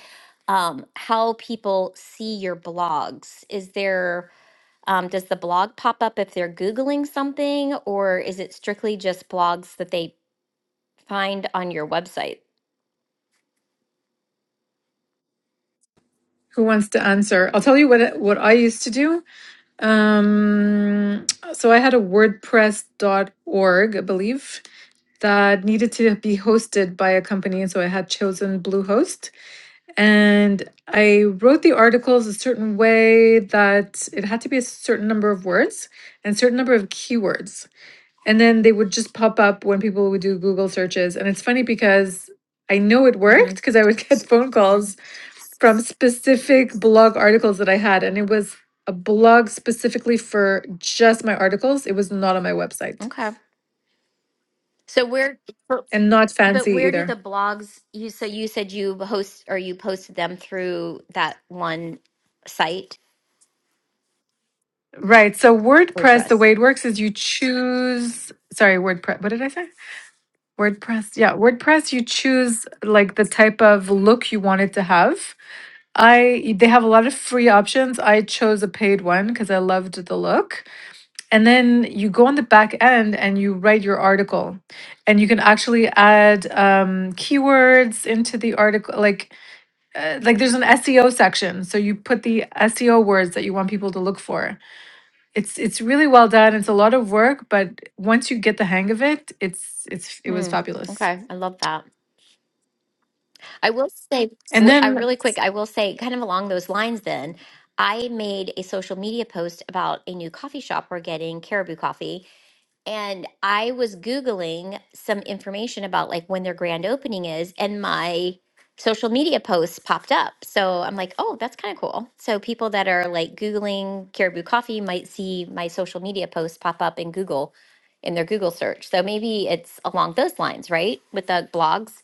um, how people see your blogs. Is there um, does the blog pop up if they're googling something, or is it strictly just blogs that they find on your website? Who wants to answer? I'll tell you what what I used to do. Um, so I had a WordPress dot org, I believe, that needed to be hosted by a company, and so I had chosen Bluehost, and I wrote the articles a certain way that it had to be a certain number of words and a certain number of keywords, and then they would just pop up when people would do Google searches. And it's funny because I know it hmm worked because I would get phone calls from specific blog articles that I had, and it was a blog specifically for just my articles. It was not on my website Okay. So where, but and not but fancy where do either. the blogs you? So you said you host or you posted them through that one site Right. So WordPress, the WordPress. way it works is you choose, sorry, WordPress. What did I say? WordPress. Yeah, WordPress, you choose like the type of look you want it to have. I they have a lot of free options. I chose a paid one because I loved the look And then you go on the back end and you write your article. And you can actually add um, keywords into the article. Like, uh, like there's an SEO section. So you put the SEO words that you want people to look for. It's it's really well done. It's a lot of work, but once you get the hang of it, it's it's it was Hmm. fabulous. Okay, I love that. I will say, And w- uh, then really quick, I will say, kind of along those lines, then, I made a social media post about a new coffee shop we're getting, Caribou Coffee. And I was Googling some information about like when their grand opening is, and my social media posts popped up. So I'm like, oh, that's kind of cool. So people that are like Googling Caribou Coffee might see my social media posts pop up in Google in their Google search. So maybe it's along those lines, right? With the blogs.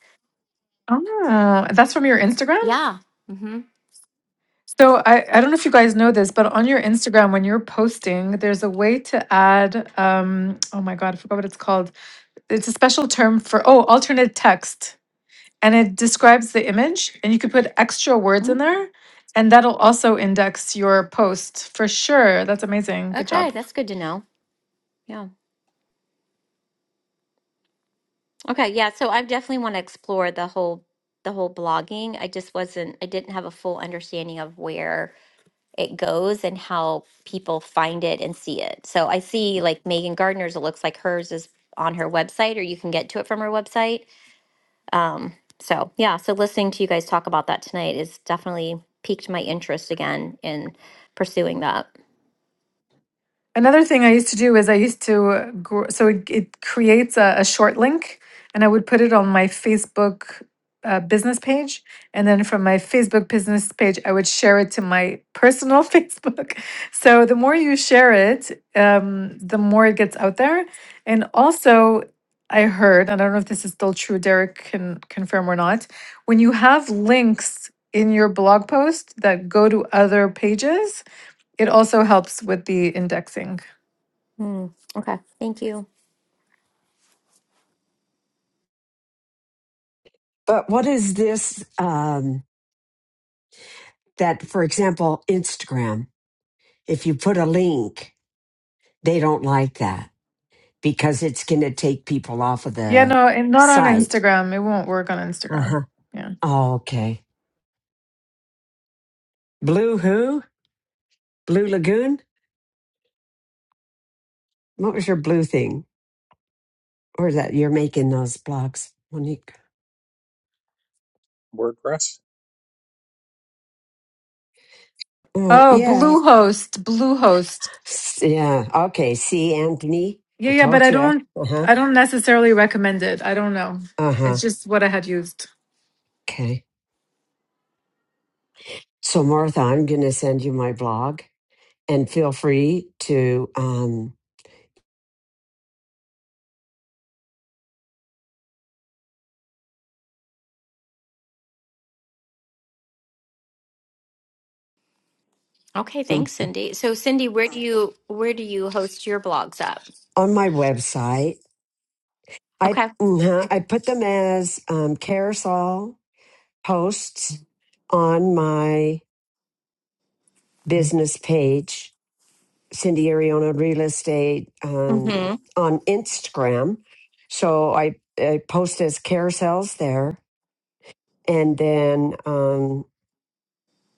oh, that's from your Instagram? Yeah. So I, I don't know if you guys know this, but on your Instagram, when you're posting, there's a way to add um, oh my God, I forgot what it's called it's a special term for oh alternate text and it describes the image and you could put extra words in Mm, there and that'll also index your post for sure that's amazing good Okay, job that's good to know. Yeah. Okay, yeah, so I definitely want to explore the whole the whole blogging. I just wasn't I didn't have a full understanding of where it goes and how people find it and see it. So I see like Megan Gardner's, it looks like hers is on her website or you can get to it from her website. Um, so yeah, so listening to you guys talk about that tonight is definitely piqued my interest again in pursuing that. Another thing I used to do is I used to uh, gr- so it, it creates a, a short link, and I would put it on my Facebook uh, business page, and then from my Facebook business page, I would share it to my personal Facebook. So the more you share it, um, the more it gets out there. And also, I heard I don't know if this is still true. Derek can confirm or not. When you have links in your blog post that go to other pages, it also helps with the indexing. Mm, okay, thank you. But what is this? Um, that, for example, Instagram, if you put a link, they don't like that because it's going to take people off of Yeah, the no, and not on site. Instagram. It won't work on Uh Instagram. huh. Yeah. Oh, okay. Blue who? Blue Lagoon? What was your blue thing? Or that you're making those blogs, Monique? WordPress. Oh, Oh, yeah. Bluehost, Bluehost. S- Yeah. Okay. See, Anthony, Yeah, I yeah, but told I you. don't Uh huh. I don't necessarily recommend it. I don't know. Uh It's huh. just what I had used. Okay. So, Martha, I'm going to send you my blog and feel free to, um, Okay, mm, thanks, Cindy. So, Cindy, where do you where do you host your blogs up? on my website, I, Okay. mhm, I put them as um, carousel posts on my business page, Cindy Ariona Real Estate um, hmm on Instagram. So I, I post as carousels there. And then um,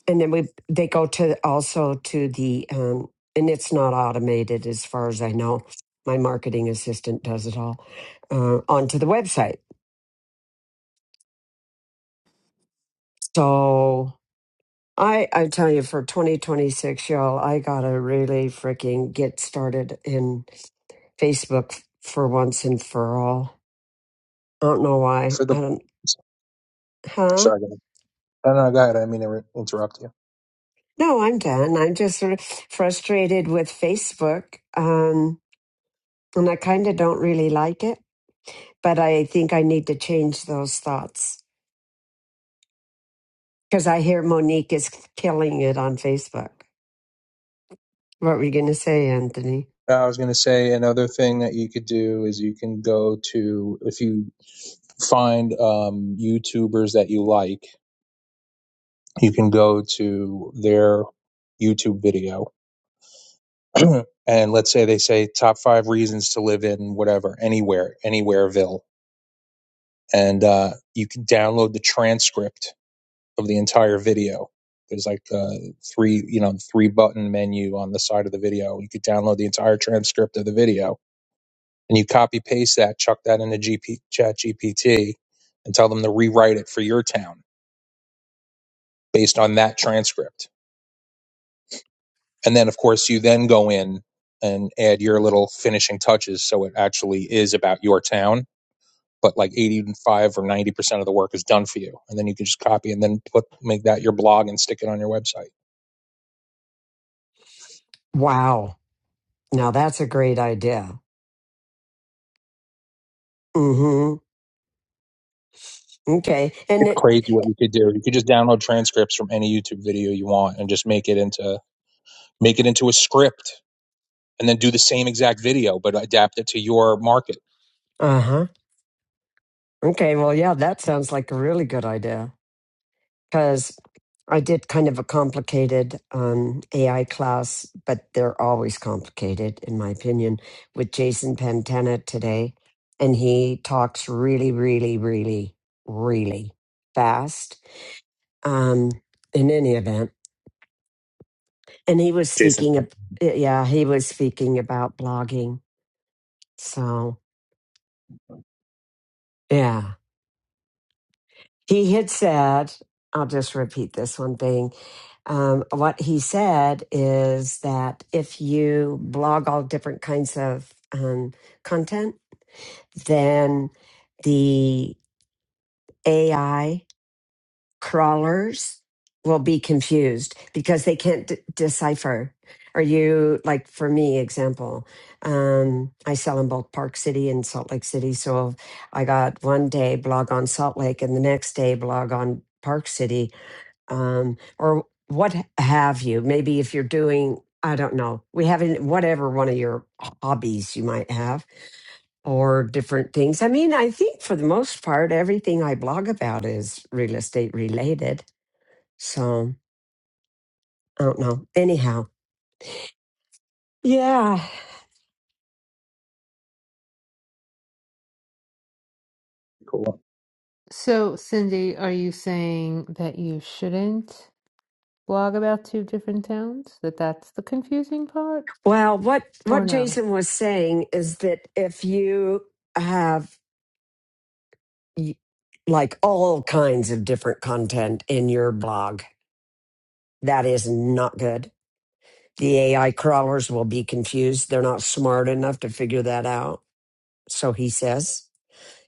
and then we they go to also to the um and it's not automated as far as i know my marketing assistant does it all uh, onto the website so i i tell you for 2026 y'all i gotta really freaking get started in facebook for once and for all i don't know why for the i don't huh sorry. Go ahead. No, no, go ahead. I didn't mean to re- interrupt you. no i'm done i'm just sort of frustrated with facebook um and i kind of don't really like it but I think I need to change those thoughts because I hear Monique is killing it on Facebook. What were you going to say, Anthony? I was going to say another thing that you could do is you can go to if you find um, YouTubers that you like, you can go to their YouTube video. and let's say they say top five reasons to live in whatever, anywhere, anywhereville. And uh, you can download the transcript of the entire video. There's like a three, you know, three button menu on the side of the video. You could download the entire transcript of the video and you copy paste that, chuck that into GP, Chat GPT, and tell them to rewrite it for your town based on that transcript. And then, of course, you then go in and add your little finishing touches so it actually is about your town. But like 85 or 90% of the work is done for you. And then you can just copy and then put, make that your blog and stick it on your website. Wow. Now that's a great idea. Mm hmm. Okay. And It's it, crazy what you could do. You could just download transcripts from any YouTube video you want and just make it into make it into a script and then do the same exact video but adapt it to your market. uh huh. Okay. Well, yeah, that sounds like a really good idea. because I did kind of a complicated um, AI class, but they're always complicated, in my opinion, with Jason Pantana today. And he talks really, really, really, really fast um, in any event. And he was Jason, speaking, ab- yeah, he was speaking about blogging. So, yeah. He had said, I'll just repeat this one thing. Um, what he said is that if you blog all different kinds of um, content, then the AI crawlers will be confused because they can't d- decipher. Are you like for me? Example, um, I sell in both Park City and Salt Lake City, so I got one day blog on Salt Lake and the next day blog on Park City um, or what have you. Maybe if you're doing, I don't know, we haven't, whatever one of your hobbies you might have or different things. I mean, I think for the most part, everything I blog about is real estate related. So I don't know. Anyhow. Yeah. cool. So, Cindy, are you saying that you shouldn't blog about two different towns? That that's the confusing part? Well, what, Or what no? Jason was saying is that if you have y- like all kinds of different content in your blog, that is not good The AI crawlers will be confused. They're not smart enough to figure that out. So he says.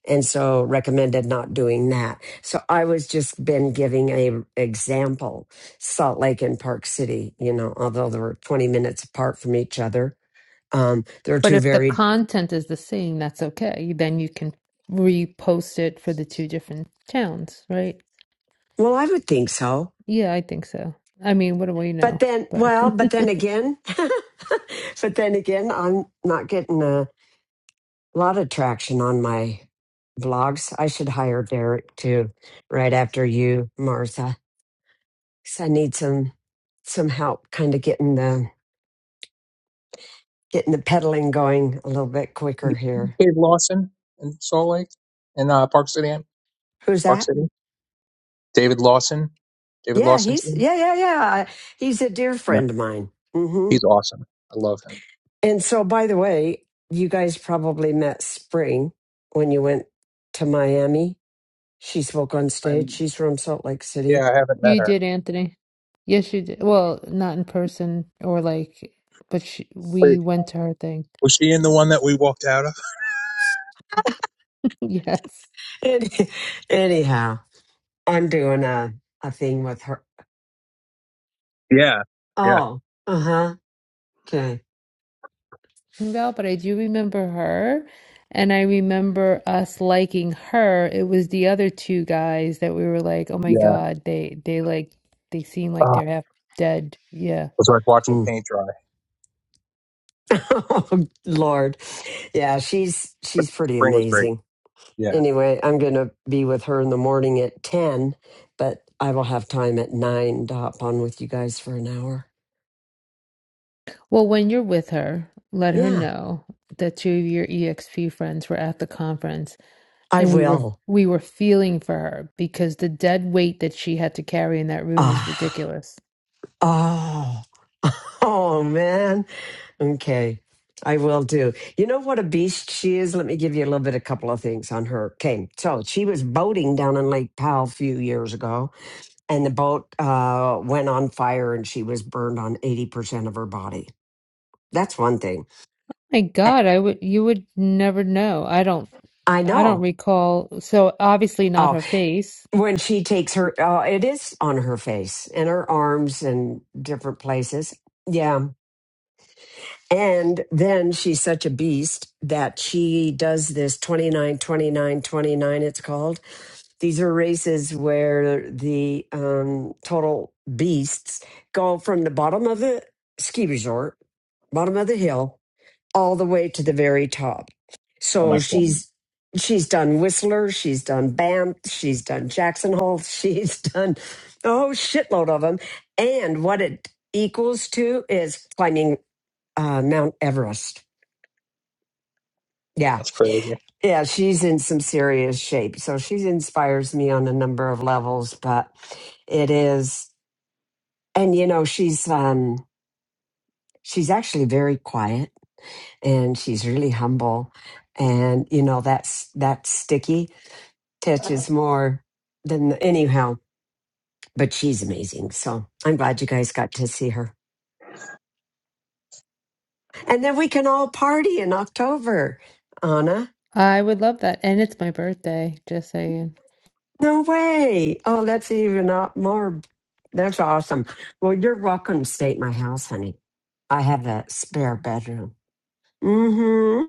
And so recommended not doing that. So I was just been giving a example, Salt Lake and Park City, you know, although they were 20 minutes apart from each other. Um, they're But two if the very, content is the same, that's okay. Then you can repost it for the two different towns, right? well, I would think so. Yeah, I think so. I mean, what do we But know? then, But well, but then again, but then again, I'm not getting a a lot of traction on my blogs. I should hire Derek too, right after you, Martha. So I need some some help kind of getting the getting the pedaling going a little bit And quicker here. Dave Lawson in Salt Lake and uh, Park City, Who's Park that? City. David Lawson, David Yeah, Lawson he's too. yeah, yeah, yeah. He's a dear No, friend of mine. hmm he's awesome. I love him. And so by the way, you guys probably met Spring when you went to Miami. She spoke on stage. I'm She's from Salt Lake yeah, City. I haven't met you her. did, Anthony. Yes, you did. Well, not in person or like, but she, we Wait, went to her thing. was she in the one that we walked out of? Yes. Any, anyhow, I'm doing a, a thing with her. Yeah, yeah, Oh, uh huh. Okay. Well, but I do remember her. And I remember us liking her. It was the other two guys that we were like, oh my yeah. God, they, they like, they seem like Oh, they're it half dead. Yeah. was like watching Mm. paint dry, oh, Lord. Yeah, she's but she's pretty spring was great. amazing. Yeah. Anyway, I'm gonna be with her in the morning at ten, but I will have time at nine to hop on with you guys for an hour. Well, when you're with her, let her Yeah, know that two of your EXP friends were at the conference I and we were will. we were feeling for her because the dead weight that she had to carry in that room was Ah, ridiculous. oh, oh man. Okay, I will do. You know what a beast she is? Let me give you a little bit, a couple of things on her. Okay, so she was boating down in Lake Powell a few years ago, and the boat uh, went on fire and she was burned on 80% of her body. That's one thing. My I God, I would you would never know. I don't I I don't know. recall. So obviously not Oh, her face. when she takes her, uh, it is on her face and her arms and different places. Yeah And then she's such a beast that she does this 29, 29, 29. it's called. These are races where the um, total beasts go from the bottom of the ski resort, bottom of the hill, all the way to the very top. Oh So my god. she's she's done Whistler, she's done Banff, she's done Jackson Hole, she's done a whole shitload of them. And what it equals to is climbing uh, Mount Everest. Yeah. That's crazy. Yeah. She's in some serious shape. So she inspires me on a number of levels, but it is, and you know, she's, um, she's actually very quiet and she's really humble. And you know, that's, that sticky touch is more than anyhow, but she's amazing. So I'm glad you guys got to see her. And then we can all party in October, Anna. I would love that. And it's my birthday, just saying. No way. Oh, that's even not more. That's awesome. Well, you're welcome to stay at my house, honey. I have a spare bedroom. Mm-hmm.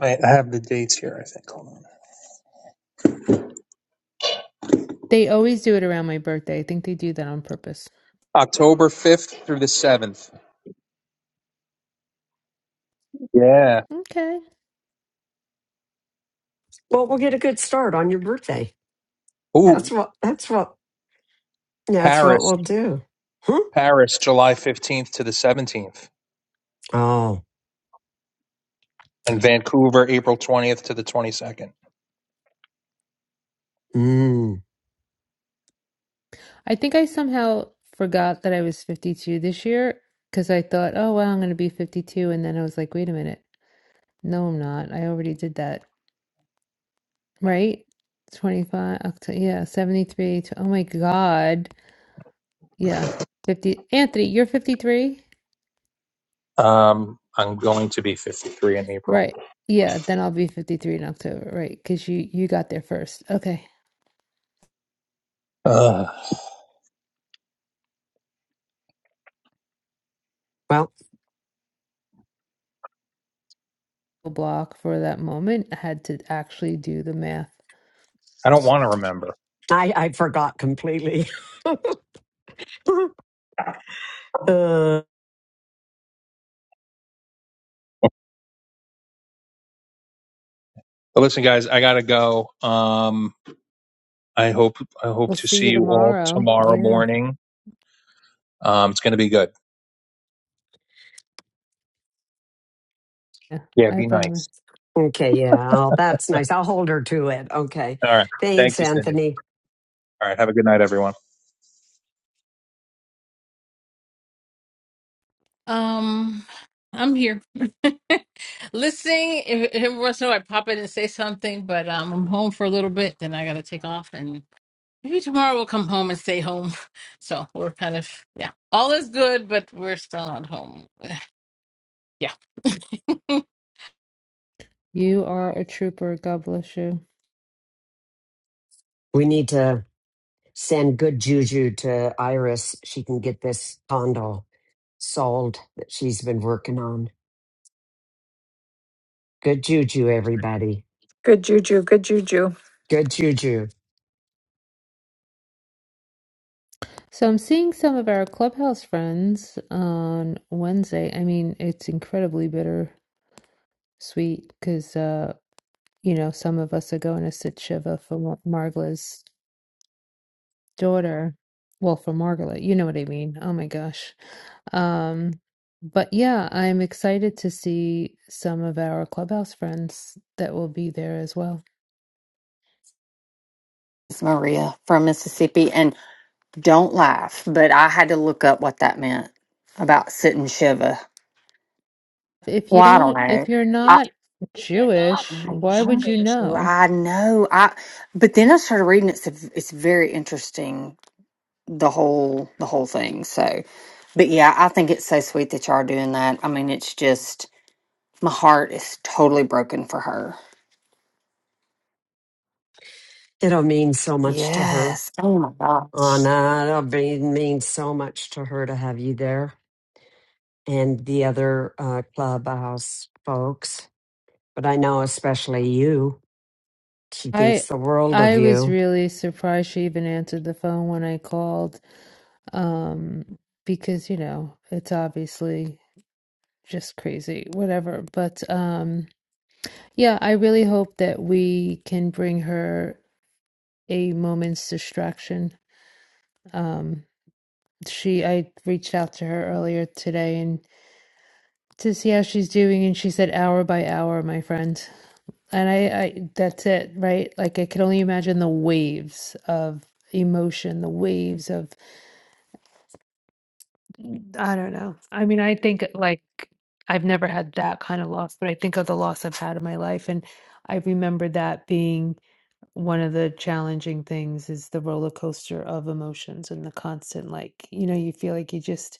I I have the dates here, I think. Hold on. They always do it around my birthday. I think they do that on purpose. October 5th through the 7th. Yeah. Okay. Well, we'll get a good start on your birthday. That's Ooh, what. That's what. That's what Paris. we'll do. Hmm? Paris, July 15th to the 17th. Oh. And Vancouver, April 20th to the 22nd. Mm. I think I somehow forgot that I was 52 this year because I thought, oh, well, I'm going to be 52. And then I was like, wait a minute. No, I'm not. I already did that. Right? 25, October, yeah, 73. To, oh my God. Yeah. 50. Anthony, you're 53? Um, I'm going to be 53 in April. Right. Yeah. Then I'll be 53 in October. Right. Because you, you got there first. Okay. Ugh. Well, A Block for that moment. I had to actually do the math. I don't want to remember. I I forgot completely. uh, But listen, guys, I gotta go. Um, I hope I hope We'll to see see you you all tomorrow. tomorrow Yeah. morning. Um, it's gonna be good. Yeah. Yeah, I be promise. nice. okay. Yeah. Oh, that's nice. I'll hold her to it. Okay. All right. Thanks, Thank you, Cindy. Anthony. All right. Have a good night, everyone. Um, I'm here listening. If, if every once in a while I pop in and say something, but um, I'm home for a little bit, then I got to take off and Maybe tomorrow we'll come home and stay home. So we're kind of yeah. All is good, but we're still not home. Yeah. You are a trooper. God bless you. We need to. send good juju to Iris. She can get this condo sold that she's been working on. Good juju, everybody. Good juju, good juju. Good juju. So I'm seeing some of our clubhouse friends on Wednesday. I mean, it's incredibly bittersweet because, uh, you know, some of us are going to sit Shiva for Mar- Margola's daughter. Well, for Margola, you know what I mean. Oh my gosh. Um, but yeah, I'm excited to see some of our clubhouse friends that will be there as well. It's Maria from Mississippi, and don't laugh, but I had to look up what that meant about sit and shiver. If Well, you I don't don't, if know. you're I, not I Jewish, know, why would you know? I know. I but then I started reading. it. It's it's very interesting the whole the whole thing. So, but yeah, I think it's so sweet that y'all are doing that. I mean, it's just my heart is totally broken for her. It'll mean so much to her. Yes. Oh my God. Anna, it'll be, mean so much to her to have you there and the other uh, clubhouse folks. But I know especially you. She I thinks the world of I was you. really surprised she even answered the phone when I called, um, because you know it's obviously just crazy, whatever. But um, yeah, I really hope that we can bring her a moment's distraction. Um, she, I reached out to her earlier today and to see how she's doing, and she said hour by hour, my friend. And I, I, that's it, right? Like I can only imagine the waves of emotion, the waves of Mm, I don't know. I mean, I think uh, like I've never had that kind of loss, but I think of the loss I've had in my life, and I remember that being one of the challenging things is the roller coaster of emotions and the constant like, you know, you feel like you just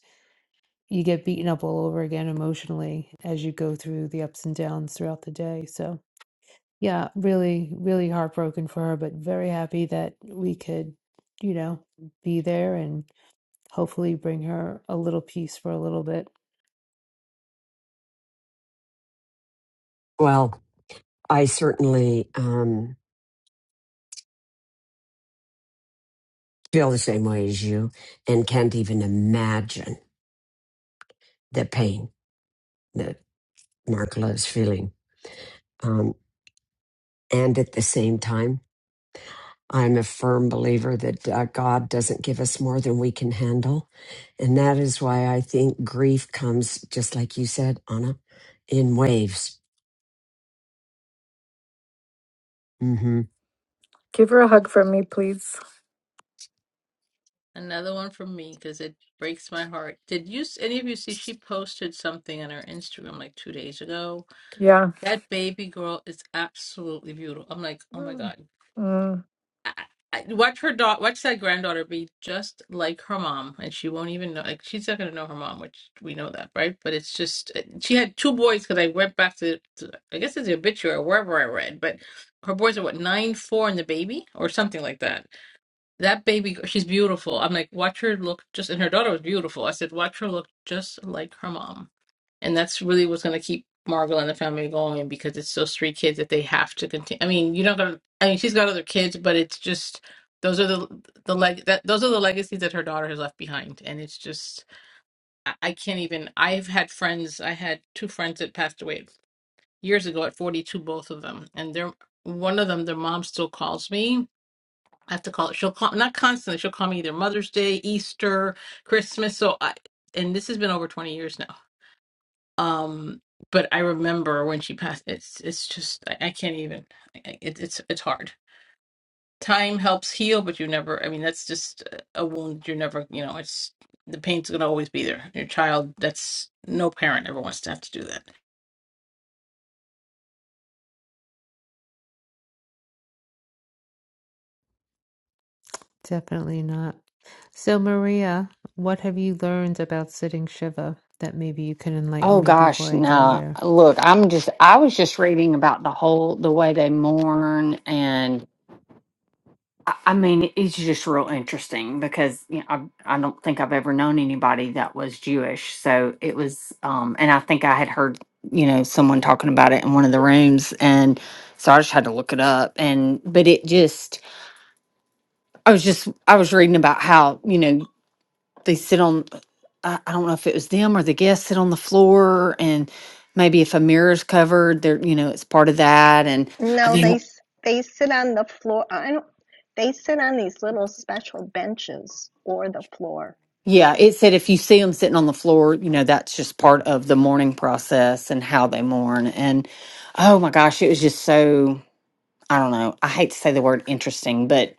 you get beaten up all over again emotionally as you go through the ups and downs throughout the day. So, yeah, really, really heartbroken for her, but very happy that we could, you know, be there and hopefully bring her a little peace for a little bit. Well, I certainly um, feel the same way as you and can't even imagine the pain that. Mark loves feeling. Um, and at the same time, I'm a firm believer that uh, God doesn't give us more than we can handle. And that is why I think grief comes, just like you said, Anna, in waves. hmm Give her a hug from me, please. Another one from me because it breaks my heart. Did you s- any of you see she posted something on her Instagram like two days ago? Yeah. That baby girl is absolutely beautiful. I'm like, oh my god. Mm. I- I- watch her daughter watch that granddaughter be just like her mom and she won't even know like she's not going to know her mom which we know that right but it's just uh, she had two boys because i went back to, to i guess it's the obituary or wherever i read but her boys are what nine four and the baby or something like that that baby she's beautiful i'm like watch her look just and her daughter was beautiful i said watch her look just like her mom and that's really what's going to keep Margot and the family going because it's those three kids that they have to continue. I mean, you're not going to. I mean, she's got other kids, but it's just those are the the leg that those are the legacies that her daughter has left behind, and it's just I, I can't even. I've had friends. I had two friends that passed away years ago at 42, both of them, and they're one of them. Their mom still calls me. I have to call it. She'll call not constantly. She'll call me either Mother's Day, Easter, Christmas. So I and this has been over 20 years now um, but I remember when she passed. It's it's just I, I can't even. I- It, it's it's hard. Time helps heal, but you never. I mean, that's just a wound. You're never. You know, it's the pain's gonna always be there. Your child. That's no parent ever wants to have to do that. Definitely not. So, Maria, what have you learned about sitting Shiva that maybe you can enlighten Oh me before gosh, I go no. there? Look, I'm just I was just reading about the whole the way they mourn and I I mean, it's just real interesting because you know, I I don't think I've ever known anybody that was Jewish. So it was um and I think I had heard, you know, someone talking about it in one of the rooms and so I just had to look it up and but it just I was just I was reading about how, you know, they sit on I, I don't know if it was them or the guests sit on the floor and maybe if a mirror's covered there you know it's part of that and i No, they mean s- they sit on the floor. I don't. They sit on these little special benches or the floor. yeah it said if you see them sitting on the floor you know that's just part of the mourning process and how they mourn and oh my gosh it was just so i don't know i hate to say the word interesting but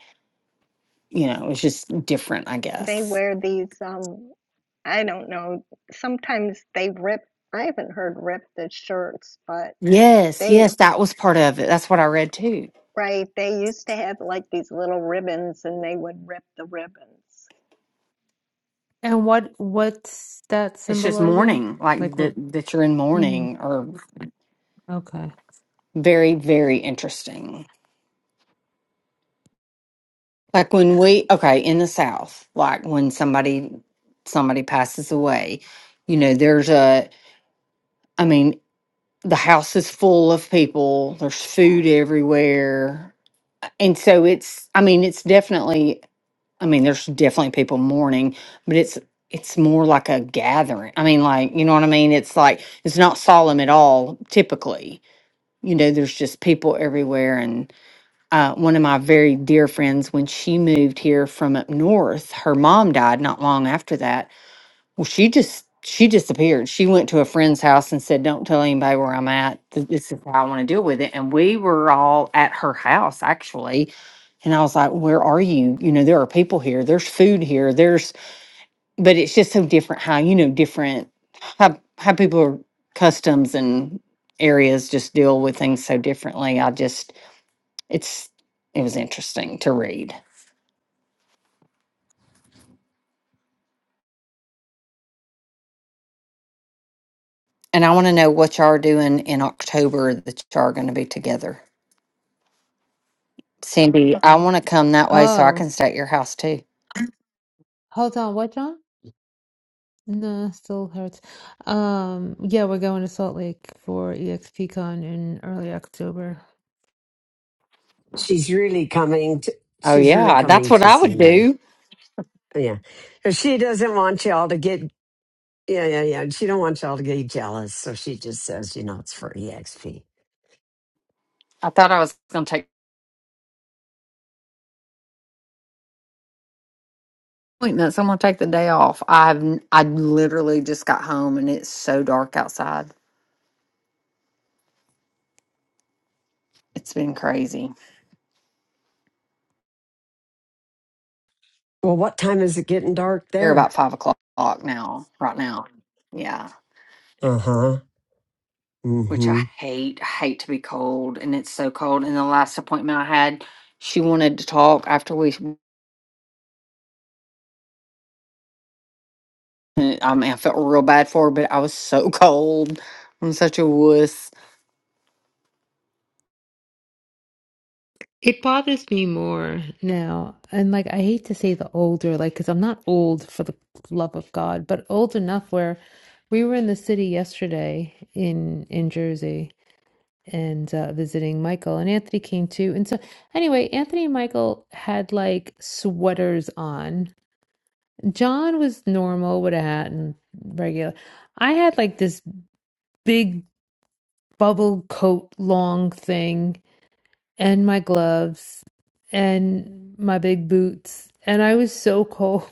you know it was just different i They guess wear these. Um, I don't know. Sometimes they rip. I haven't heard rip the shirts, but yes they yes that was part of it that's what i read too right. They used to have like these little ribbons, and they would rip the ribbons. And what what's that it's just symbolizing? mourning like Like what? that that you're in hmm mourning or okay. Very, very interesting. Like when we, okay, in the South, like when somebody somebody passes away, you know, there's a, I mean, the house is full of people, there's food everywhere. And so it's, I mean, it's definitely, I mean, there's definitely people mourning, but it's, it's more like a gathering. I mean, like, you know what I mean? It's like, it's not solemn at all, typically. You know, there's just people everywhere and. uh, one of my very dear friends, when she moved here from up north, her mom died not long after that. Well, she just she disappeared. She went to a friend's house and said, "Don't tell anybody where I'm at. Th- This is how I want to deal with it." And we were all at her house actually, and I was like, "Where are you? You know, there are people here. There's food here. There's." But it's just so different how you know different how how people are customs and areas just deal with things so differently. I just it's it was interesting to read. And I want to know what y'all are doing in October that y'all are going to be together. Cindy, I want to come that way so I Oh, can stay at your house too. hold on. What, John? No, still hurts. Um, yeah, we're going to Salt Lake for EXPCon in early October. She's really coming to, Oh she's really yeah, that's coming what to I see would me. do. Yeah. She doesn't want y'all to get Yeah, yeah, yeah. She don't want y'all to get jealous, so she just says, you know, it's for EXP. I thought I was going to take appointments. I'm going to take the day off. I've n- I literally just got home and it's so dark outside. It's been crazy. Well, what time is it getting dark You're about there? five o'clock now. Right now, yeah. Uh huh. Mm which I hmm. hate. I hate to be cold, and it's so cold. And the last appointment I had, she wanted to talk after we. I mean, I felt real bad for her, but I was so cold. I'm such a wuss. It bothers me more now. And like, I hate to say the older, like, because I'm not old for the love of God, but old enough where we were in the city yesterday in in Jersey and uh, visiting Michael and Anthony came too. And so anyway, Anthony and Michael had like sweaters on. John was normal with a hat and regular. I had like this big bubble coat long thing and my gloves and my big boots. And I was so cold.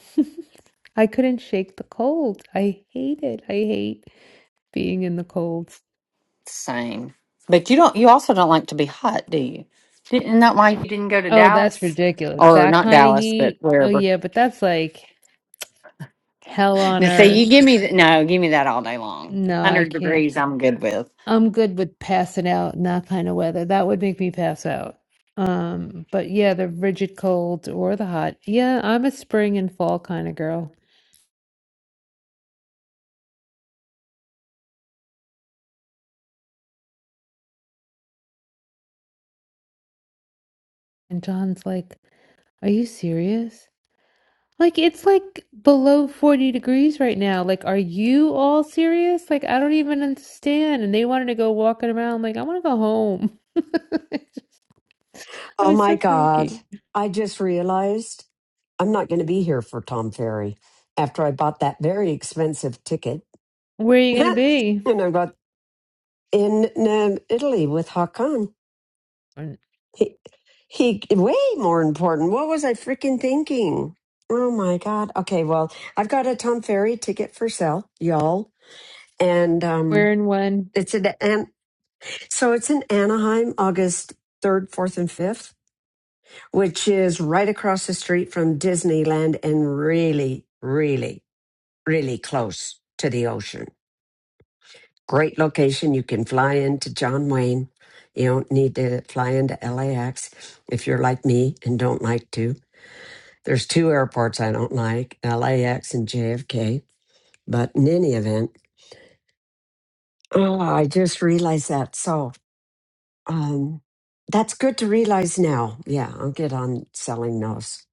I couldn't shake the cold. I hate it. I hate being in the cold. Same. But you don't. You also don't like to be hot, do you? Didn't isn't that why you didn't go to Oh, that's Dallas, ridiculous. or That not kind of Dallas, but heat. Oh, wherever? yeah, but that's like hell on Now, see, earth. you give me th- no, give me that all day long. No, I Hundred can't. degrees, I'm good with. I'm good with passing out in that kind of weather. That would make me pass out. Um, but yeah, the rigid cold or the hot. Yeah, I'm a spring and fall kind of girl. And John's like, Are you serious? Like it's like below 40 degrees right now. Like, are you all serious? Like, I don't even understand. And they wanted to go walking around. like, I want to go home. I Oh was my so God. cranky. I just realized I'm not going to be here for Tom Ferry after I bought that very expensive ticket. Where are you gonna be? and I bought in um, Italy with Hakan. He, he, way more important. What was I freaking thinking? Oh my God. Okay, well, I've got a Tom Ferry ticket for sale, y'all. And um, Where and when? it's an, and so it's in Anaheim, August 3rd, 4th, and 5th, which is right across the street from Disneyland and really, really, really close to the ocean. Great location. You can fly into John Wayne. You don't need to fly into LAX if you're like me and don't like to. There's two airports I don't like LAX and JFK. But in any event, oh, I just realized that. So um, that's good to realize now. Yeah, I'll get on selling those.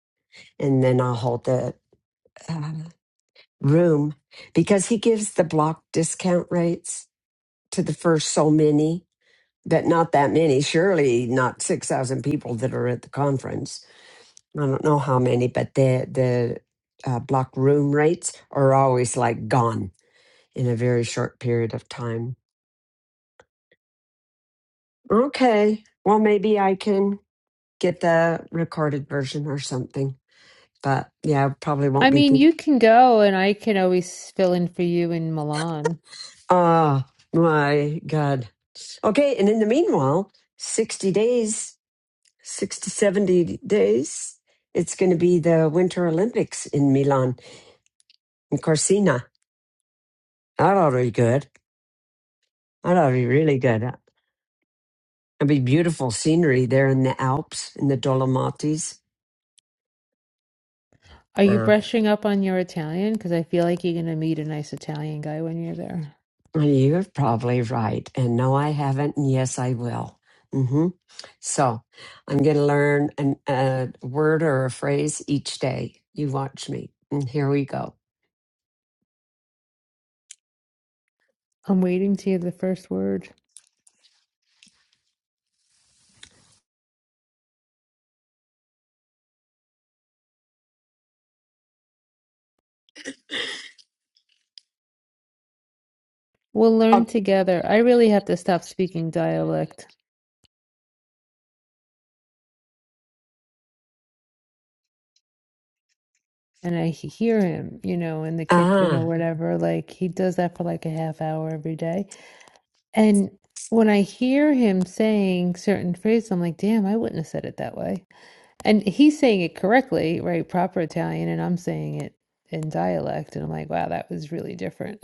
And then I'll hold the uh, room because he gives the block discount rates to the first so many. but not that many. Surely not six thousand people that are at the conference. I don't know how many, but the the uh, block room rates are always like gone in a very short period of time. Okay, well maybe I can get the recorded version or something. But yeah, I probably I won't be mean, you think. can go and I can always fill in for you in Milan. Oh my god. Okay, and in the meanwhile, sixty days, sixty seventy days, it's going to be the Winter Olympics in Milan And Corsina. That ought to be good. That ought to be really good. That'd be beautiful scenery there in the Alps, in the Dolomites. Are you Mm. brushing up on your Italian? Because I feel like you're gonna meet a nice Italian guy when you're there. Well, You're probably right. And no, I haven't. And yes, I will. hmm So I'm going to learn an, a word or a phrase each day. You watch me. And here we go. I'm waiting to hear the first word. We'll learn Oh, together. I really have to stop speaking dialect. and I he- hear him, you know, in the kitchen or ah, whatever. Like he does that for like a half hour every day. And when I hear him saying certain phrases, I'm like, damn, I wouldn't have said it that way. And he's saying it correctly, right? Proper Italian, and I'm saying it in dialect. And I'm like, wow, that was really different.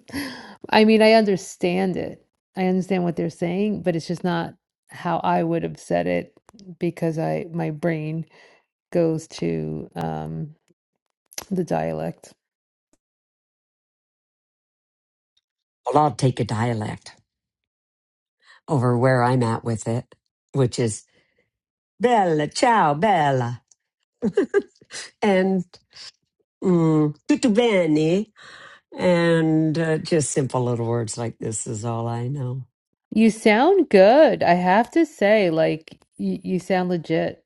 I mean, I understand it. I understand what they're saying, but it's just not how I would have said it because I my brain goes to um the dialect. well, I'll take a dialect over where I'm at with it, which is Bella, ciao, Bella. And mm, tutto bene. And uh, just simple little words like this is all I know. You sound good, I have to say. Like, you, you sound legit.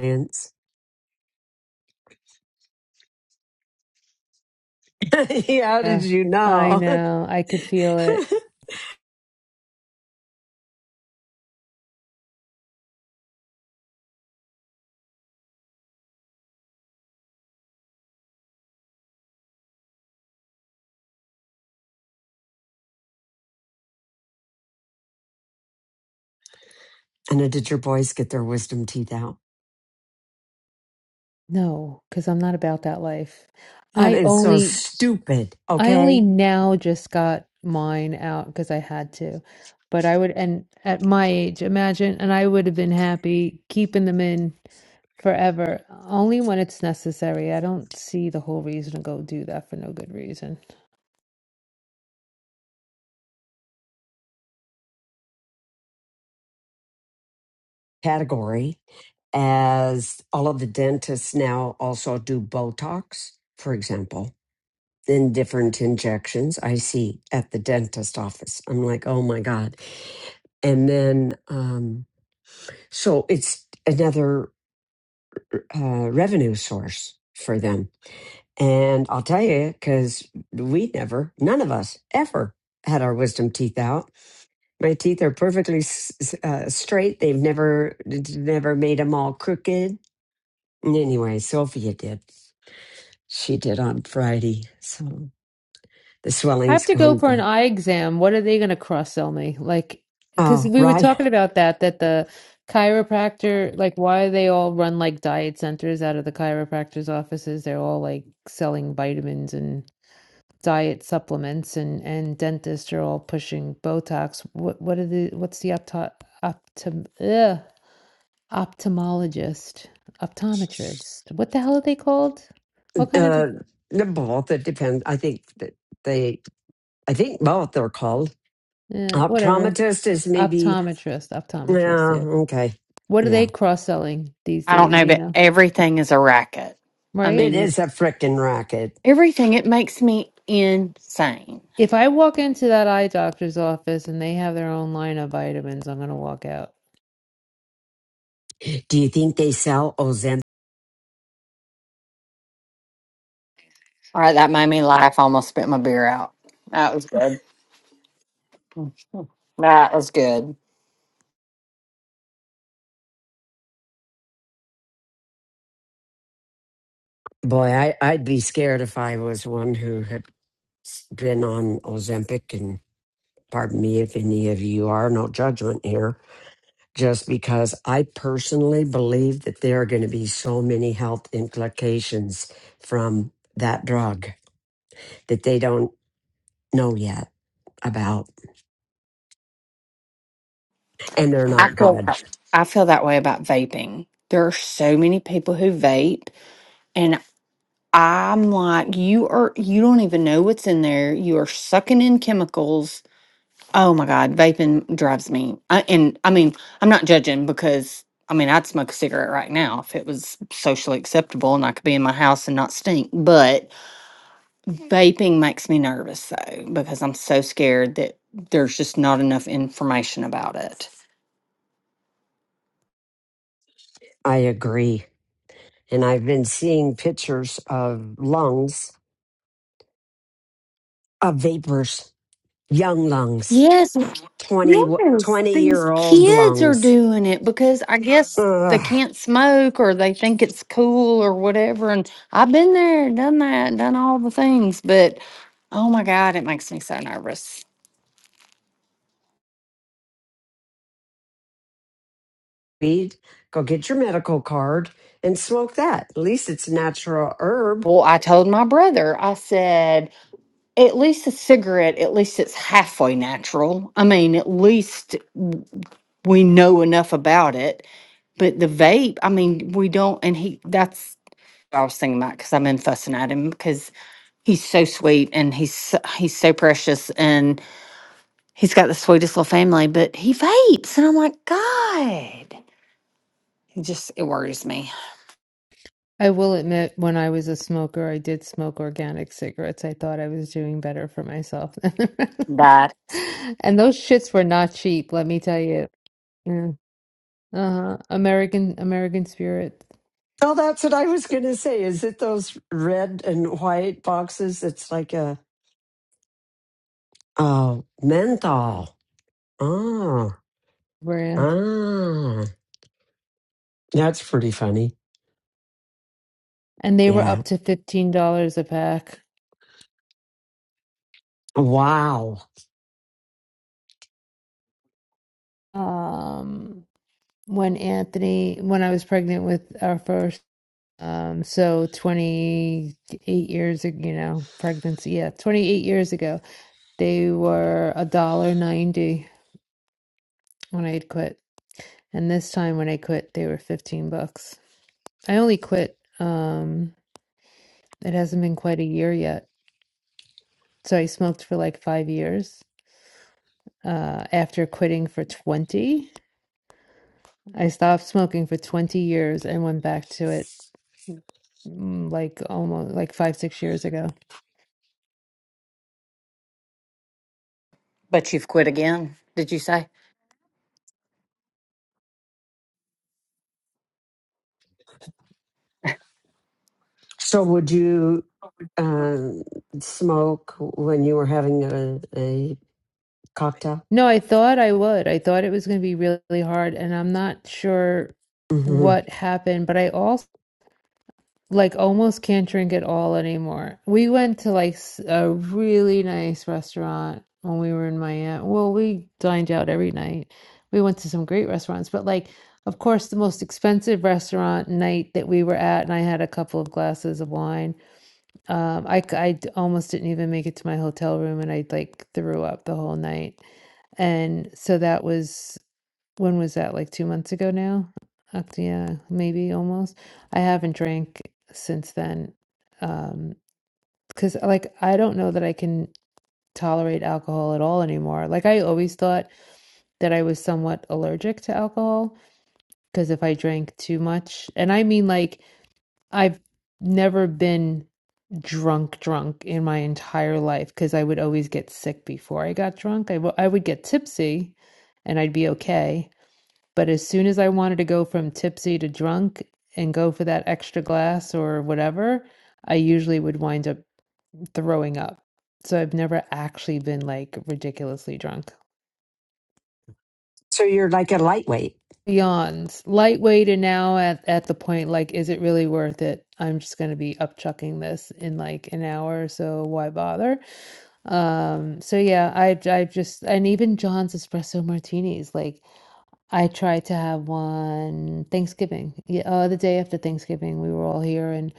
Ants. yeah, how did Yeah, you I know? know. I could feel it. and then did your boys get their wisdom teeth out? No, because I'm not about that life. That I is so only, stupid. I only Okay. now just got mine out because I had to. But I would, and at my age, imagine, and I would have been happy keeping them in forever, only when it's necessary. I don't see the whole reason to go do that for no good reason. Category as all of the dentists now also do Botox, for example, then different injections I see at the dentist office. I'm like, oh my God. And then, um, so it's another. uh, revenue source for them. And I'll tell you, because we never, none of us ever had our wisdom teeth out. My teeth are perfectly s- uh, straight. They've never, never made them all crooked. And Anyway, Sophia did. She did on Friday. So the I have swelling's to go gone for an down. eye exam. What are they going to cross-sell me? Like, because Oh, we were right. talking about that, that the chiropractor, like, why they all run like diet centers out of the chiropractor's offices? They're all like selling vitamins and diet supplements, and and dentists are all pushing Botox. What what are the what's the opto optom ugh, ophthalmologist, optometrist? What the hell are they called? What kind of Uh, the both. It depends. I think that they, I think both are called. uh, whatever Optometrist is maybe, optometrist, yeah, optometrist? Yeah. okay. what are Yeah they cross selling these I don't days, know, you but know? everything is a racket. I Right? It mean, is a frickin' racket. everything. It makes me insane. If I walk into that eye doctor's office and they have their own line of vitamins, I'm going to walk out. Do you think they sell Ozempic? All right, that made me laugh. I almost spit my beer out. That was good. That was good. Boy, I, I'd be scared if I was one who had s- been on Ozempic. And pardon me if any of you are, no judgment here, just because I personally believe that there are going to be so many health implications from that drug that they don't know yet about, and they're I not feel good. I feel that way about vaping. There are so many people who vape, and. I'm like, you are, you don't even know what's in there. You are sucking in chemicals. Oh my God, vaping drives me. I, and I mean, I'm not judging because I mean, I'd smoke a cigarette right now if it was socially acceptable and I could be in my house and not stink. But vaping makes me nervous though, because I'm so scared that there's just not enough information about it. I agree. And I've been seeing pictures of lungs of vapors young lungs, Yes, 20 twenty yes, these year old kids are lungs. doing it because I guess they Ugh. can't smoke or they think it's cool or whatever. And I've been there, done that, done all the things, but oh my God, it makes me so nervous. Weed, go get your medical card and smoke that. At least it's a natural herb. Well, I told my brother, I said, at least a cigarette, at least it's halfway natural. I mean, at least w- we know enough about it. But the vape, I mean, we don't, and he, that's I was thinking that because I'm in fussing at him because he's so sweet and he's so- he's so precious and he's got the sweetest little family, but he vapes and I'm like, God, it just it worries me I will admit, when I was a smoker, I did smoke organic cigarettes. I thought I was doing better for myself. than the rest. that. And those shits were not cheap, let me tell you. Yeah. Uh-huh. American American Spirit Oh, that's what I was going to say. Is it those red and white boxes? It's like a, oh, menthol. Oh, brand. ah, that's pretty funny. And they were Yeah. up to $15 a pack. Wow. Um, when Anthony, when I was pregnant with our first Um, so 28 years, ag- you know, pregnancy, yeah, 28 years ago, they were a dollar 90 when I had quit. And this time when I quit, they were 15 bucks. I only quit, um, it hasn't been quite a year yet. So I smoked for like five years. Uh, after quitting for 20, I stopped smoking for 20 years and went back to it mm, like almost like five, six years ago. But you've quit again, did you say? So would you um, smoke when you were having a, a cocktail? No, I thought I would. I thought it was going to be really hard, and I'm not sure Mm-hmm. what happened, but I also like almost can't drink at all anymore. We went to like s- a really nice restaurant when we were in Miami. Well, we dined out every night. We went to some great restaurants, but like, of course, the most expensive restaurant night that we were at, and I had a couple of glasses of wine. Um, I, c- I d- almost didn't even make it to my hotel room, and I like threw up the whole night. And so that was when was that? Like two months ago now? Uh, yeah, maybe almost. I haven't drank since then. Um, because like I don't know that I can tolerate alcohol at all anymore. Like I always thought that I was somewhat allergic to alcohol because if I drank too much, and I mean like I've never been drunk drunk in my entire life because I would always get sick before I got drunk. I w I would get tipsy and I'd be okay But as soon as I wanted to go from tipsy to drunk and go for that extra glass or whatever, I usually would wind up throwing up. So I've never actually been like ridiculously drunk. So you're like a lightweight. Beyonds, lightweight, and now at, at the point like, is it really worth it? I'm just going to be upchucking this in like an hour, so why bother? Um, so yeah, I I just and even John's espresso martinis, like I tried to have one Thanksgiving. Yeah, uh, the day after Thanksgiving, we were all here and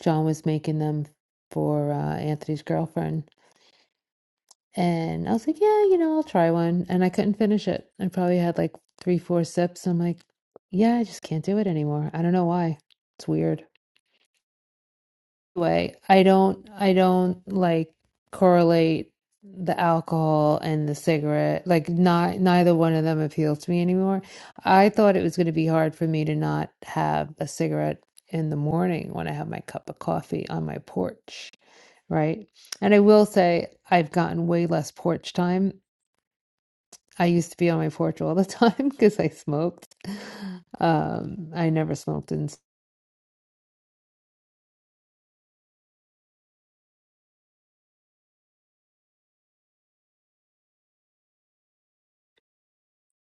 John was making them for uh, Anthony's girlfriend. And I was like, yeah, you know, I'll try one. And I couldn't finish it. I probably had like three, four sips. I'm like, yeah, I just can't do it anymore. I don't know why. It's weird. way. I don't I don't like correlate the alcohol and the cigarette. Like not neither one of them appeals to me anymore. I thought it was going to be hard for me to not have a cigarette in the morning when I have my cup of coffee on my porch, right? And I will say I've gotten way less porch time. I used to be on my porch all the time because I smoked. Um, I never smoked in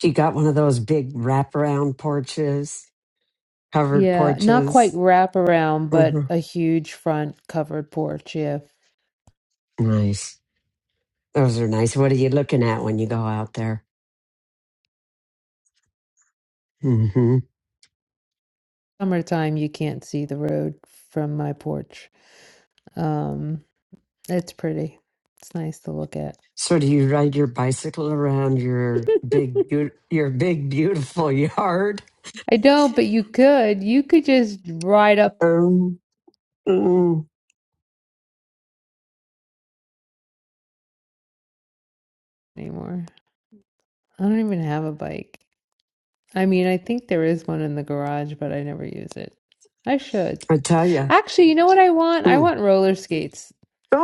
You got one of those big wraparound porches, covered Yeah, not quite porches. wraparound, but hmm a huge front covered porch. Yeah. Nice. Those are nice. What are you looking at when you go out there? hmm Summertime, you can't see the road from my porch. Um, it's pretty. It's nice to look at. So do you ride your bicycle around your big, beau- your big beautiful yard? I don't, but you could. You could just ride up Um, mm, anymore. I don't even have a bike. I mean, I think there is one in the garage, but I never use it. I should. I tell you. Actually, you know what I want? I Oh want roller skates.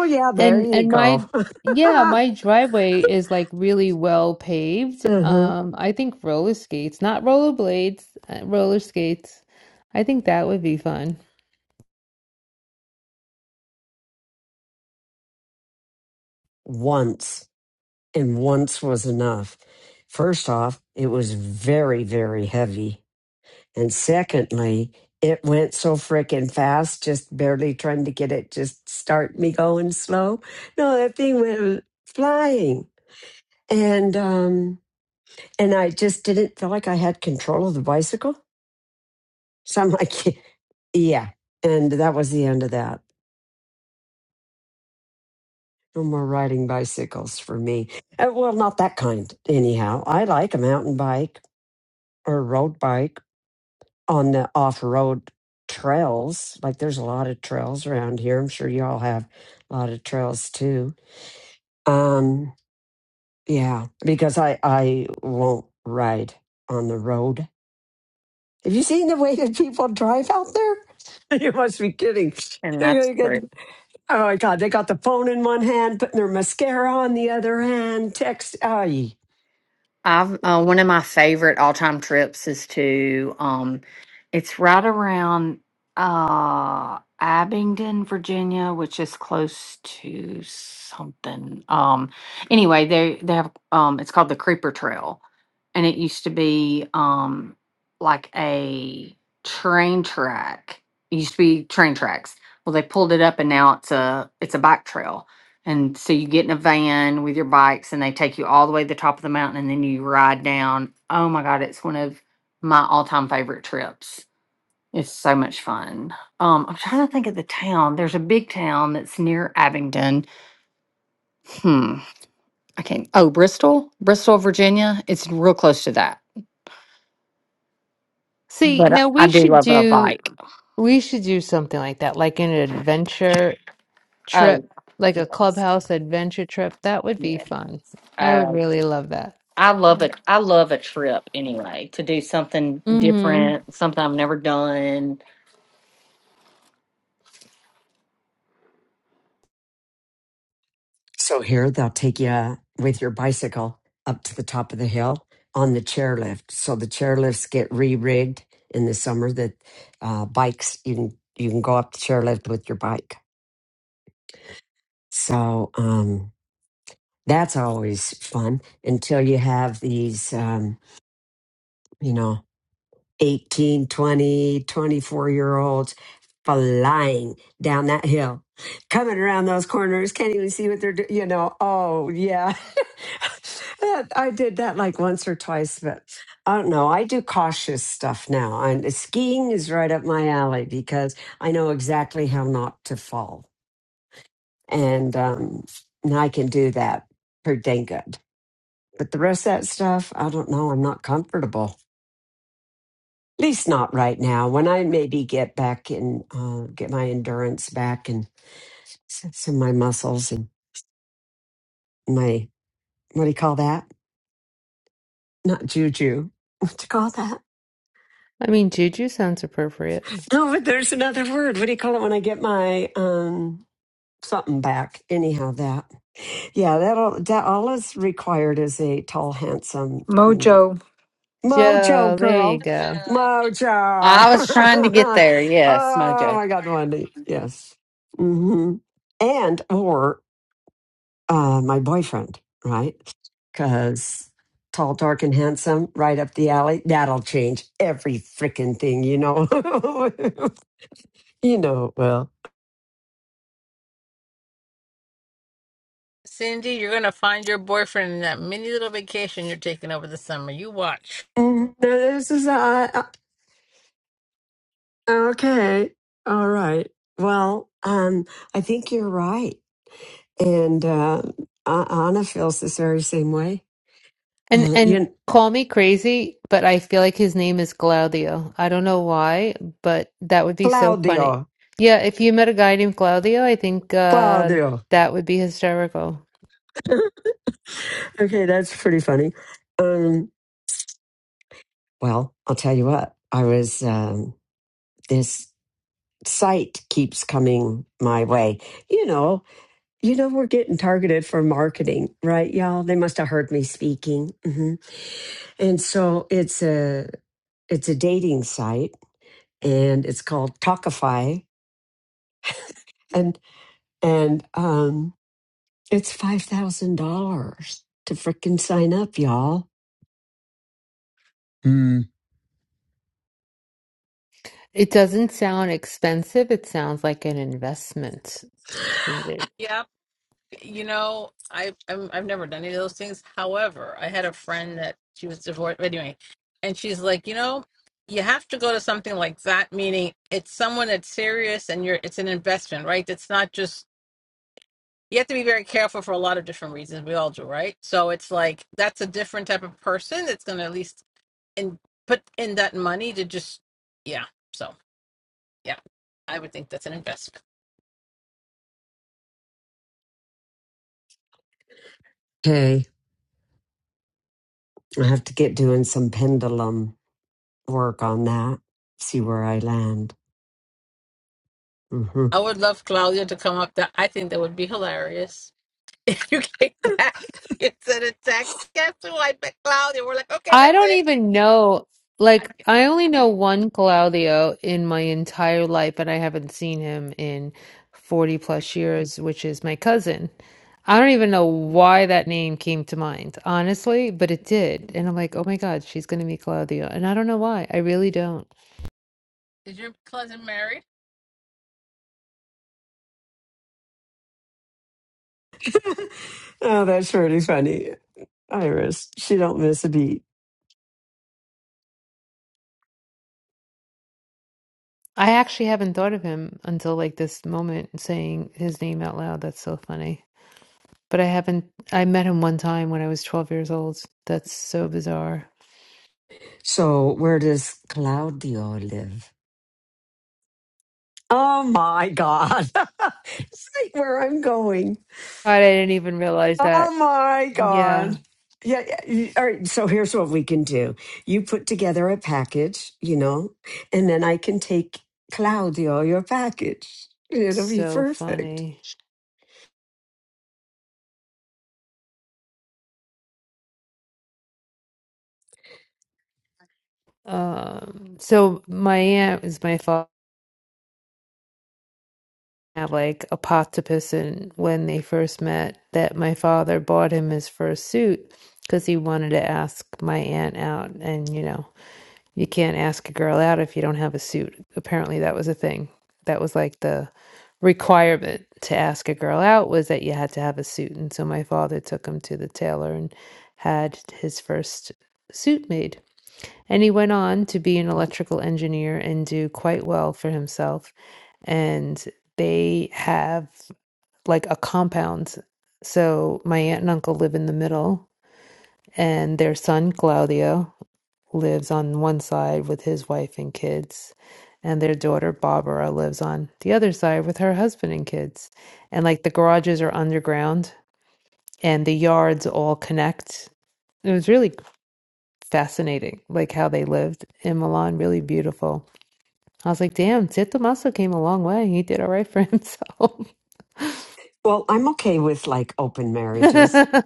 yeah, there And you and go. my yeah, uh-huh. my driveway is like really well paved. Um, I think roller skates, not rollerblades, uh, roller skates. I think that would be fun. Once and once was enough. First off, it was very, very heavy And secondly, it went so freaking fast, just barely trying to get it, just start me going slow. No, that thing went flying. And um and I just didn't feel like I had control of the bicycle. So I'm like, yeah. And that was the end of that. No more riding bicycles for me. Uh, well, not that kind, anyhow. I like a mountain bike or a road bike on the off-road trails. Like there's a lot of trails around here. I'm sure y'all have a lot of trails too. Um, yeah, because I I won't ride on the road. Have you seen the way that people drive out there? You must be kidding. And that's They true. get- Oh my God, they got the phone in one hand, putting their mascara on the other hand, text. ah. I've uh, one of my favorite all time trips is to um, it's right around uh Abingdon, Virginia, which is close to something. Um, anyway, they they have um, it's called the Creeper Trail, and it used to be um like a train track. It used to be train tracks. Well, they pulled it up, and now it's a it's a bike trail and so you get in a van with your bikes and they take you all the way to the top of the mountain and then you ride down. Oh my God, it's one of my all time favorite trips. It's so much fun. Um, I'm trying to think of the town. There's a big town that's near Abingdon. Hmm. I can't. Oh, Bristol, Bristol, Virginia. It's real close to that. See, But I no, I we do should love a do bike. we should do something like that, like an adventure trip, Oh, like a yes. clubhouse adventure trip. That would be Yeah. fun. I would Uh, really love that. I love it. I love a trip anyway, to do something Mm-hmm. different, something I've never done So here they'll take you with your bicycle up to the top of the hill on the chairlift. So the chairlifts get re-rigged in the summer. That uh, bikes you can you can go up the chairlift with your bike. So um, that's always fun until you have these. Um, you know. 18, 20, 24 year olds flying down that hill, coming around those corners, can't even see what they're doing, you know. Oh, yeah. That- I did that like once or twice, but I don't know. I do cautious stuff now. And skiing is right up my alley because I know exactly how not to fall. And, um, and I can do that pretty dang good. But the rest of that stuff, I don't know. I'm not comfortable. At least not right now. When I maybe get back and uh, get my endurance back and s- some of my muscles and my what do you call that? Not juju. What do you call that? I mean, Juju sounds appropriate. No, but there's another word. What do you call it when I get my um something back? Anyhow, that yeah, that'll that all is required is a tall, handsome mm, Mojo. Joe, mojo there you girl, go. mojo. I was trying to get there. Yes, oh Mojo. my God, Wendy, yes. Mm-hmm. And or uh, my boyfriend, right? Because tall, dark, and handsome, right up the alley. That'll change every freaking thing, you know. you know it will. Cindy, you're gonna find your boyfriend in that mini little vacation you're taking over the summer. You watch. Mm, This is uh, uh, okay. All right. Well, um, I think you're right, and uh, A- Anna feels this very same way. And Uh, and you, call me crazy, but I feel like his name is Claudio. I don't know why, but that would be so funny. Claudio, Yeah, if you met a guy named Claudio, I think uh Claudio. that would be hysterical. Okay, that's pretty funny. Um, well, I'll tell you what. I was um, this. site keeps coming my way. You know, you know, we're getting targeted for marketing, right, y'all? They must have heard me speaking, hmm and so it's a it's a dating site, and it's called Talkify, and and um, it's five thousand dollars to frickin' sign up, y'all. Mm. It doesn't sound expensive, it sounds like an investment. You know, I I'm, I've never done any of those things. However, I had a friend that she was divorced anyway, and she's like, you know, you have to go to something like that, meaning it's someone that's serious and you're it's an investment, right? It's not just you have to be very careful for a lot of different reasons. We all do, right? So it's like that's a different type of person that's going to at least in put in that money to just yeah. So yeah, I would think that's an investment. Okay, I have to get doing some pendulum work on that. See where I land. Mm-hmm. I would love Claudia to come up. That I think that would be hilarious. If you came back and sent a text, guess who I met Claudia? We're like, okay, I that's don't it. even know. I Like, get- I only know one Claudio in my entire life, and I haven't seen him in 40 plus years, which is my cousin. I don't even know why that name came to mind, honestly, but it did. And I'm like, oh my God, she's going to be Claudio. And I don't know why. I really don't. Is your cousin married? Oh, that's pretty funny. Iris, she don't miss a beat. I actually haven't thought of him until like this moment saying his name out loud. That's so funny. But I haven't, I met him one time when I was 12 years old. That's so bizarre. So where does Claudio live? Oh my God. it's like where I'm going. God, I didn't even realize that. Oh my God. Yeah, Yeah, yeah. y- All right. So here's what we can do you put together a package, you know, and then I can take Claudio your package. it's It'll be so perfect. funny. Um, so my aunt is my father had like a and when they first met, that my father bought him his first suit because he wanted to ask my aunt out, and you know, you can't ask a girl out if you don't have a suit. Apparently, that was a thing. That was like the requirement to ask a girl out was that you had to have a suit, and so my father took him to the tailor and had his first suit made And he went on to be an electrical engineer and do quite well for himself. And they have like a compound. So my aunt and uncle live in the middle, and their son, Claudio, lives on one side with his wife and kids. And their daughter, Barbara, lives on the other side with her husband and kids. And like the garages are underground and the yards all connect. It was really fascinating, like how they lived in Milan, really beautiful. I was like, damn, Ted Tommaso came a long way. He did all right for himself. Well, I'm okay with like open marriages.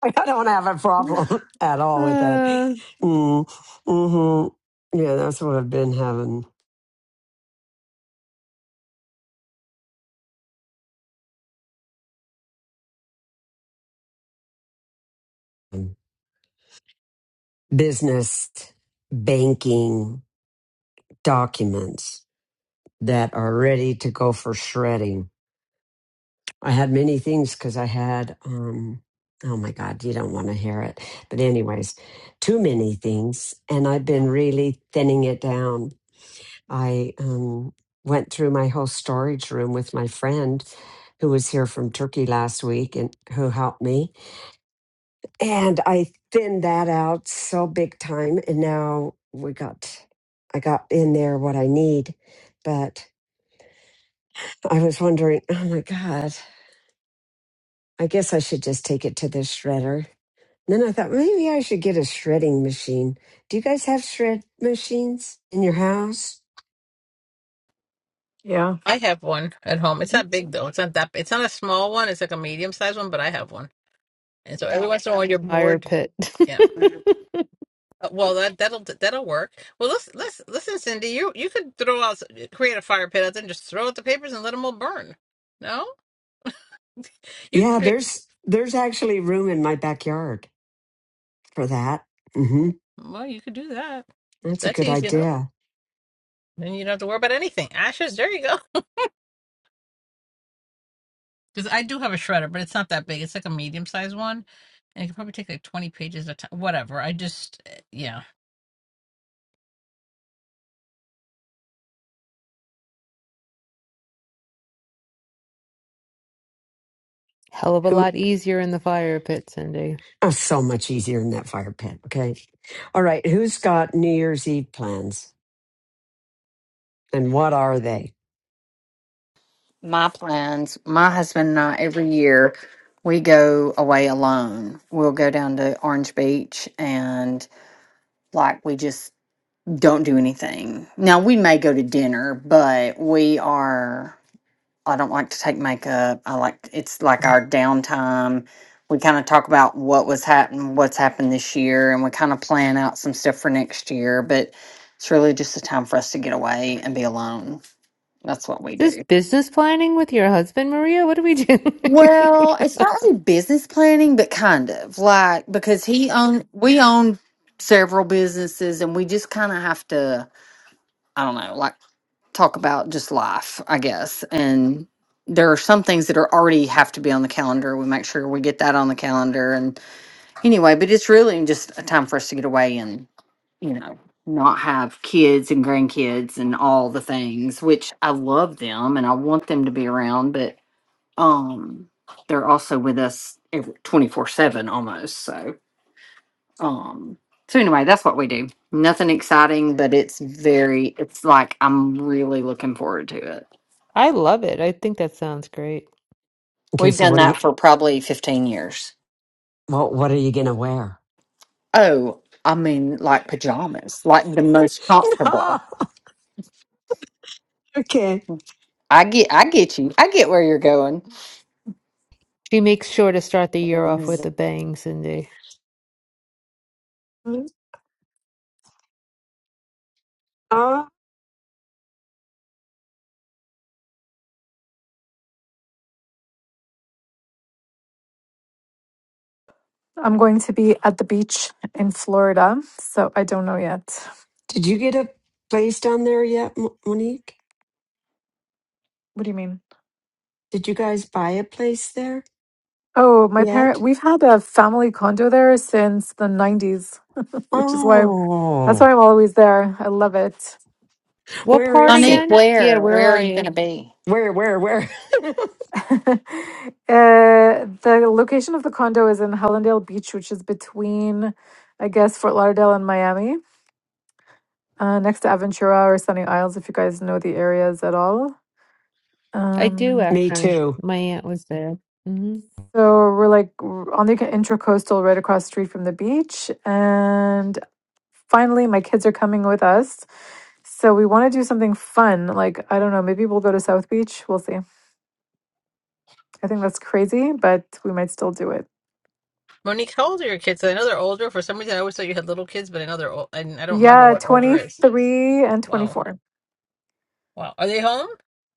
I don't have a problem at all with that. Uh, Mm, hmm Yeah, that's what I've been having. Business banking documents that are ready to go for shredding. I had many things because I had, um, oh my God, you don't want to hear it. But, anyways, too many things. And I've been really thinning it down I um, went through my whole storage room with my friend who was here from Turkey last week and who helped me. And I thinned that out so big time. And now we got, I got in there what I need. But I was wondering, oh my God, I guess I should just take it to the shredder. And then I thought maybe I should get a shredding machine. Do you guys have shred machines in your house? Yeah. I have one at home. It's not big though. It's not that. It's not a small one. It's like a medium sized one, but I have one. And so every once in a while, you're fire bored. pit. Yeah. Uh, Well, that that'll that'll work. Well, let's let's listen, Cindy. You you could throw out, create a fire pit out there and just throw out the papers and let them all burn. No, you could Yeah, create. there's there's actually room in my backyard. for that. hmm Well, you could do that. That's a That's good easy enough. idea. Then you don't have to worry about anything. Ashes. There you go. Because I do have a shredder, but it's not that big. It's like a medium sized one. And it could probably take like 20 pages at a time. Whatever. I just, eh, yeah. Hell of a Who? lot easier in the fire pit, Cindy. Oh, so much easier than that fire pit. Okay. All right. Who's got New Year's Eve plans, and what are they? My plans, my husband and I, every year we go away alone. We'll go down to Orange Beach and like we just don't do anything. Now we may go to dinner, but we are, I don't like to take makeup. I like, it's like our downtime. We kind of talk about what was happening, what's happened this year, and we kind of plan out some stuff for next year. But it's really just a time for us to get away and be alone That's what we This do. business planning with your husband, Maria? What are we doing? Well, it's not really business planning, but kind of like because he own we own several businesses, and we just kind of have to I don't know like talk about just life, I guess. And there are some things that are already have to be on the calendar. We make sure we get that on the calendar, and anyway, but it's really just a time for us to get away and you know not have kids and grandkids and all the things, which I love them and I want them to be around, but um they're also with us 24 7 almost so um so anyway that's what we do nothing exciting but it's very it's like i'm really looking forward to it I love it. I think that sounds great. Okay. we've So done what are that you? for probably 15 years Well, What are you gonna wear? oh i mean like pajamas like the most comfortable okay. i get i get you i get where you're going She makes sure to start the year off with a bang, Cindy. Uh, I'm going to be at the beach in Florida, so I don't know yet. did you get a place down there yet, Mo- Monique? What do you mean? Did you guys buy a place there Oh, my parent. yet? We've had a family condo there since the '90s, which is why that's Oh, why I'm always there. I love it. What where part is Monique, it? again? Yeah, where where where are are you going you? to be Where? Where? Where? uh, the location of the condo is in Hallandale Beach, which is between, I guess, Fort Lauderdale and Miami, uh, next to Aventura or Sunny Isles, if you guys know the areas at all. I do Um, Me actually. too. My aunt was there. hmm So we're like r- on the Intracoastal, right across the street from the beach. And finally, my kids are coming with us. So we want to do something fun. Like, I don't know, maybe we'll go to South Beach. We'll see. I think that's crazy, but we might still do it. Monique, how old are your kids? I know they're older. For some reason, I always thought you had little kids, but I know they're old. And I don't remember Yeah, what older is. 23 and Wow. 24. Wow. Are they home?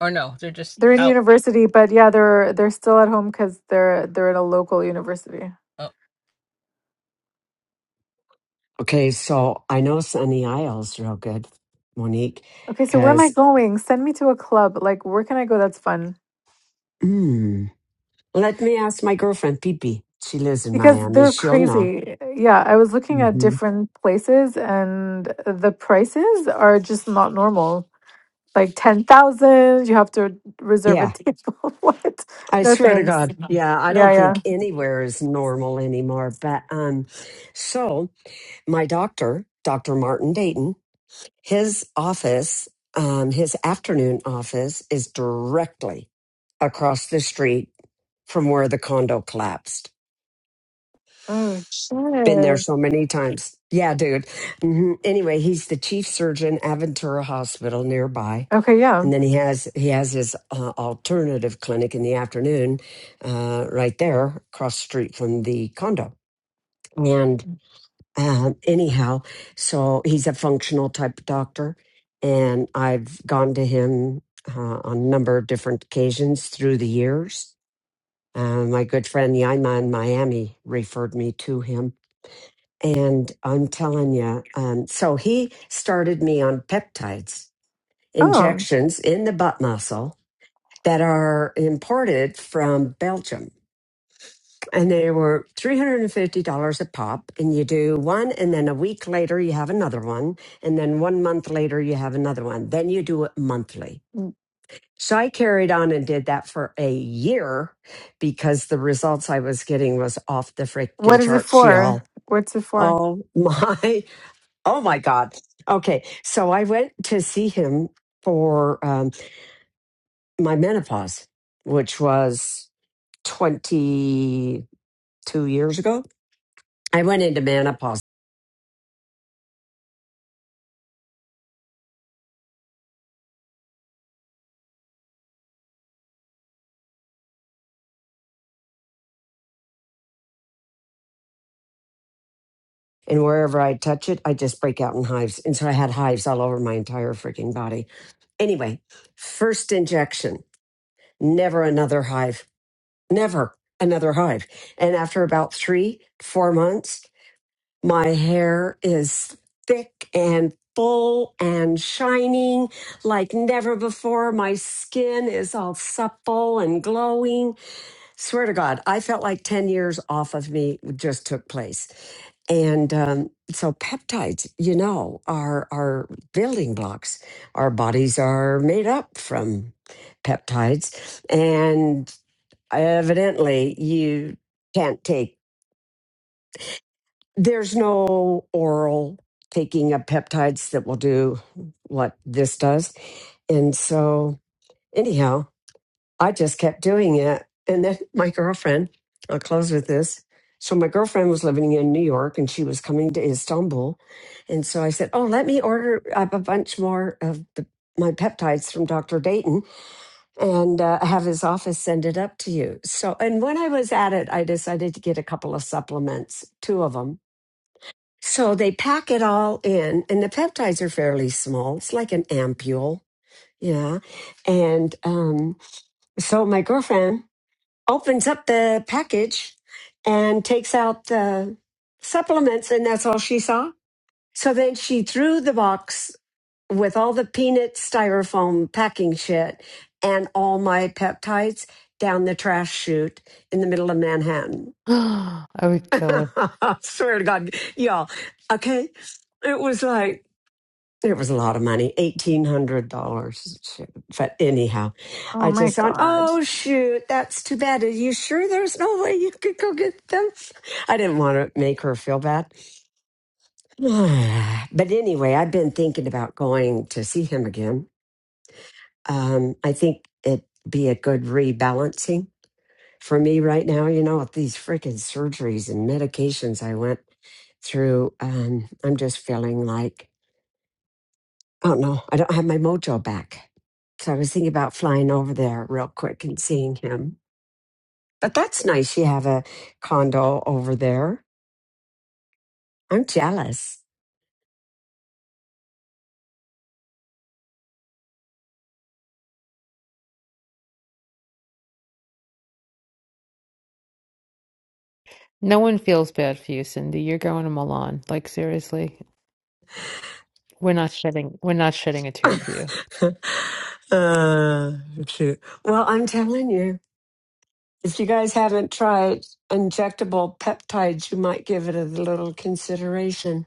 Or no? They're just They're in out. university, but yeah, they're they're still at home because they're they're at a local university. Oh. Okay, so I know Sunny Isles real good, Monique, Okay, so where am I because going? Send me to a club. Like, where can I go that's fun? mm, let me ask my girlfriend, Pippi. She lives in Because Miami. they're She'll know. crazy. Yeah, I was looking at hmm different places and the prices are just not normal. Like 10,000, you have to reserve a Yeah, table. What? I No swear to thanks. God. Yeah, I Yeah, don't yeah. think anywhere is normal anymore. But um, so my doctor, Dr. Martin Dayton, his office, um, his afternoon office is directly across the street from where the condo collapsed. Oh, Been there shit. so many times. Yeah, dude. hmm Anyway, he's the chief surgeon at Ventura Hospital nearby, Okay, yeah. and then he has he has his uh, alternative clinic in the afternoon, uh, right there across the street from the condo. And uh, anyhow, so he's a functional type of doctor, and I've gone to him uh, on a number of different occasions through the years. Uh, my good friend Yaima in Miami referred me to him and I'm telling you, um, so he started me on peptides, Oh, injections in the butt muscle that are imported from Belgium. And they were $350 a pop. And you do one, and then a week later, you have another one. And then one month later, you have another one. Then you do it monthly. So I carried on and did that for a year because the results I was getting was off the freaking what is it charts, for? y'all. What's it for? Oh my Oh my God. Okay. So I went to see him for um, my menopause, which was 22 years ago. I went into menopause and wherever I touch it, I just break out in hives. And so I had hives all over my entire freaking body. Anyway, first injection, never another hive, never another hive. And after about three, four months, My hair is thick and full and shining like never before. My skin is all supple and glowing. Swear to God, I felt like 10 years off of me just took place. And um, so peptides, you know, are are building blocks. Our bodies are made up from peptides, and evidently, you can't take there's no oral taking of peptides that will do what this does. And so, anyhow, I just kept doing it. And then my girlfriend, I'll close with this. So, my girlfriend was living in New York and she was coming to Istanbul. And so I said, Oh, let me order up a bunch more of the, my peptides from Dr. Dayton and uh, have his office send it up to you. So, and when I was at it, I decided to get a couple of supplements, two of them so they pack it all in, and the peptides are fairly small. It's like an ampule. Yeah. And um, so my girlfriend opens up the package and takes out the supplements, and that's all she saw. So then she threw the box with all the peanut styrofoam packing shit and all my peptides down the trash chute in the middle of Manhattan. I would kill her. I swear to God, y'all. Okay. It was like, It was a lot of money, eighteen hundred dollars. But anyhow, Oh I my just thought, God. oh shoot, that's too bad. Are you sure there's no way you could go get them? I didn't want to make her feel bad. but anyway, I've been thinking about going to see him again. Um, I think it'd be a good rebalancing for me right now. You know, with these freaking surgeries and medications I went through, um, I'm just feeling like. Oh no, I don't have my mojo back. So I was thinking about flying over there real quick and seeing him. But that's nice. You have a condo over there. I'm jealous. No one feels bad for you, Cindy. You're going to Milan. Like seriously, we're not shedding we're not shedding a tear for you. uh, shoot. Well, I'm telling you, if you guys haven't tried injectable peptides, you might give it a little consideration.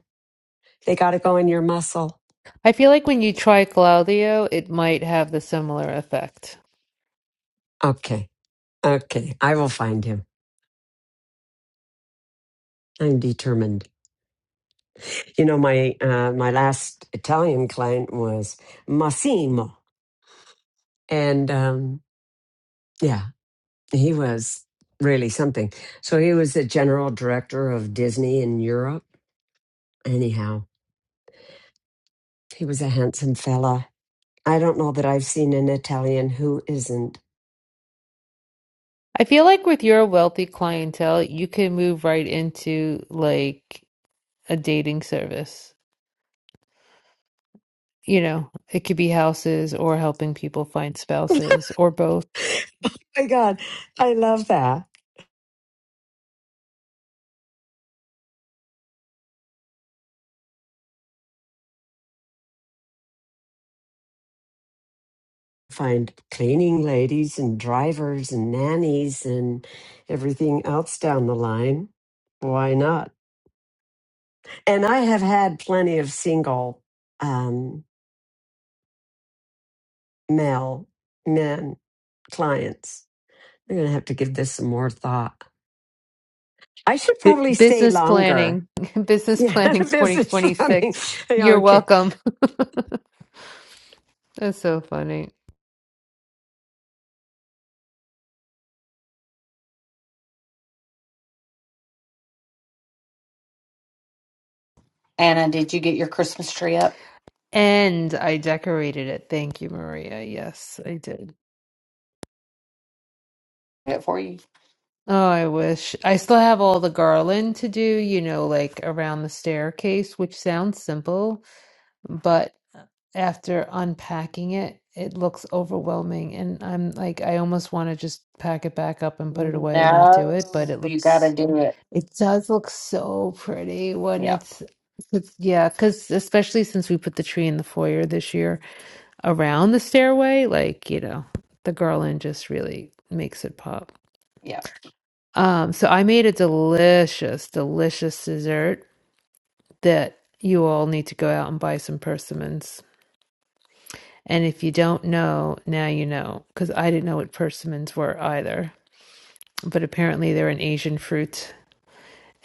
They got to go in your muscle. I feel like when you try Claudio, it might have the similar effect. Okay. Okay. I will find him. I'm determined. You know, my uh, my last Italian client was Massimo, and um, yeah, he was really something. So he was the general director of Disney in Europe. Anyhow, he was a handsome fella. I don't know that I've seen an Italian who isn't. I feel like with your wealthy clientele, you can move right into like a dating service. You know, it could be houses or helping people find spouses or both. My God, I love that. Find cleaning ladies and drivers and nannies and everything else down the line. Why not? and I have had plenty of single um, male men clients. I'm going to have to give this some more thought. I should B- probably stay business longer. planning, business Yeah, planning this is running. 2026. Yeah, You're okay. welcome. That's so funny. anna did you get your christmas tree up And I decorated it. Thank you, Maria. Yes, I did. Did it for you Oh, I wish. I still have all the garland to do, you know, like around the staircase, which sounds simple, but after unpacking it, it looks overwhelming. And I'm like, I almost want to just pack it back up and put it away and not do no it, but it you got to looks, do it it does look so pretty when yeah it's, it's yeah, because especially since we put the tree in the foyer this year. around the stairway, like, you know, the garland just really makes it pop. Yeah. Um, so I made a delicious, delicious dessert that you all need to go out and buy some persimmons. And if you don't know, now you know, because I didn't know what persimmons were either. But apparently they're an Asian fruit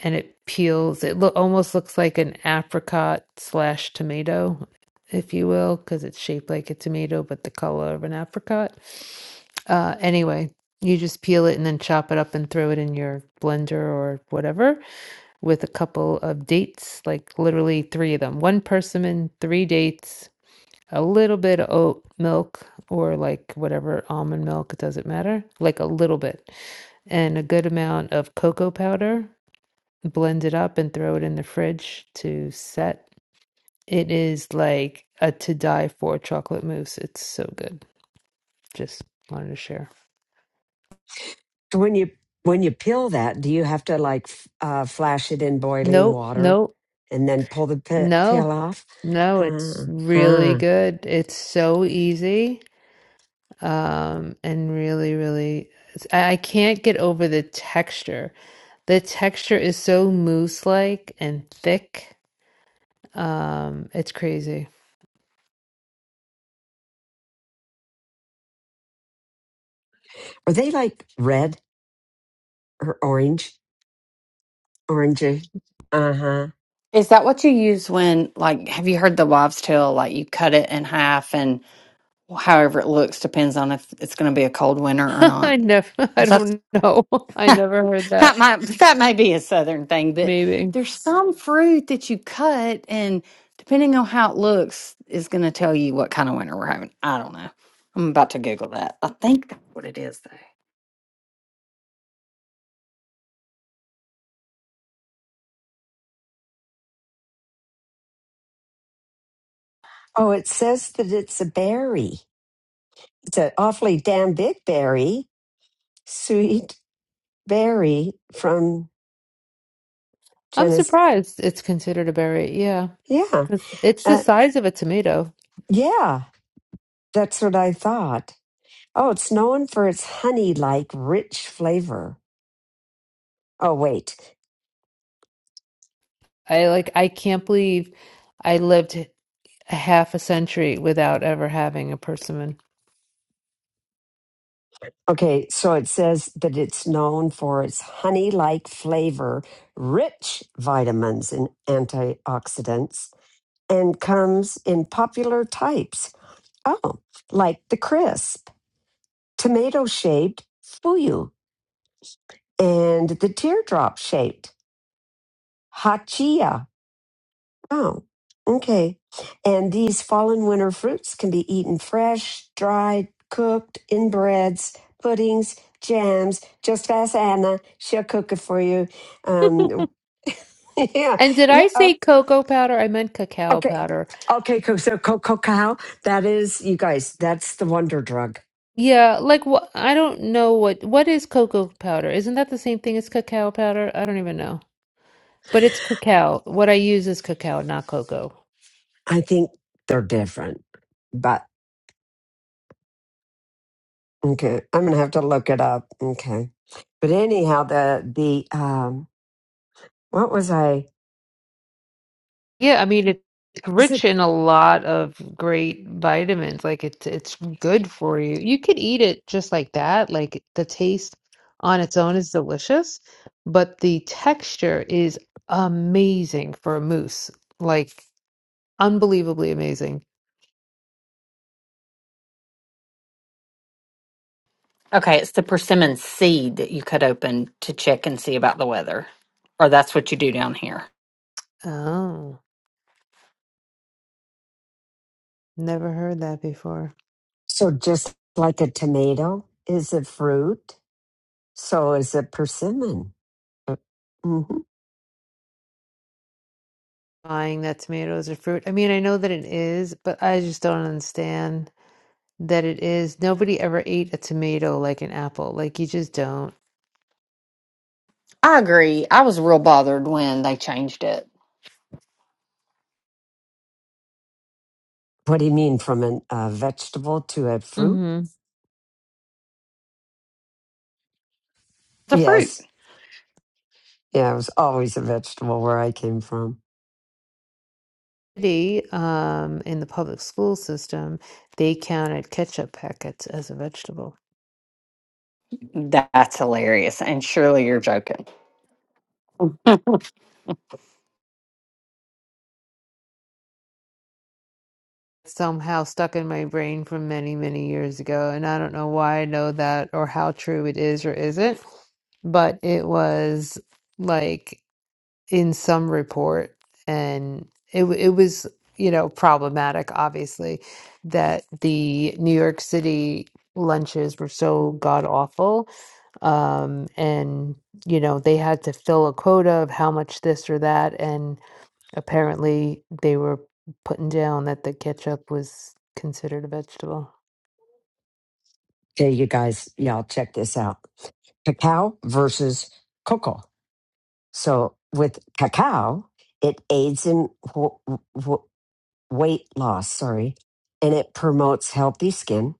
and it peels. It lo- almost looks like an apricot slash tomato, if you will, because it's shaped like a tomato, but the color of an apricot uh, anyway, you just peel it and then chop it up and throw it in your blender or whatever with a couple of dates, like literally three of them one persimmon, three dates, a little bit of oat milk or like whatever almond milk, it doesn't matter, like a little bit, and a good amount of cocoa powder. Blend it up and throw it in the fridge to set. It is like a to die for chocolate mousse. It's so good. Just wanted to share. So When you when you peel that, do you have to like f- uh, flash it in boiling Nope, water nope, and then pull the pe- no. peel off? No, it's Huh. really Huh. good. It's so easy, um, and really, really, I I can't get over the texture. The texture is so mousse-like and thick. Um, it's crazy. Are they like red or orange? Orangey. Uh huh. Is that what you use when, like, have you heard the wives' tale? Like, you cut it in half, and however it looks depends on if it's going to be a cold winter or I not. never, I That's don't know. I never heard that. that might that may be a southern thing, but Maybe. there's some fruit that you cut, and depending on how it looks, is going to tell you what kind of winter we're having. I don't know. I'm about to Google that. I think that's what it is, though. Oh, it says that it's a berry. it's an awfully damn big berry, sweet berry from I'm genus. surprised it's considered a berry. Yeah, Yeah, because it's the uh, size of a tomato. yeah, that's what I thought. Oh, it's known for its honey-like rich flavor. Oh, wait. I like, I can't believe I lived a half a century without ever having a persimmon. Okay, so it says that it's known for its honey-like flavor, rich vitamins and antioxidants, and comes in popular types. Oh, like the crisp, tomato-shaped fuyu and the teardrop shaped hachia. Oh, okay. And these fallen winter fruits can be eaten fresh, dried, cooked in breads, puddings, jams. Just ask Anna; she'll cook it for you. Um, yeah, And did I yeah. Uh, say cocoa powder? I meant cacao okay, powder. okay. co- So cacao. That is, you guys. That's the wonder drug. Yeah, like what? I don't know what what is cocoa powder. Isn't that the same thing as cacao powder? I don't even know. But it's cacao. What I use is cacao, not cocoa. I think they're different, but okay. I'm gonna have to look it up. Okay. But anyhow, the the um, what was I? Yeah, I mean it's Is rich it in a lot of great vitamins. Like it's it's good for you. You could eat it just like that. Like the taste on its own is delicious, but the texture is amazing for a mousse. Like unbelievably amazing. Okay, it's the persimmon seed that you cut open to check and see about the weather. Or that's what you do down here. Oh, never heard that before. so? Just like a tomato is a fruit, so is a persimmon. hmm Buying that tomatoes are fruit. I mean, I know that it is, but I just don't understand that it is. Nobody ever ate a tomato like an apple. Like you just don't. I agree. I was real bothered when they changed it. What do you mean from an, a vegetable to a fruit? The fruit. Yes, yeah, it was always a vegetable where I came from. city, um, in the public school system, they counted ketchup packets as a vegetable. That's hilarious. And surely you're joking. Somehow stuck in my brain from many, many years ago, and I don't know why I know that or how true it is or isn't, but it was like. in some report, and it w- it was you know problematic, obviously, that the New York City lunches were so god awful, um, and you know they had to fill a quota of how much this or that, and apparently they were putting down that the ketchup was considered a vegetable. Okay, you guys, y'all check this out: cacao versus cocoa. So with cacao, it aids in w- w- weight loss, sorry, and it promotes healthy skin.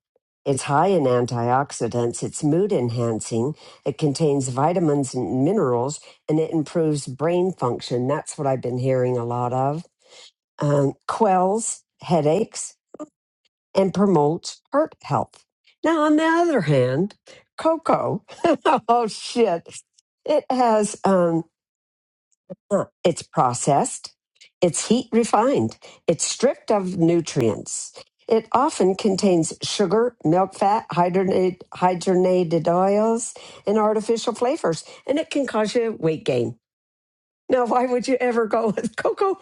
It's high in antioxidants, it's mood enhancing, it contains vitamins and minerals, and it improves brain function. That's what I've been hearing a lot of. Um, quells headaches and promotes heart health. Now, on the other hand, cocoa, oh shit, it has. Um, Sure. It's processed, it's heat refined, it's stripped of nutrients. It often contains sugar, milk fat, hydrogenated, hydrogenated oils, and artificial flavors, and it can cause you weight gain. Now, why would you ever go with cocoa?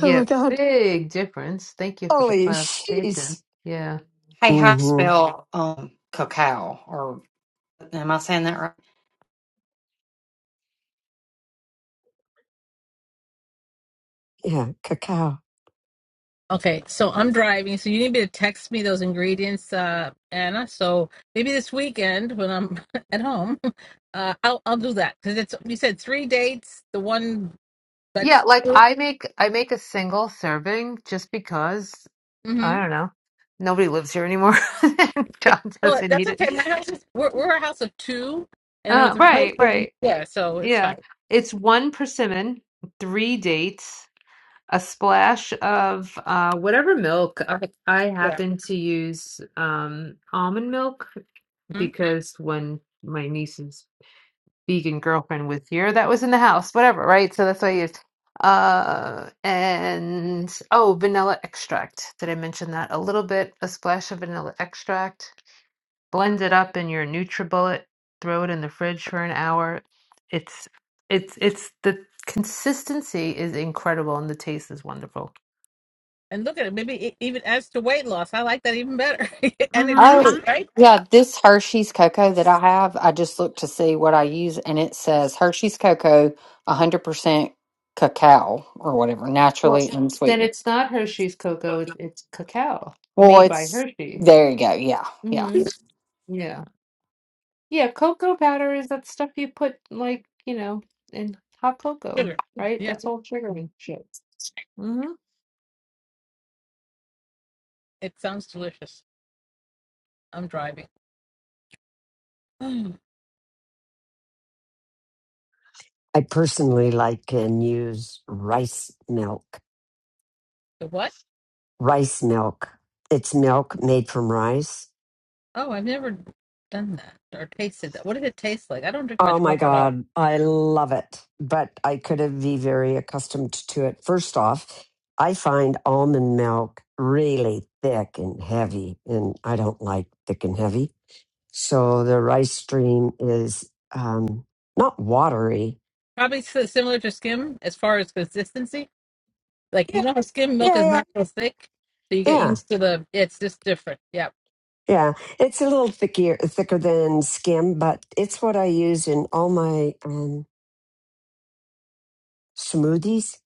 Oh my God. big difference. Thank you for the Holy clarification. sheesh. Yeah. Hey, how do you hmm spell um, cacao or Am I saying that right? Yeah, cacao. Okay. So I'm driving. So you need me to text me those ingredients, uh, Anna. So maybe this weekend when I'm at home, uh, I'll, I'll do that. Because it's, you said three dates, the one Yeah, that's. like I make I make a single serving just because Mm-hmm. I don't know. Nobody lives here anymore. John But doesn't that's eat it. okay. My house is we're, we're a house of two, and Uh, with my right, husband, right. yeah, so it's Yeah. fine. It's one persimmon, three dates, a splash of uh whatever milk. I, I Yeah. happen to use um almond milk Mhm. because when my nieces vegan girlfriend with you or that was in the house, whatever, right? So that's what I used. Uh, and oh, vanilla extract. Did I mention that? A little bit, a splash of vanilla extract. Blend it up in your NutriBullet. Throw it in the fridge for an hour. It's it's it's the consistency is incredible and the taste is wonderful. And look at it. Maybe e- even as to weight loss, I like that even better. and it's Mm-hmm. Oh, sweet, right? yeah. This Hershey's cocoa that I have, I just looked to see what I use, and it says Hershey's cocoa, 100% cacao or whatever, Well, naturally then unsweetened. it's not Hershey's cocoa. It's, it's cacao Well, made by it's Hershey. there you go. Yeah. Yeah. Mm-hmm. Yeah. Yeah, cocoa powder is that stuff you put like, you know, in hot cocoa, Sugar. right? Yeah, That's all sugary shit. Mm-hmm. it sounds delicious. I'm driving. Mm, I personally like and use rice milk. the what? Rice milk. It's milk made from rice Oh, I've never done that or tasted that. What did it taste like? I don't drink Oh much my milk at all. God, I love it, but I could have be very accustomed to it. First off, I find almond milk really thick and heavy, and I don't like thick and heavy. So the rice stream is um, not watery. Probably s- similar to skim as far as consistency. Like Yeah, you know how skim milk yeah, is yeah, not so thick, so you get yeah, used to the. It's just different. Yeah. yeah. It's a little thicker, thicker than skim, but it's what I use in all my um, smoothies,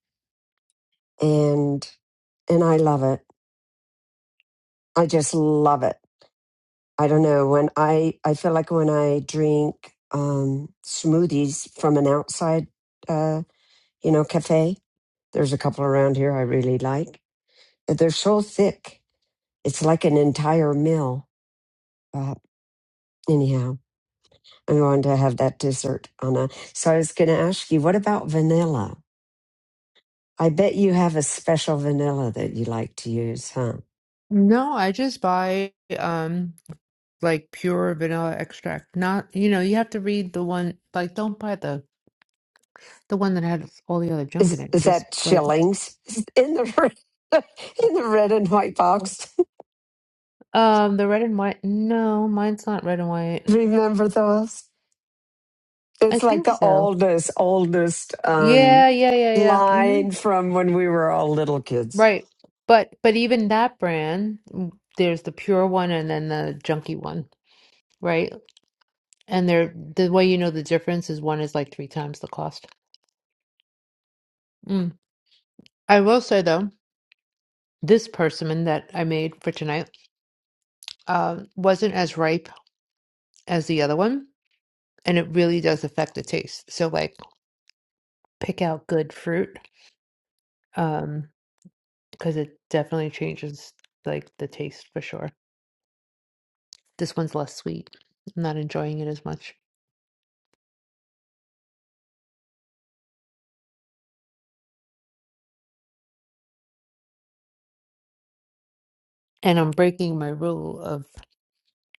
and and I love it. I just love it. I don't know when I I feel like when I drink um, smoothies from an outside uh, you know cafe. There's a couple around here I really like. They're so thick. It's like an entire meal. Uh, anyhow, I'm going to have that dessert, Anna. So I was going to ask you, what about vanilla? I bet you have a special vanilla that you like to use, huh? No, I just buy um like pure vanilla extract. Not, you know, you have to read the one like don't buy the the one that had all the other junk in Is it. is Just that like shillings in the in the red and white box? um the red and white. No, mine's not red and white. Remember those? I It's like think the so. oldest, oldest um, Yeah, yeah, yeah, yeah. hmm line from when we were all little kids. Right. But but even that brand, mm, there's the pure one and then the junky one. right? And they're the way you know the difference is one is like three times the cost. Mm. I will say though, this persimmon that I made for tonight um, wasn't as ripe as the other one, and it really does affect the taste. So like, pick out good fruit um, because it definitely changes like the taste for sure. This one's less sweet. I'm not enjoying it as much, and I'm breaking my rule of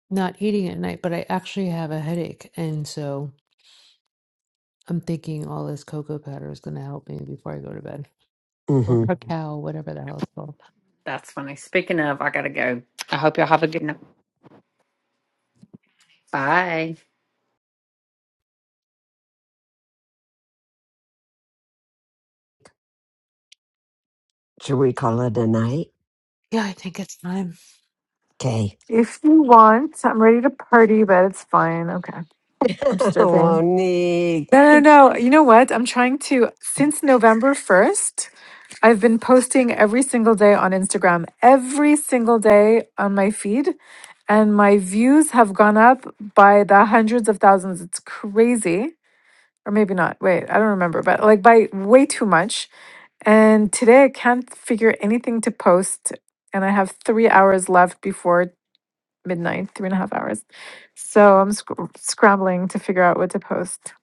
not eating at night. But I actually have a headache, and so. I'm thinking all this cocoa powder is going to help me before I go to bed. Or hmm Mhm. cacao, whatever the hell it's called. That's funny. Speaking of, I gotta go. I hope y'all have a good night. Bye. Should we call it a night? Yeah, I think it's time. Okay. If you want, I'm ready to party, but it's fine. Okay. I'm just joking. Monique. No, no, no. You know what? I'm trying to, since November 1st. I've been posting every single day on Instagram, every single day on my feed, and my views have gone up by the hundreds of thousands. It's crazy. Or maybe not. Wait, I don't remember, but like by way too much. And today I can't figure anything to post, and I have three hours left before midnight, three and a half hours. So I'm sc- scrambling to figure out what to post.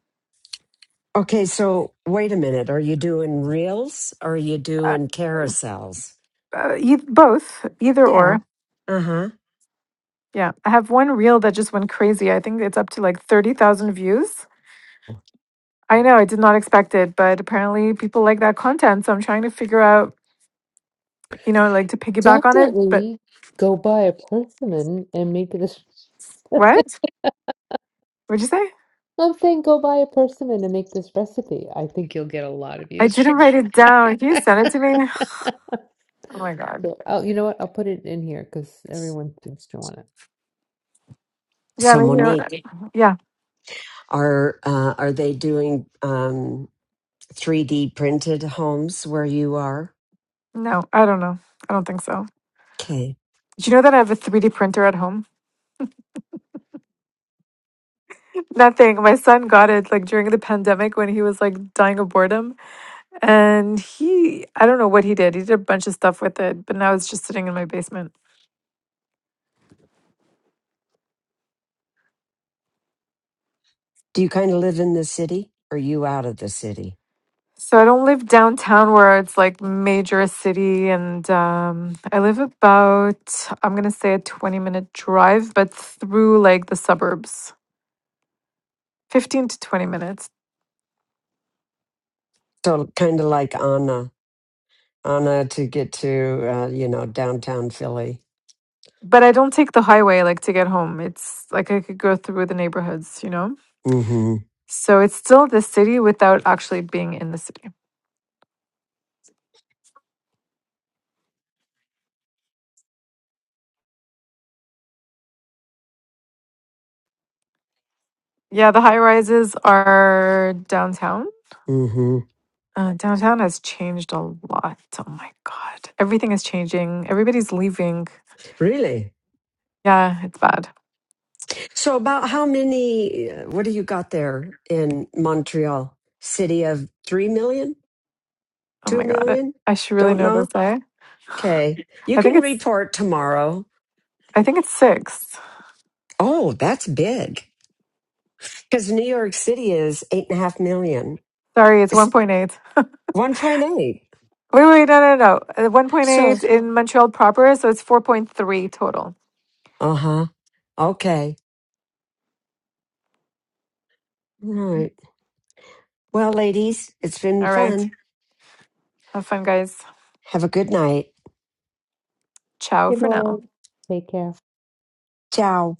Okay, so wait a minute. Are you doing reels or are you Uh, doing carousels? uh, e- both, either or. Yeah. Uh huh. Yeah, I have one reel that just went crazy. I think it's up to like 30,000 views. I know, I did not expect it, but apparently people like that content. So I'm trying to figure out, you know, like to piggyback on it. But Definitely go buy a persimmon and make this. what? What'd you say? I'm saying go buy a persimmon and make this recipe. I think you'll get a lot of I views from didn't write that. it down. Can you send it to me? Oh my God. so, oh, you know what? I'll put it in here because everyone seems to want it. Yeah, So maybe. you're- Monique, right. Yeah, are uh, are they doing um, 3D printed homes where you are? no, I don't know. I don't think so. Okay. Do you know that I have a 3D printer at home? Nothing. My son got it like during the pandemic when he was like dying of boredom. And he, I don't know what he did. He did a bunch of stuff with it, but now it's just sitting in my basement. Do you kind of live in the city? Or are you out of the city? So I don't live downtown where it's like major city. And um, I live about, I'm going to say a 20 minute drive, but through like the suburbs, 15 to 20 minutes. So kind of like Anna. Anna to get to uh, you know downtown Philly. But I don't take the highway like to get home. It's like I could go through the neighborhoods, you know? Mm-hmm. So it's still the city without actually being in the city. Yeah, the high rises are downtown Mm-hmm. Uh, downtown has changed a lot. Oh my God. Everything is changing. Everybody's leaving. Really. Yeah, it's bad. So about how many? uh, What do you got there in Montreal? City of three million, Oh two my God. I million? I should really Don't know this, know. eh? Okay, you I think can it's, report tomorrow. I think it's six. Oh, that's big because New York City is eight and a half million. Sorry, it's It's 1.8. Wait, one point eight. wait, no, no, no. Uh, 1.8 So in Montreal proper, so it's 4.3 total. uh huh. Okay. All right. Well, ladies, it's been All right. fun. Have fun, guys. Have a good night. Ciao Good for now. morning. Take care. Ciao.